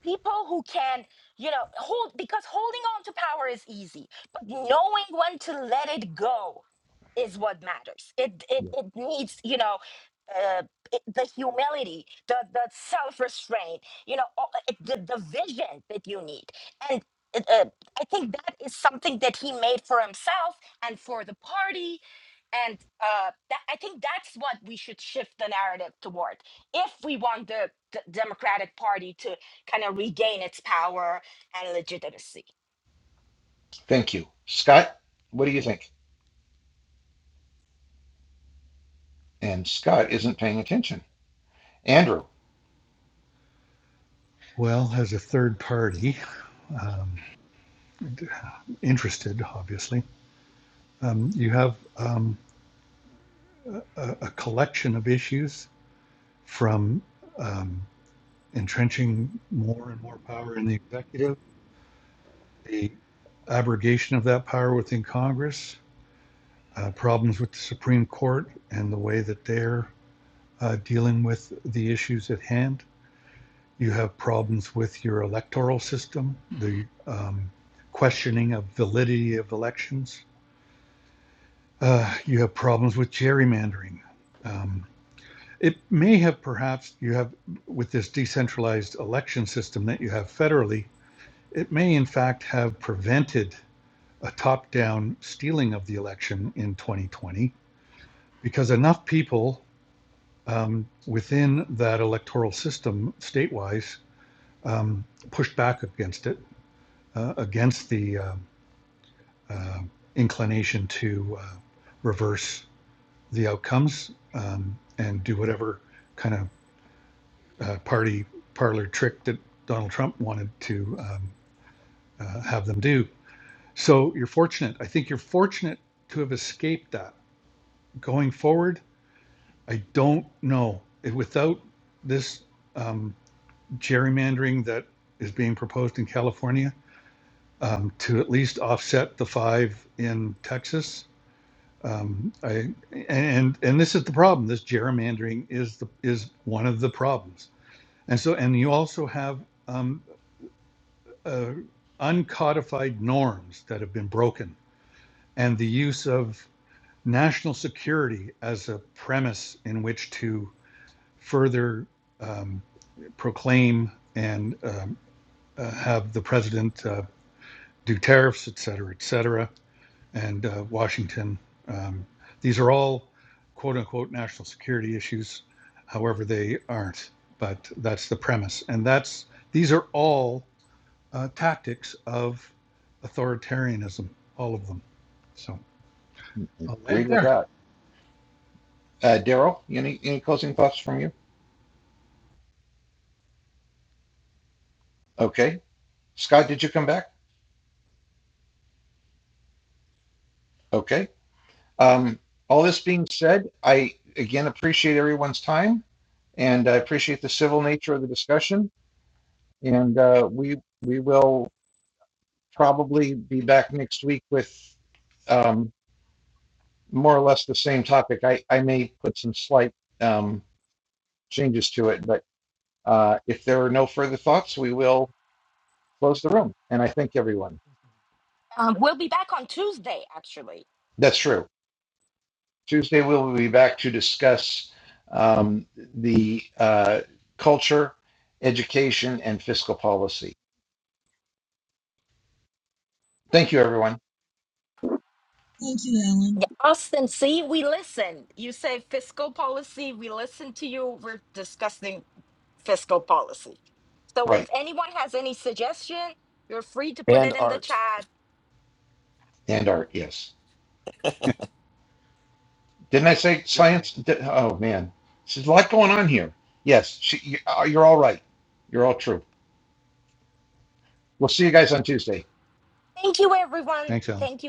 Speaker 6: people who can you know hold because holding on to power is easy but knowing when to let it go is what matters. It it it needs you know. Uh, it- the humility, the the self restraint, you know, all, it, the the vision that you need, and it, uh, I think that is something that he made for himself and for the party, and uh, that, I think that's what we should shift the narrative toward if we want the, the Democratic Party to kind of regain its power and legitimacy.
Speaker 1: Thank you. Scott, what do you think? And Scott isn't paying attention. Andrew,
Speaker 3: Well, as a third party. um, interested, obviously. Um, you have um, a, a collection of issues from um, entrenching more and more power in the executive, the abrogation of that power within Congress, uh, problems with the Supreme Court and the way that they're uh, dealing with the issues at hand. You have problems with your electoral system, the um, questioning of validity of elections. Uh, you have problems with gerrymandering. Um, It may have perhaps you have with this decentralized election system that you have federally, it may in fact have prevented a top down stealing of the election in 2020 because enough people um, within that electoral system statewise um, pushed back against it, uh, against the uh, uh, inclination to uh, reverse the outcomes um, and do whatever kind of uh, party parlor trick that Donald Trump wanted to um, uh, have them do. So you're fortunate. I think you're fortunate to have escaped that. Going forward, I don't know. It- Without this um, gerrymandering that is being proposed in California um, to at least offset the five in Texas, um, I and and this is the problem. This gerrymandering is the is one of the problems. And so and you also have um, uh, uncodified norms that have been broken and the use of national security as a premise in which to further um, proclaim and um, uh, have the president uh, do tariffs, et cetera, et cetera, and uh, Washington. Um, these are all quote unquote national security issues, however, they aren't, but that's the premise. And that's these are all uh, tactics of authoritarianism, all of them. So I'll end
Speaker 1: agreed with
Speaker 3: there.
Speaker 1: that. Uh, Daryl, any, any closing thoughts from you? Okay. Scott, did you come back? Okay. Um, all this being said, I again appreciate everyone's time and I appreciate the civil nature of the discussion. And uh, we we will probably be back next week with um, more or less the same topic. I, I may put some slight um, changes to it, but Uh, if there are no further thoughts, we will close the room. And I thank everyone.
Speaker 6: Um, we'll be back on Tuesday, actually
Speaker 1: That's true. Tuesday, we will be back to discuss um, the uh, culture, education, and fiscal policy. Thank you, everyone.
Speaker 11: Thank you, Ellen.
Speaker 6: Austin, see, we listen. You say fiscal policy, we listen to you. We're discussing fiscal policy. So if
Speaker 1: Right.
Speaker 6: anyone has any suggestion, you're free to put
Speaker 8: And
Speaker 6: it in the
Speaker 8: art.
Speaker 6: chat.
Speaker 1: And art, yes. Didn't I say
Speaker 3: Good night.
Speaker 1: science? Did- oh, man. There's a lot going on here. Yes, she, you- uh, you're all right. You're all true. We'll see you guys on Tuesday.
Speaker 6: Thank you, everyone.
Speaker 3: Thanks, Alan.
Speaker 6: Thank you so